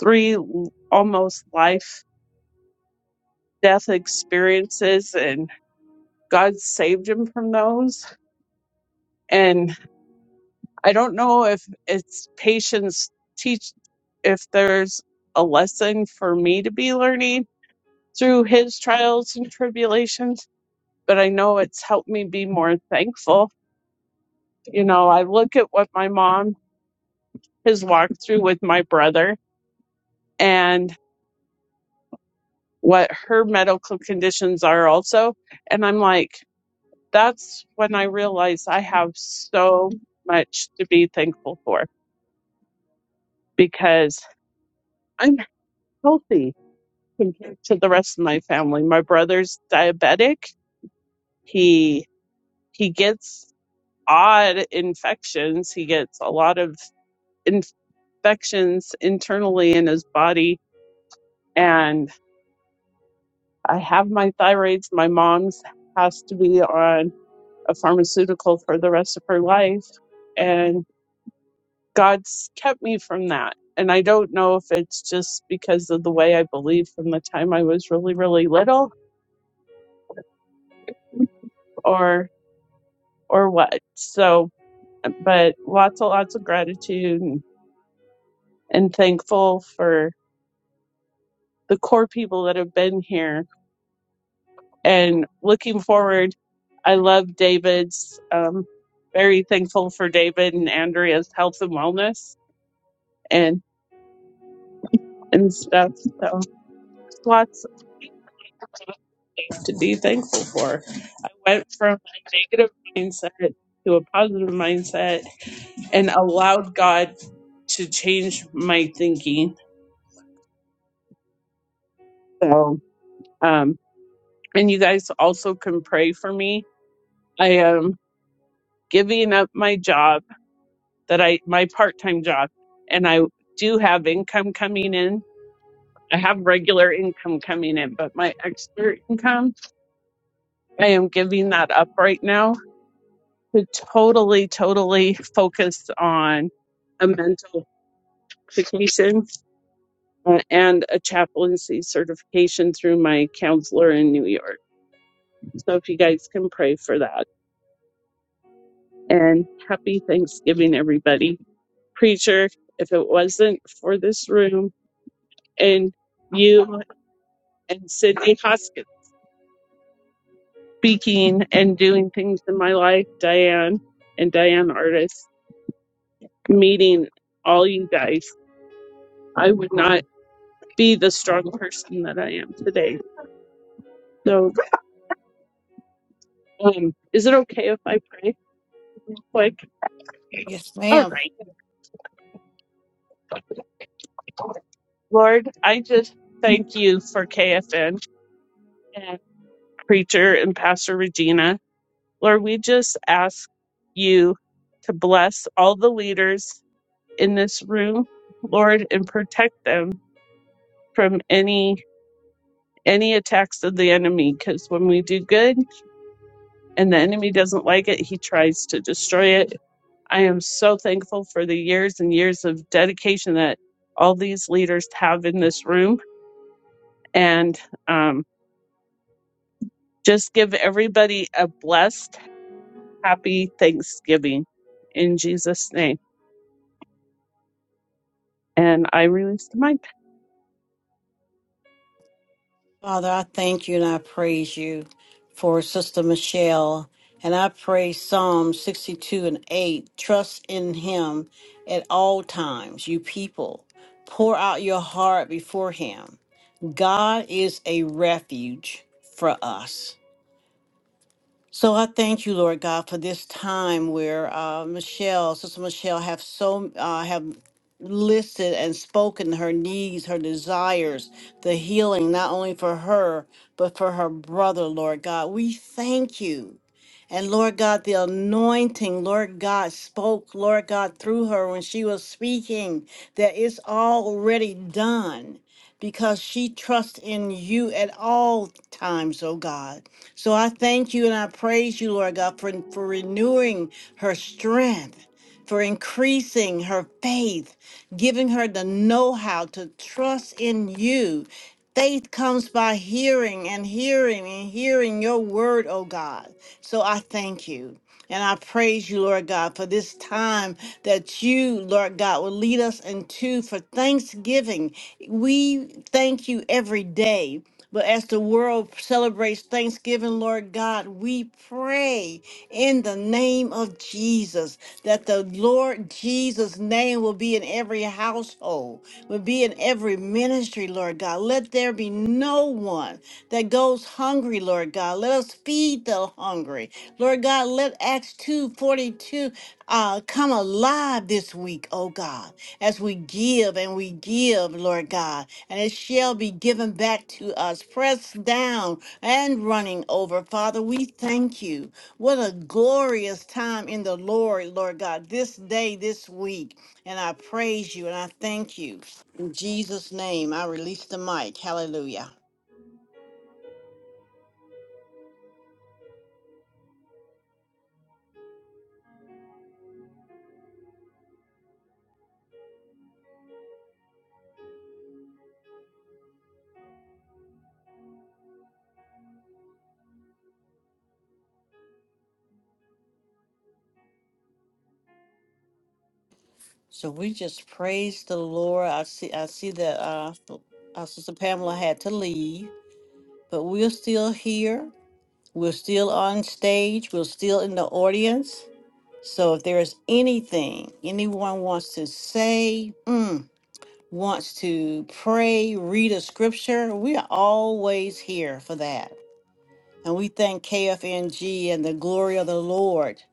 [SPEAKER 9] three almost life death experiences, and God saved him from those. And I don't know if it's patience teach, if there's a lesson for me to be learning through his trials and tribulations but I know it's helped me be more thankful. You know, I look at what my mom has walked through with my brother and what her medical conditions are also. And I'm like, that's when I realize I have so much to be thankful for because I'm healthy compared to the rest of my family. My brother's diabetic. He he gets odd infections. He gets a lot of infections internally in his body. And I have my thyroids. My mom's has to be on a pharmaceutical for the rest of her life. And God's kept me from that. And I don't know if it's just because of the way I believe from the time I was really, really little or or what. So but lots and lots of gratitude and, and thankful for the core people that have been here and looking forward, I love David's. Um, very thankful for David and Andrea's health and wellness and and stuff. So lots of things to be thankful for. I went from a negative mindset to a positive mindset and allowed God to change my thinking. So, um, and you guys also can pray for me. I am giving up my job that I my part time job, and I do have income coming in. I have regular income coming in, but my extra income, I am giving that up right now to totally, totally focus on a mental education uh, and a chaplaincy certification through my counselor in New York. So if you guys can pray for that. And happy Thanksgiving, everybody. Preacher, if it wasn't for this room and you and Sydney Hoskins speaking and doing things in my life, Diane and Diane Artist, meeting all you guys. I would not be the strong person that I am today. So, um, is it okay if I pray quick?
[SPEAKER 6] Yes,
[SPEAKER 9] All
[SPEAKER 6] ma'am.
[SPEAKER 9] right. Lord, I just thank you for KFN and Preacher and Pastor Regina. Lord, we just ask you to bless all the leaders in this room, Lord, and protect them from any any attacks of the enemy because when we do good and the enemy doesn't like it, he tries to destroy it. I am so thankful for the years and years of dedication that all these leaders have in this room and um, just give everybody a blessed, happy Thanksgiving in Jesus' name. And I released the mic.
[SPEAKER 6] Father, I thank you and I praise you for Sister Michelle. And I pray Psalm 62 and 8 trust in him at all times, you people. Pour out your heart before him. God is a refuge for us. So I thank you, Lord God, for this time where uh, Michelle, Sister Michelle, have so uh, have listed and spoken her needs, her desires, the healing not only for her but for her brother, Lord God. We thank you. And Lord God, the anointing, Lord God spoke, Lord God, through her when she was speaking, that it's already done because she trusts in you at all times, oh God. So I thank you and I praise you, Lord God, for, for renewing her strength, for increasing her faith, giving her the know how to trust in you. Faith comes by hearing and hearing and hearing your word, oh God. So I thank you. And I praise you, Lord God, for this time that you, Lord God, will lead us into for Thanksgiving. We thank you every day. But as the world celebrates Thanksgiving, Lord God, we pray in the name of Jesus, that the Lord Jesus' name will be in every household, will be in every ministry, Lord God. Let there be no one that goes hungry, Lord God. Let us feed the hungry. Lord God, let Acts 2:42 uh, come alive this week, oh God, as we give and we give, Lord God, and it shall be given back to us, pressed down and running over. Father, we thank you. What a glorious time in the Lord, Lord God, this day, this week. And I praise you and I thank you. In Jesus' name, I release the mic. Hallelujah. So we just praise the Lord. I see I see that uh, our sister Pamela had to leave, but we're still here. We're still on stage. We're still in the audience. So if there is anything anyone wants to say, mm, wants to pray, read a scripture, we are always here for that. And we thank KFNG and the glory of the Lord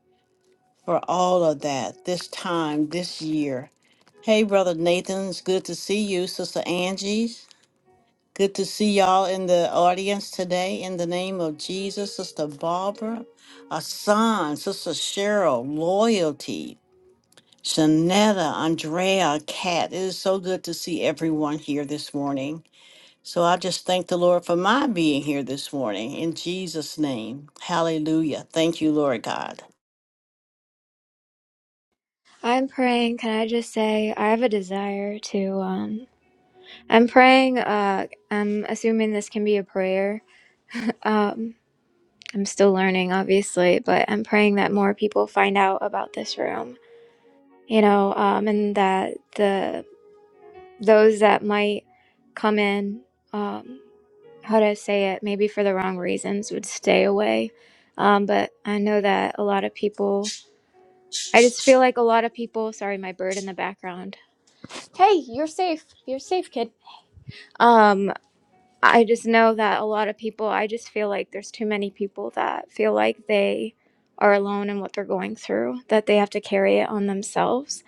[SPEAKER 6] for all of that this time, this year. Hey, Brother Nathan, it's good to see you. Sister Angie, good to see y'all in the audience today. In the name of Jesus, Sister Barbara, Asan, Sister Cheryl, Loyalty, Shanetta, Andrea, Kat. It is so good to see everyone here this morning. So I just thank the Lord for my being here this morning in Jesus' name. Hallelujah. Thank you, Lord God.
[SPEAKER 4] <laughs> I'm praying, can I just say I have a desire to um I'm praying uh I'm assuming this can be a prayer. <laughs> Um I'm still learning obviously, but I'm praying that more people find out about this room. You know, um and that the those that might come in um how to say it, maybe for the wrong reasons would stay away. Um but I know that a lot of people I just feel like a lot of people, sorry, my bird in the background. Hey, you're safe. You're safe, kid. Um, I just know that a lot of people, I just feel like there's too many people that feel like they are alone in what they're going through, that they have to carry it on themselves.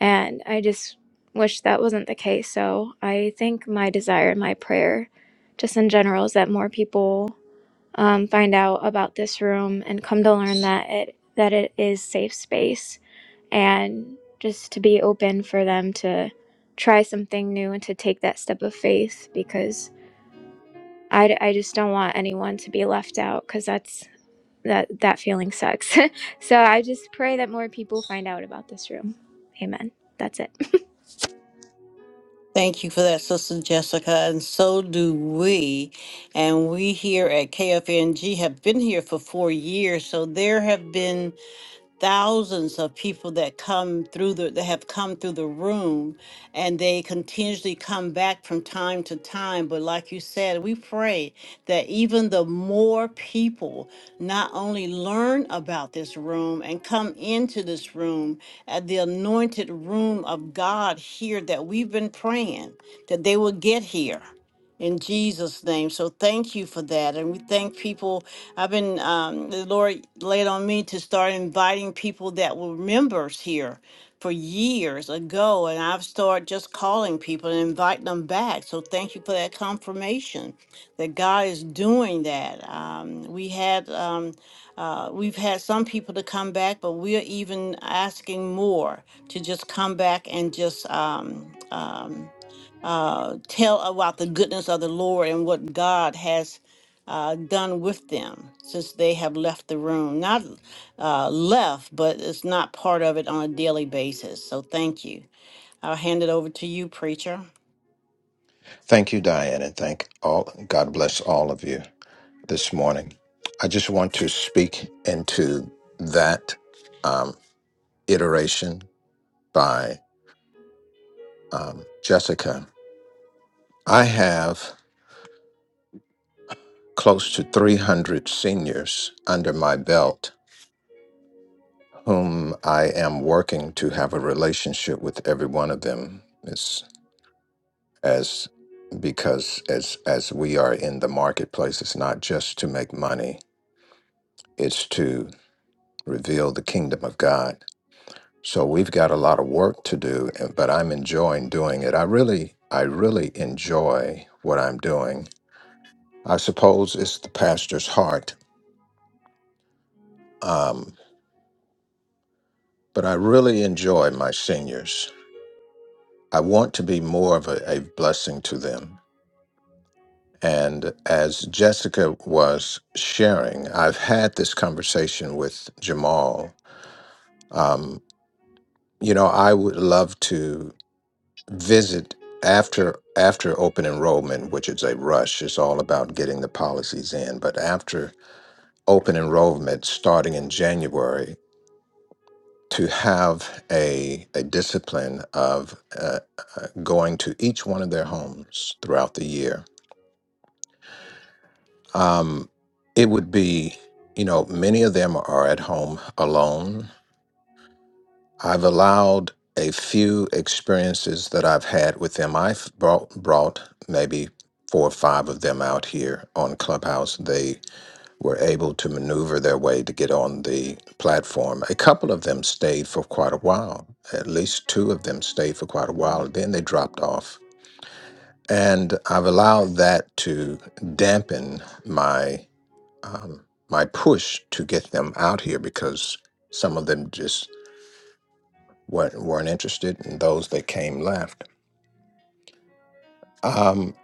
[SPEAKER 4] And I just wish that wasn't the case. So I think my desire and my prayer, just in general, is that more people um, find out about this room and come to learn that it that it is safe space and just to be open for them to try something new and to take that step of faith because I, I just don't want anyone to be left out because that's that that feeling sucks. <laughs> so I just pray that more people find out about this room. Amen. That's it. <laughs>
[SPEAKER 6] Thank you for that, Sister Jessica. And so do we. And we here at KFNG have been here for four years. So there have been thousands of people that come through the that have come through the room and they continuously come back from time to time but like you said we pray that even the more people not only learn about this room and come into this room at the anointed room of God here that we've been praying that they will get here in Jesus' name. So thank you for that. And we thank people. I've been, um, the Lord laid on me to start inviting people that were members here for years ago. And I've started just calling people and inviting them back. So thank you for that confirmation that God is doing that. Um, we had, um, uh, we've had some people to come back, but we're even asking more to just come back and just um, um, uh, tell about the goodness of the Lord and what God has uh, done with them since they have left the room. Not uh, left, but it's not part of it on a daily basis. So thank you. I'll hand it over to you, preacher.
[SPEAKER 2] Thank you, Diane, and thank all. God bless all of you this morning. I just want to speak into that um, iteration by um, Jessica. I have close to 300 seniors under my belt whom I am working to have a relationship with every one of them. It's as because as as we are in the marketplace, it's not just to make money. It's to reveal the kingdom of God. So we've got a lot of work to do, and- but I'm enjoying doing it. I really, I really enjoy what I'm doing. I suppose it's the pastor's heart, um, but I really enjoy my seniors. I want to be more of a, a blessing to them. And as Jessica was sharing, I've had this conversation with Jamal. Um, you know, I would love to. visit after after open enrollment, which is a rush. It's all about getting the policies in. But after open enrollment, starting in January, to have a a discipline of uh, uh, going to each one of their homes throughout the year, um, it would be. You know, many of them are at home alone I've allowed a few experiences that I've had with them. I've brought, brought maybe four or five of them out here on Clubhouse. They were able to maneuver their way to get on the platform. A couple of them stayed for quite a while. At least two of them stayed for quite a while. Then they dropped off. And I've allowed that to dampen my um, my push to get them out here because some of them just weren't, weren't interested, and those that came left. Um,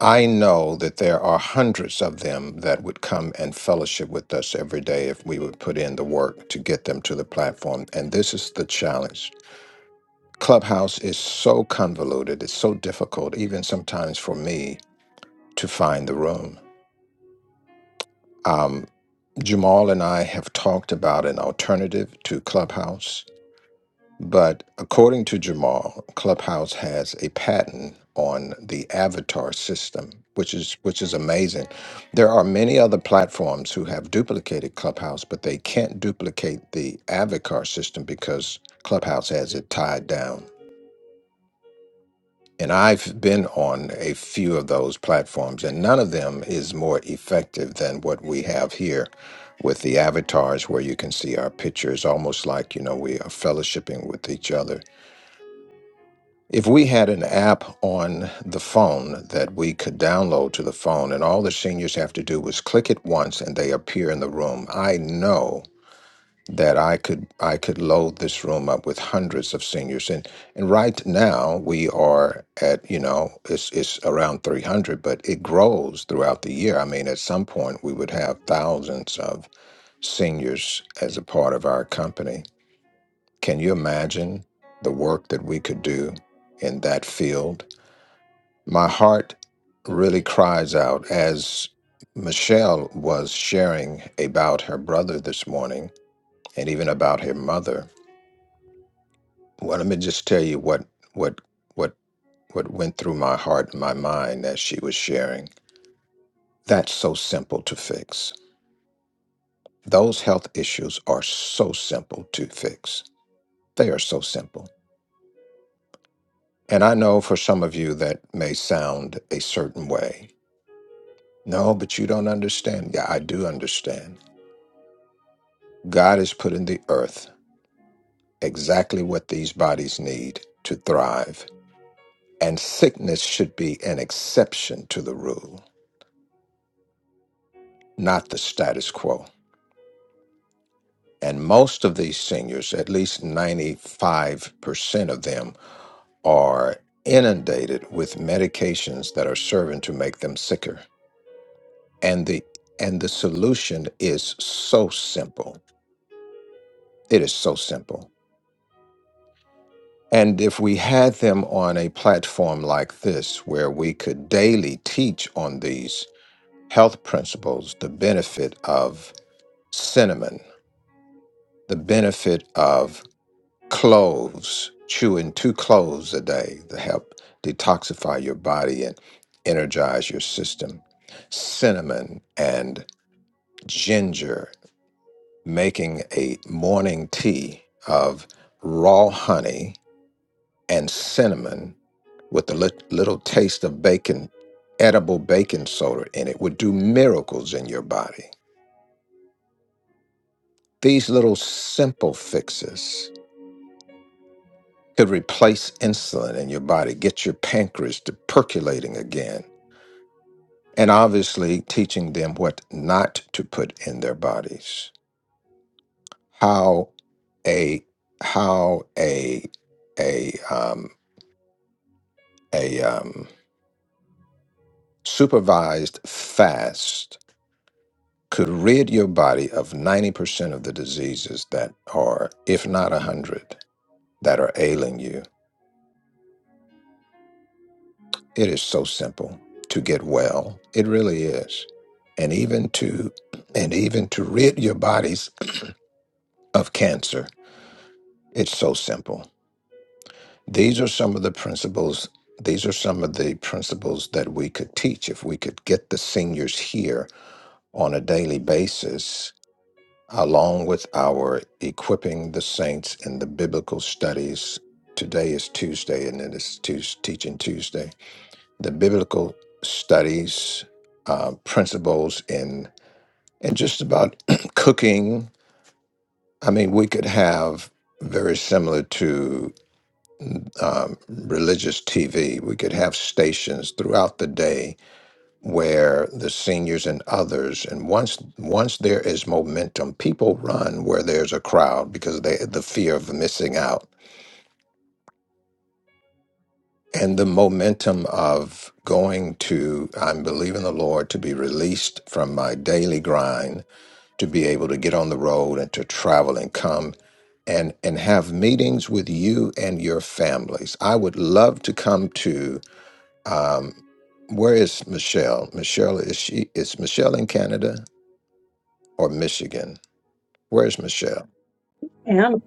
[SPEAKER 2] I know that there are hundreds of them that would come and fellowship with us every day if we would put in the work to get them to the platform. And this is the challenge. Clubhouse is so convoluted, it's so difficult, even sometimes for me, to find the room. Um, Jamal and I have talked about an alternative to Clubhouse But according to Jamal, Clubhouse has a patent on the avatar system, which is which is amazing. There are many other platforms who have duplicated Clubhouse, but they can't duplicate the avatar system because Clubhouse has it tied down. And I've been on a few of those platforms, and none of them is more effective than what we have here with the avatars, where you can see our pictures, almost like you know we are fellowshipping with each other If we had an app on the phone that we could download to the phone, and all the seniors have to do was click it once and they appear in the room, I know that I could I could load this room up with hundreds of seniors. And and right now we are at, you know, it's it's around 300, but it grows throughout the year. I mean, at some point we would have thousands of seniors as a part of our company. Can you imagine the work that we could do in that field? My heart really cries out as Michelle was sharing about her brother this morning and even about her mother. Well, let me just tell you what what what what went through my heart and my mind as she was sharing. That's so simple to fix. Those health issues are so simple to fix. They are so simple. And I know for some of you that may sound a certain way. No, but you don't understand. Yeah, I do understand God has put in the earth exactly what these bodies need to thrive, and sickness should be an exception to the rule, not the status quo. And most of these seniors, at least 95% of them, are inundated with medications that are serving to make them sicker. And the and the solution is so simple. It is so simple. And if we had them on a platform like this, where we could daily teach on these health principles, the benefit of cinnamon, the benefit of cloves, chewing two cloves a day to help detoxify your body and energize your system, cinnamon and ginger, making a morning tea of raw honey and cinnamon with a lit- little taste of bacon, edible baking soda in it, would do miracles in your body. These little simple fixes could replace insulin in your body, get your pancreas to percolating again, and obviously teaching them what not to put in their bodies. How a how a a um, a um, supervised fast could rid your body of 90% of the diseases that are, if not 100, that are ailing you. It is so simple to get well. It really is. And even to and even to rid your bodies of cancer, it's so simple. These are some of the principles these are some of the principles that we could teach if we could get the seniors here on a daily basis along with our equipping the saints in the biblical studies. Today is Tuesday, and it is Tues Teaching Tuesday. The biblical studies, uh, principles in, and just about <clears throat> cooking. I mean, we could have very similar to um, religious TV. We could have stations throughout the day where the seniors and others and once once there is momentum people run where there's a crowd because they the fear of missing out and the momentum of going to i'm believing the lord to be released from my daily grind to be able to get on the road and to travel and come and and have meetings with you and your families i would love to come to um where is michelle michelle is she is michelle in canada or Michigan? Where's Michelle?
[SPEAKER 9] And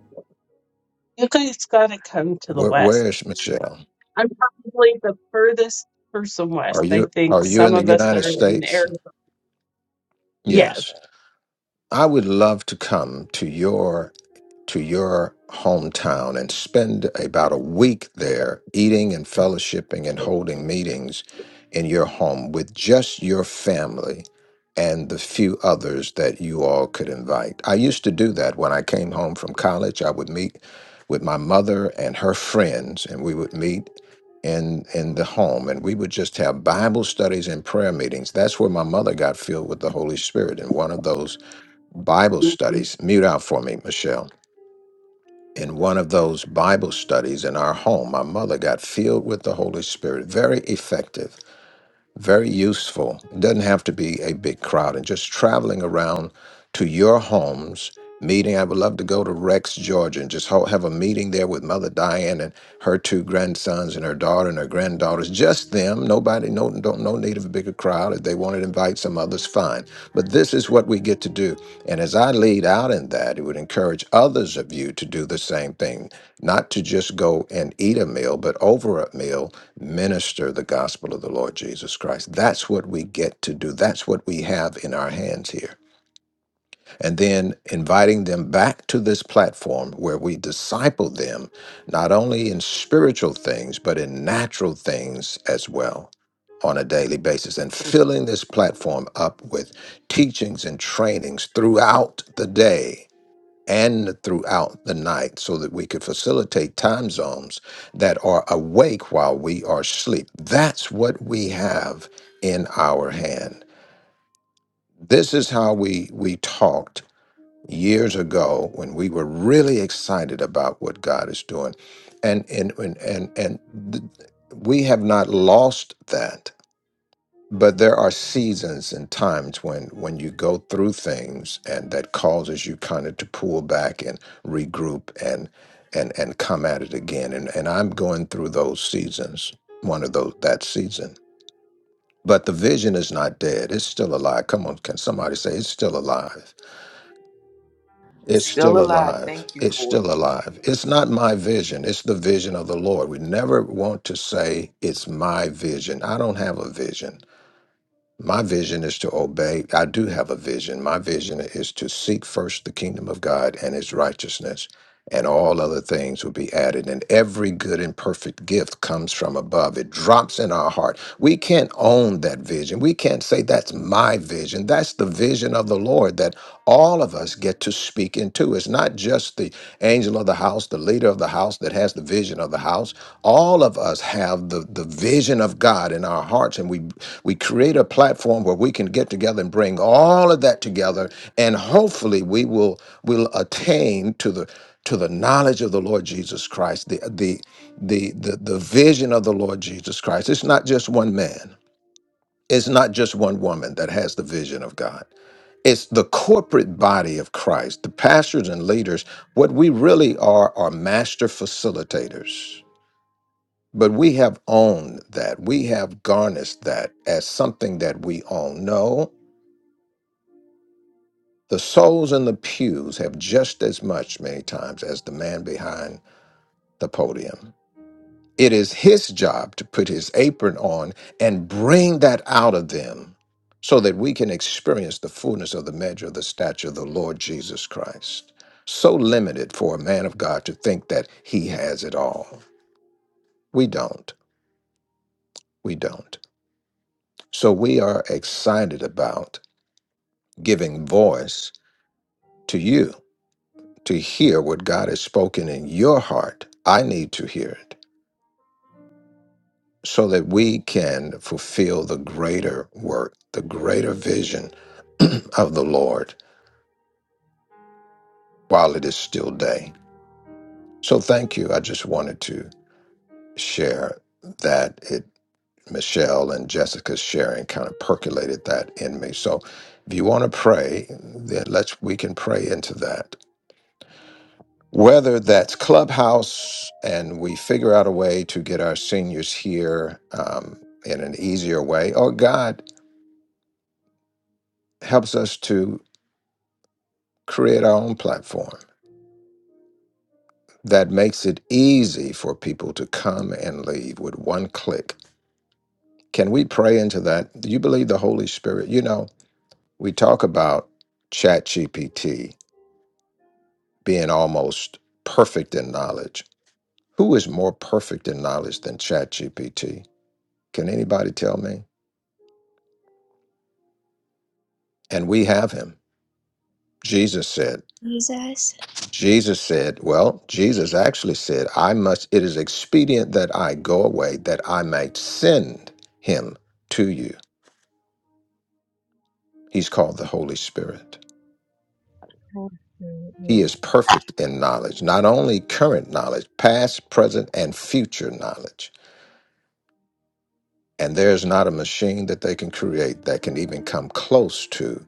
[SPEAKER 9] you guys got to come to the
[SPEAKER 2] Where,
[SPEAKER 9] West.
[SPEAKER 2] where's Michelle?
[SPEAKER 9] I'm probably the furthest person
[SPEAKER 2] Are
[SPEAKER 9] west. I
[SPEAKER 2] you
[SPEAKER 9] think
[SPEAKER 2] are you
[SPEAKER 9] some
[SPEAKER 2] in the
[SPEAKER 9] of us
[SPEAKER 2] United
[SPEAKER 9] are in
[SPEAKER 2] States?
[SPEAKER 9] Arizona.
[SPEAKER 2] Yes.
[SPEAKER 9] Yes.
[SPEAKER 2] I would love to come to your to your hometown and spend about a week there eating and fellowshipping and holding meetings in your home with just your family and the few others that you all could invite. I used to do that when I came home from college. I would meet with my mother and her friends and we would meet in in the home and we would just have Bible studies and prayer meetings. That's where my mother got filled with the Holy Spirit in one of those Bible studies. Mute out for me, Michelle in one of those Bible studies in our home, my mother got filled with the Holy Spirit. Very effective. Very useful. It doesn't have to be a big crowd and just traveling around to your homes, meeting. I would love to go to Rex, Georgia and just ho- have a meeting there with Mother Diane and her two grandsons and her daughter and her granddaughters. Just them. Nobody, no, don't, no need of a bigger crowd. If they want to invite some others, fine. But this is what we get to do. And as I lead out in that, it would encourage others of you to do the same thing, not to just go and eat a meal, but over a meal minister the gospel of the Lord Jesus Christ. That's what we get to do. That's what we have in our hands here. And then inviting them back to this platform where we disciple them, not only in spiritual things, but in natural things as well on a daily basis and filling this platform up with teachings and trainings throughout the day and throughout the night so that we could facilitate time zones that are awake while we are asleep. That's what we have in our hand. This is how we we talked years ago when we were really excited about what God is doing. And and and and, and th- we have not lost that but there are seasons and times when when you go through things and that causes you kind of to pull back and regroup and and and come at it again and and i'm going through those seasons one of those that season but the vision is not dead it's still alive come on can somebody say it's still alive
[SPEAKER 5] It's
[SPEAKER 2] it's
[SPEAKER 5] still
[SPEAKER 2] still
[SPEAKER 5] alive.
[SPEAKER 2] alive
[SPEAKER 5] Thank you,
[SPEAKER 2] it's
[SPEAKER 5] Lord.
[SPEAKER 2] still alive it's not my vision it's the vision of the lord we never want to say it's my vision i don't have a vision My vision is to obey. I do have a vision. My vision is to seek first the kingdom of God and his righteousness, and all other things will be added. And every good and perfect gift comes from above. It drops in our heart. We can't own that vision. We can't say that's my vision. That's the vision of the Lord that all of us get to speak into. It's not just the angel of the house, the leader of the house that has the vision of the house all of us have the, the vision of God in our hearts, and we we create a platform where we can get together and bring all of that together, and hopefully we will will attain to the to the knowledge of the Lord Jesus Christ, the the the the, the vision of the Lord Jesus Christ. It's not just one man. It's not just one woman that has the vision of God. It's the corporate body of Christ, the pastors and leaders. What we really are are master facilitators but we have owned that. We have garnished that as something that we own. No, the souls in the pews have just as much, many times, as the man behind the podium. It is his job to put his apron on and bring that out of them so that we can experience the fullness of the measure of the stature of the Lord Jesus Christ. So limited for a man of God to think that he has it all. We don't. We don't. So we are excited about giving voice to you to hear what God has spoken in your heart. I need to hear it so that we can fulfill the greater work, the greater vision <clears throat> of the Lord while it is still day. So thank you. I just wanted to share that it Michelle and Jessica's sharing kind of percolated that in me. So if you want to pray, then let's we can pray into that whether that's Clubhouse and we figure out a way to get our seniors here um, in an easier way, or God helps us to create our own platform that makes it easy for people to come and leave with one click. Can we pray into that? Do you believe the Holy Spirit? You know, we talk about ChatGPT being almost perfect in knowledge. Who is more perfect in knowledge than ChatGPT? Can anybody tell me? and we have him. Jesus said,
[SPEAKER 4] Jesus.
[SPEAKER 2] Jesus said, well, Jesus actually said, I must, it is expedient that I go away that I might send him to you. He's called the Holy Spirit.
[SPEAKER 10] Thank you,
[SPEAKER 2] He
[SPEAKER 10] Lord.
[SPEAKER 2] is perfect in knowledge, not only current knowledge, past, present, and future knowledge. And there's not a machine that they can create that can even come close to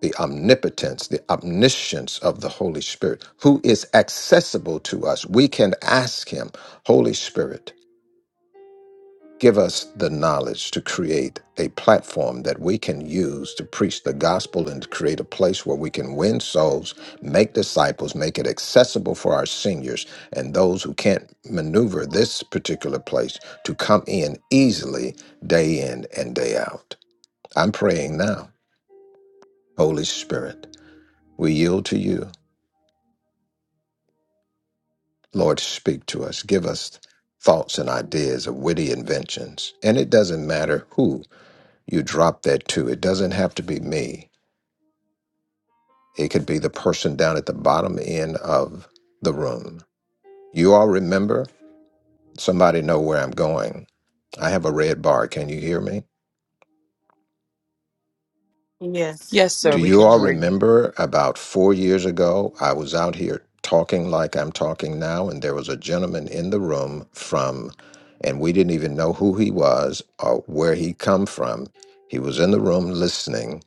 [SPEAKER 2] the omnipotence, the omniscience of the Holy Spirit, who is accessible to us. We can ask Him, Holy Spirit, give us the knowledge to create a platform that we can use to preach the gospel and to create a place where we can win souls, make disciples, make it accessible for our seniors and those who can't maneuver this particular place to come in easily day in and day out. I'm praying now, Holy Spirit, we yield to you. Lord, speak to us. Give us thoughts and ideas of witty inventions. And it doesn't matter who you drop that to, it doesn't have to be me. It could be the person down at the bottom end of the room. You all remember? Somebody know where I'm going. I have a red bar. Can you hear me?
[SPEAKER 6] Yes.
[SPEAKER 5] Yes,
[SPEAKER 10] Yes,
[SPEAKER 5] sir.
[SPEAKER 2] Do
[SPEAKER 5] We
[SPEAKER 2] you
[SPEAKER 5] can
[SPEAKER 2] all
[SPEAKER 5] hear you.
[SPEAKER 2] remember about four years ago? I was out here talking like I'm talking now, and there was a gentleman in the room from, and we didn't even know who he was or where he come from. He was in the room listening,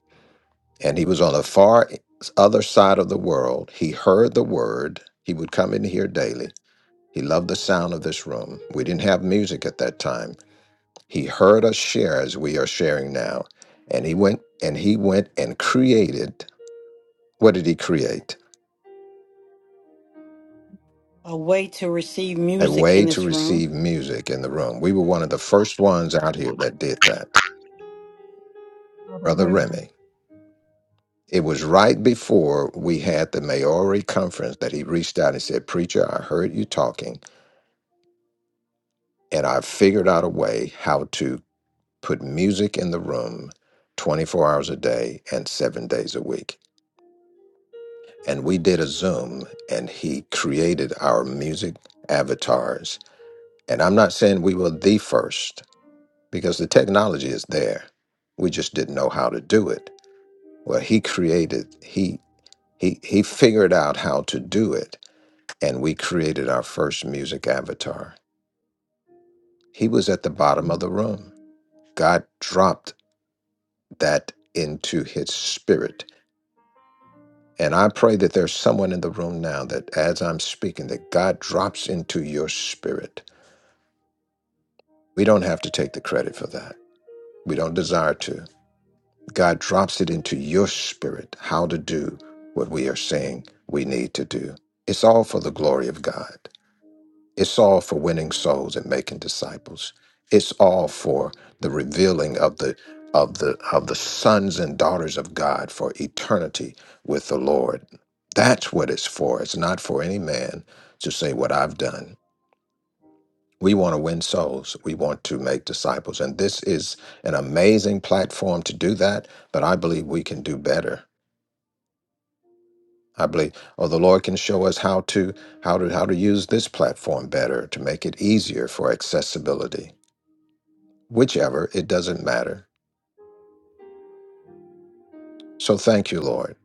[SPEAKER 2] and he was on the far other side of the world. He heard the word. He would come in here daily. He loved the sound of this room. We didn't have music at that time. He heard us share as we are sharing now, and he went and he went and created what did he create?
[SPEAKER 6] A way to receive
[SPEAKER 2] A
[SPEAKER 6] music
[SPEAKER 2] way
[SPEAKER 6] in
[SPEAKER 2] to
[SPEAKER 6] this room.
[SPEAKER 2] receive music in the room. We were one of the first ones out here that did that.
[SPEAKER 10] Brother
[SPEAKER 2] Brother
[SPEAKER 10] Remy.
[SPEAKER 2] Remy. It was right before we had the Maori conference that he reached out and said, Preacher, I heard you talking, and I figured out a way how to put music in the room 24 hours a day and seven days a week. And we did a Zoom, and he created our music avatars. And I'm not saying we were the first, because the technology is there. We just didn't know how to do it. Well, he created he he he figured out how to do it and we created our first music avatar. He was at the bottom of the room. God dropped that into his spirit. And I pray that there's someone in the room now that as I'm speaking that God drops into your spirit. We don't have to take the credit for that. We don't desire to. God drops it into your spirit how to do what we are saying we need to do. It's all for the glory of God. It's all for winning souls and making disciples. It's all for the revealing of the of the of the sons and daughters of God for eternity with the Lord. That's what it's for. It's not for any man to say what I've done. We want to win souls. We want to make disciples. And this is an amazing platform to do that, but I believe we can do better. I believe oh the Lord can show us how to how to how to use this platform better to make it easier for accessibility. Whichever, it doesn't matter. So thank you, Lord,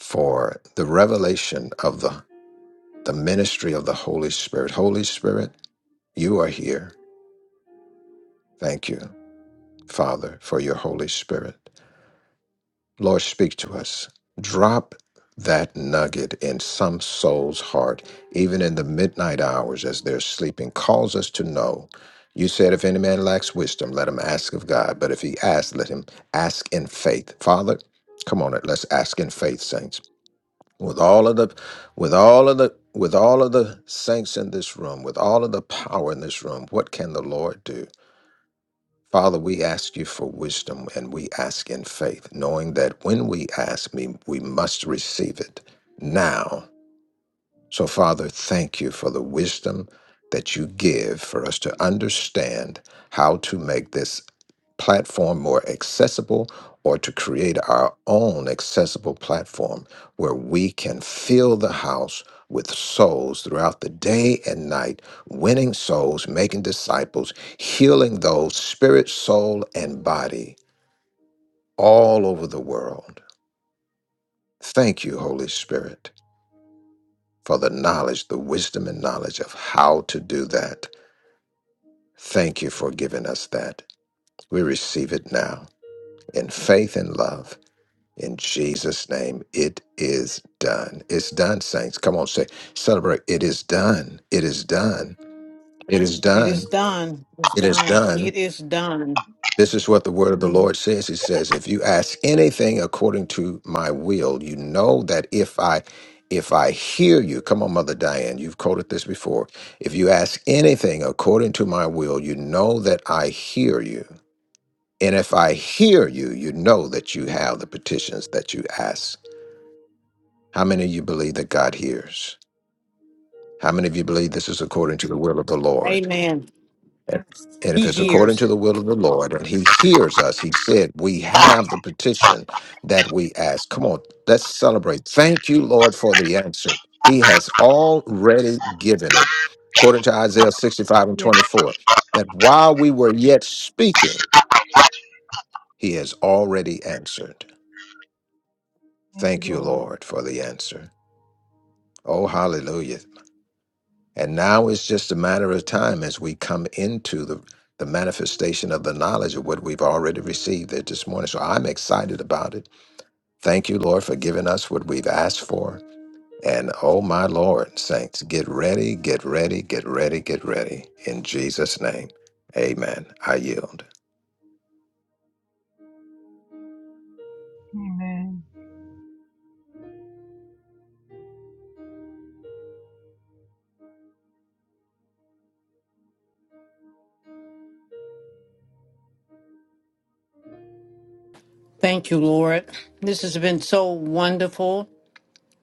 [SPEAKER 2] for the revelation of the the ministry of the Holy Spirit. Holy Spirit, you are here. Thank you, Father, for your Holy Spirit. Lord, speak to us. Drop that nugget in some soul's heart, even in the midnight hours as they're sleeping. Calls us to know. You said, if any man lacks wisdom, let him ask of God. But if he asks, let him ask in faith. Father, come on, it. Let's ask in faith, saints. With all of the, with all of the, with all of the saints in this room, with all of the power in this room, what can the Lord do? Father, we ask you for wisdom and we ask in faith, knowing that when we ask, we, we must receive it now so, Father, thank you for the wisdom that you give for us to understand how to make this platform more accessible or to create our own accessible platform where we can fill the house with souls throughout the day and night, winning souls, making disciples, healing those spirit, soul, and body all over the world. Thank you, Holy Spirit. for the knowledge, the wisdom and knowledge of how to do that. Thank you for giving us that. We receive it now in faith and love. In Jesus' name, it is done. It's done, saints. Come on, say, celebrate. It is done. It is done. It is
[SPEAKER 6] It is
[SPEAKER 2] done.
[SPEAKER 6] done. It's
[SPEAKER 2] It is
[SPEAKER 6] done.
[SPEAKER 2] done.
[SPEAKER 6] It is done.
[SPEAKER 2] This is what the word of the
[SPEAKER 10] Hallelujah.
[SPEAKER 2] Lord says. It says, if you ask anything according to my will, you know that if I if I hear you, come on, Mother Diane, you've quoted this before. If you ask anything according to my will, you know that I hear you. And if I hear you, you know that you have the petitions that you ask. How many of you believe that God hears? How many of you believe this is according to the will of the Lord?
[SPEAKER 6] Amen.
[SPEAKER 2] And if
[SPEAKER 6] He
[SPEAKER 2] it's
[SPEAKER 10] Amen.
[SPEAKER 2] according
[SPEAKER 6] hears.
[SPEAKER 2] to the will of the Lord and he hears us, he said, We have the petition that we ask. Come on, let's celebrate. Thank you, Lord, for the answer. He has already given it. According to Isaiah 65 and
[SPEAKER 10] Yes,
[SPEAKER 2] 24, that while we were yet speaking, he has already answered.
[SPEAKER 10] thank you,
[SPEAKER 2] Thank you,
[SPEAKER 10] Lord.
[SPEAKER 2] Lord, for the answer. Oh, hallelujah. And now it's just a matter of time as we come into the, the manifestation of the knowledge of what we've already received there this morning. So I'm excited about it. Thank you, Lord, for giving us what we've asked for. And oh, my Lord, saints, get ready, get ready, get ready, get ready. In Jesus' name, amen. I yield.
[SPEAKER 10] Amen.
[SPEAKER 6] Thank you, Lord. This has been so wonderful.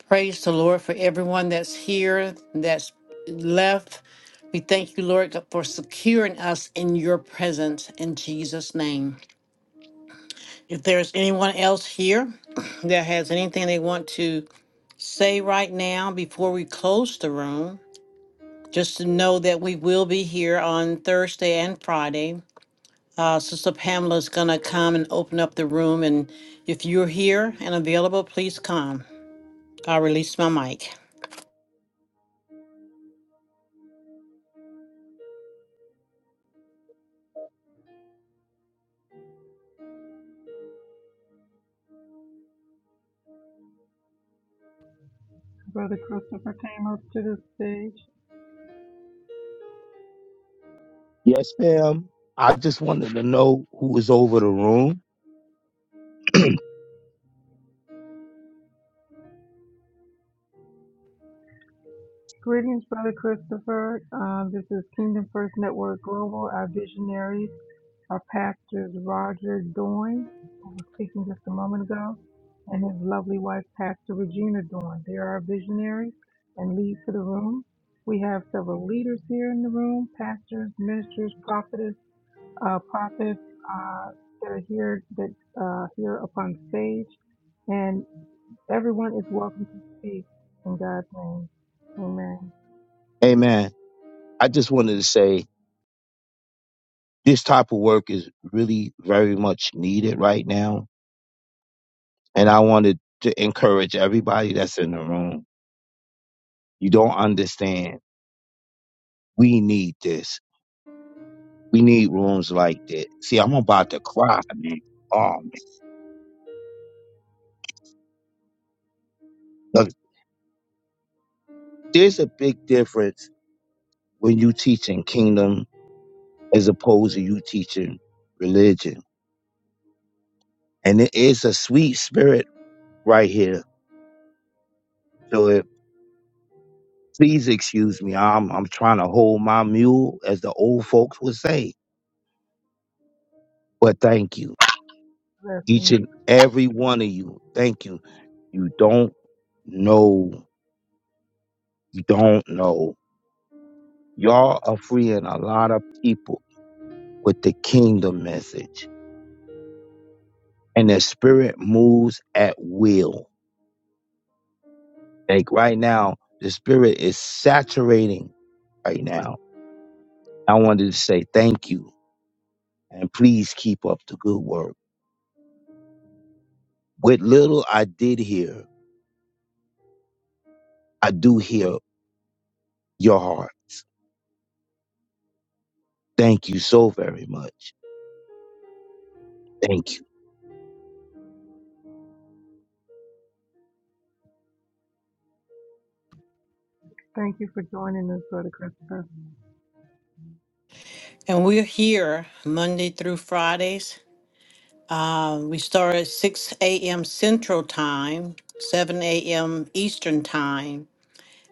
[SPEAKER 6] Praise the Lord for everyone that's here, that's left. We thank you, Lord, God, for securing us in your presence in Jesus' name. If there's anyone else here <clears throat> that has anything they want to say right now before we close the room, just to know that we will be here on Thursday and Friday. Uh, Sister Pamela is going to come and open up the room. And if you're here and available, please come. I will release my mic.
[SPEAKER 10] Brother Christopher came up to the stage.
[SPEAKER 11] Yes, ma'am. I just wanted to know who was over the room.
[SPEAKER 10] Greetings, Brother Christopher. Uh, this is Kingdom First Network Global. Our visionaries are pastors Roger Doyne, who was speaking just a moment ago, and his lovely wife, Pastor Regina Doyne. They are our visionaries and lead for the room. We have several leaders here in the room, pastors, ministers, prophets. uh, prophets uh, that are here that uh, here upon stage, and everyone is welcome to speak in God's name. Amen.
[SPEAKER 11] Amen. I just wanted to say this type of work is really very much needed right now. And I wanted to encourage everybody that's in the room. You don't understand. We need this. We need rooms like this. See, I'm about to cry, man. Oh, man. Look, there's a big difference when you teaching kingdom as opposed to you teaching religion. And it is a sweet spirit right here. So if Please excuse me. I'm I'm trying to hold my mule, as the old folks would say. But thank you, each
[SPEAKER 10] Blessings.
[SPEAKER 11] and every one of you. Thank you. You don't know. You don't know. Y'all are freeing a lot of people with the kingdom message, and the spirit moves at will. Like right now, the spirit is saturating right now. I wanted to say thank you and please keep up the good work. What little I did here. I do hear your heart. Thank you so very much. Thank you.
[SPEAKER 10] Thank you for joining us, Brother Christopher.
[SPEAKER 6] And we're here Monday through Fridays. Uh, we start at 6 a.m. Central Time, 7 a.m. Eastern Time.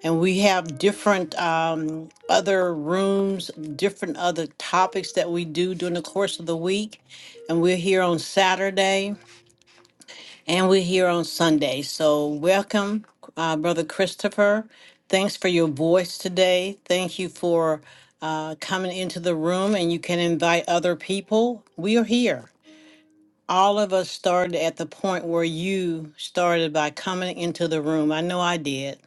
[SPEAKER 6] And we have different um, other rooms, different other topics that we do during the course of the week. And we're here on Saturday. And we're here on Sunday. So, welcome, uh, Brother Christopher. Thanks for your voice today. Thank you for uh, coming into the room, and you can invite other people. We are here. All of us started at the point where you started by coming into the room. I know I did.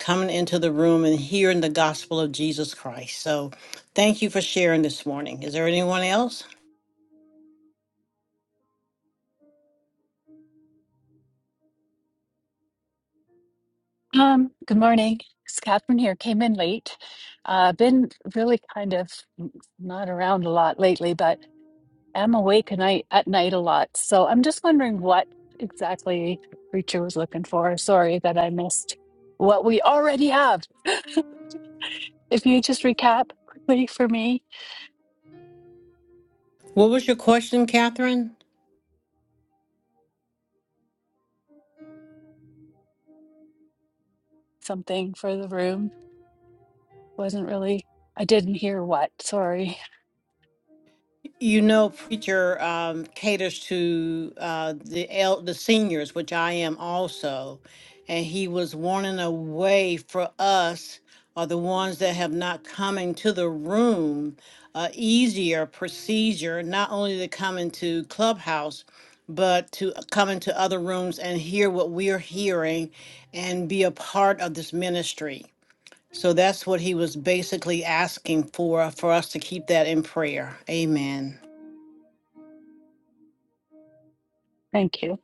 [SPEAKER 6] Coming into the room and hearing the gospel of Jesus Christ. So, thank you for sharing this morning. Is there anyone else?
[SPEAKER 12] Um, good morning. It's Catherine here. Came in late. Uh, been really kind of not around a lot lately, but am awake at night, at night a lot. So I'm just wondering what exactly Preacher was looking for. Sorry that I missed what we already have. <laughs> If you just recap quickly for me,
[SPEAKER 6] What was your question, Catherine?
[SPEAKER 12] something for the room. Wasn't really, I didn't hear what. Sorry.
[SPEAKER 6] You know, preacher um, caters to uh, the el- the seniors, which I am also, and he was wanting a way for us, or the ones that have not come into the room, uh, easier procedure, not only to come into Clubhouse, but to uh, come into other rooms and hear what we're hearing, and be a part of this ministry. So that's what he was basically asking for, for us to keep that in prayer. Amen.
[SPEAKER 12] Thank you.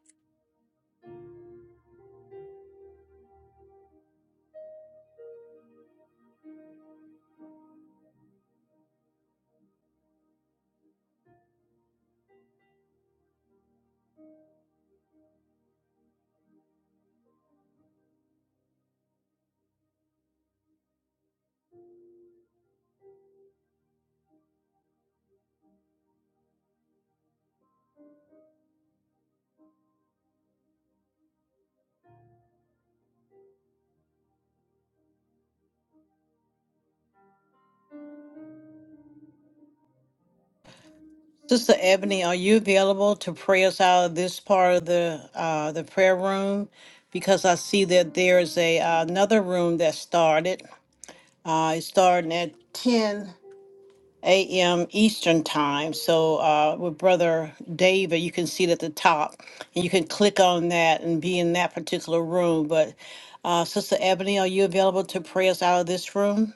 [SPEAKER 6] Sister Ebony, are you available to pray us out of this part of the uh, the prayer room? Because I see that there is a uh, another room that started. Uh, it's starting at ten a.m. Eastern time. So uh, with Brother David, you can see it at the top, and you can click on that and be in that particular room. But uh, Sister Ebony, are you available to pray us out of this room?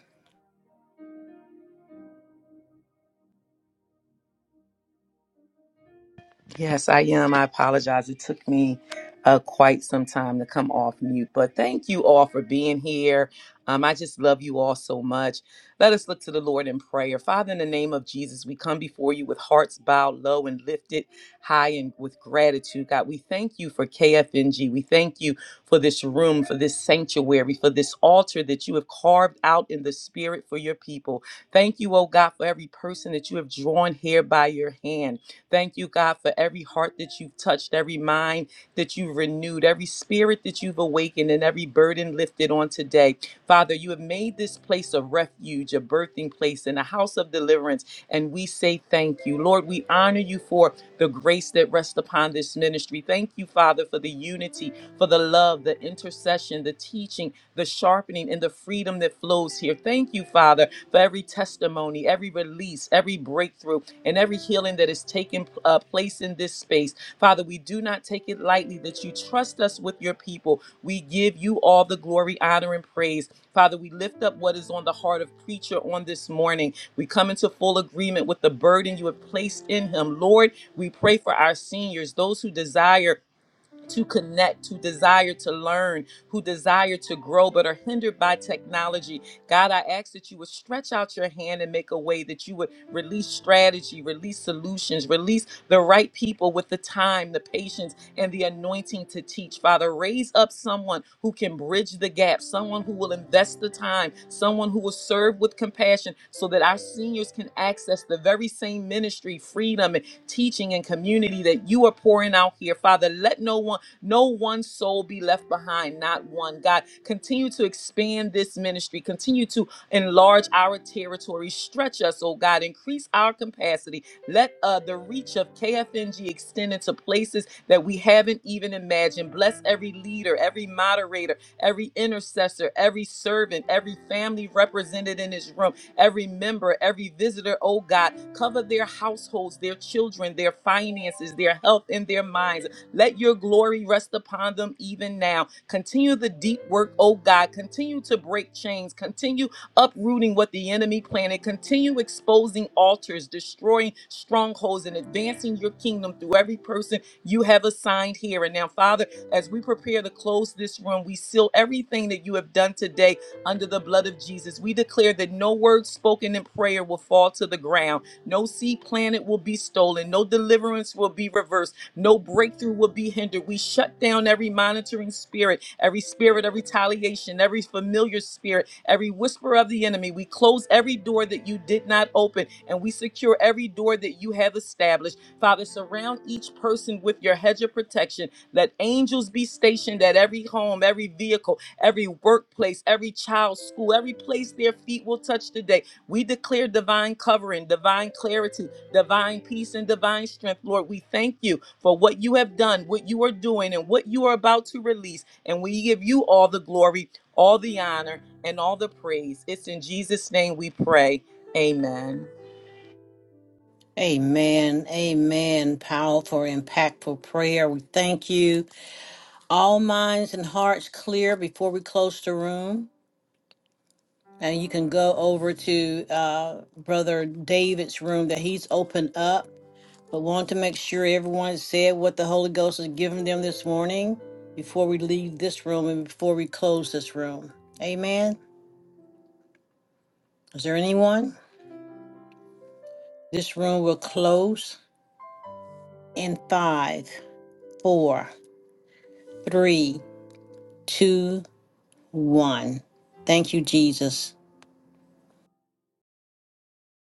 [SPEAKER 5] Yes, I am. I apologize. It took me uh, quite some time to come off mute, but thank you all for being here. Um, I just love you all so much. Let us look to the Lord in prayer. Father, in the name of Jesus, we come before you with hearts bowed low and lifted high and with gratitude. God, we thank you for KFNG. We thank you for this room, for this sanctuary, for this altar that you have carved out in the spirit for your people. Thank you, oh God, for every person that you have drawn here by your hand. Thank you, God, for every heart that you've touched, every mind that you've renewed, every spirit that you've awakened, and every burden lifted on today. Father, you have made this place a refuge, a birthing place, and a house of deliverance. And we say thank you. Lord, we honor you for the grace that rests upon this ministry. Thank you, Father, for the unity, for the love, the intercession, the teaching, the sharpening, and the freedom that flows here. Thank you, Father for every testimony, every release, every breakthrough, and every healing that is taking uh, place in this space. Father, we do not take it lightly that you trust us with your people. We give you all the glory, honor, and praise. Father, we lift up what is on the heart of preacher on this morning. We come into full agreement with the burden you have placed in him. Lord, we pray for our seniors, those who desire to connect, who desire to learn, who desire to grow, but are hindered by technology. God, I ask that you would stretch out your hand and make a way that you would release strategy, release solutions, release the right people with the time, the patience, and the anointing to teach. Father, raise up someone who can bridge the gap, someone who will invest the time, someone who will serve with compassion so that our seniors can access the very same ministry, freedom, and teaching and community that you are pouring out here. Father, let no one, no one soul be left behind, not one. God, continue to expand this ministry. Continue to enlarge our territory. Stretch us, oh God. Increase our capacity. Let uh, the reach of KFNG extend into places that we haven't even imagined. Bless every leader, every moderator, every intercessor, every servant, every family represented in this room, every member, every visitor, oh God. Cover their households, their children, their finances, their health, and their minds. Let your glory rest upon them even now. Continue the deep work, oh God. Continue to break chains. Continue uprooting what the enemy planted. Continue exposing altars, destroying strongholds, and advancing your kingdom through every person you have assigned here. And now, Father, as we prepare to close this room, we seal everything that you have done today under the blood of Jesus. We declare that no word spoken in prayer will fall to the ground, no seed planted will be stolen, no deliverance will be reversed. No breakthrough will be hindered. We shut down every monitoring spirit, every spirit of retaliation, every familiar spirit, every whisper of the enemy. We close every door that you did not open, and we secure every door that you have established. Father, surround each person with your hedge of protection. Let angels be stationed at every home, every vehicle, every workplace, every child's school, every place their feet will touch today. We declare divine covering, divine clarity, divine peace, and divine strength. Lord, we thank you for what you have done, what you are doing, and what you are about to release. And we give you all the glory, all the honor, and all the praise. It's in Jesus' name we pray. Amen.
[SPEAKER 6] Amen. Amen. Powerful, impactful prayer. We thank you. all minds and hearts clear before we close the room. And you can go over to uh, Brother David's room that he's opened up. But want to make sure everyone said what the Holy Ghost has given them this morning before we leave this room and before we close this room. Amen. Is there anyone? This room will close in five, four, three, two, one. Thank you, Jesus.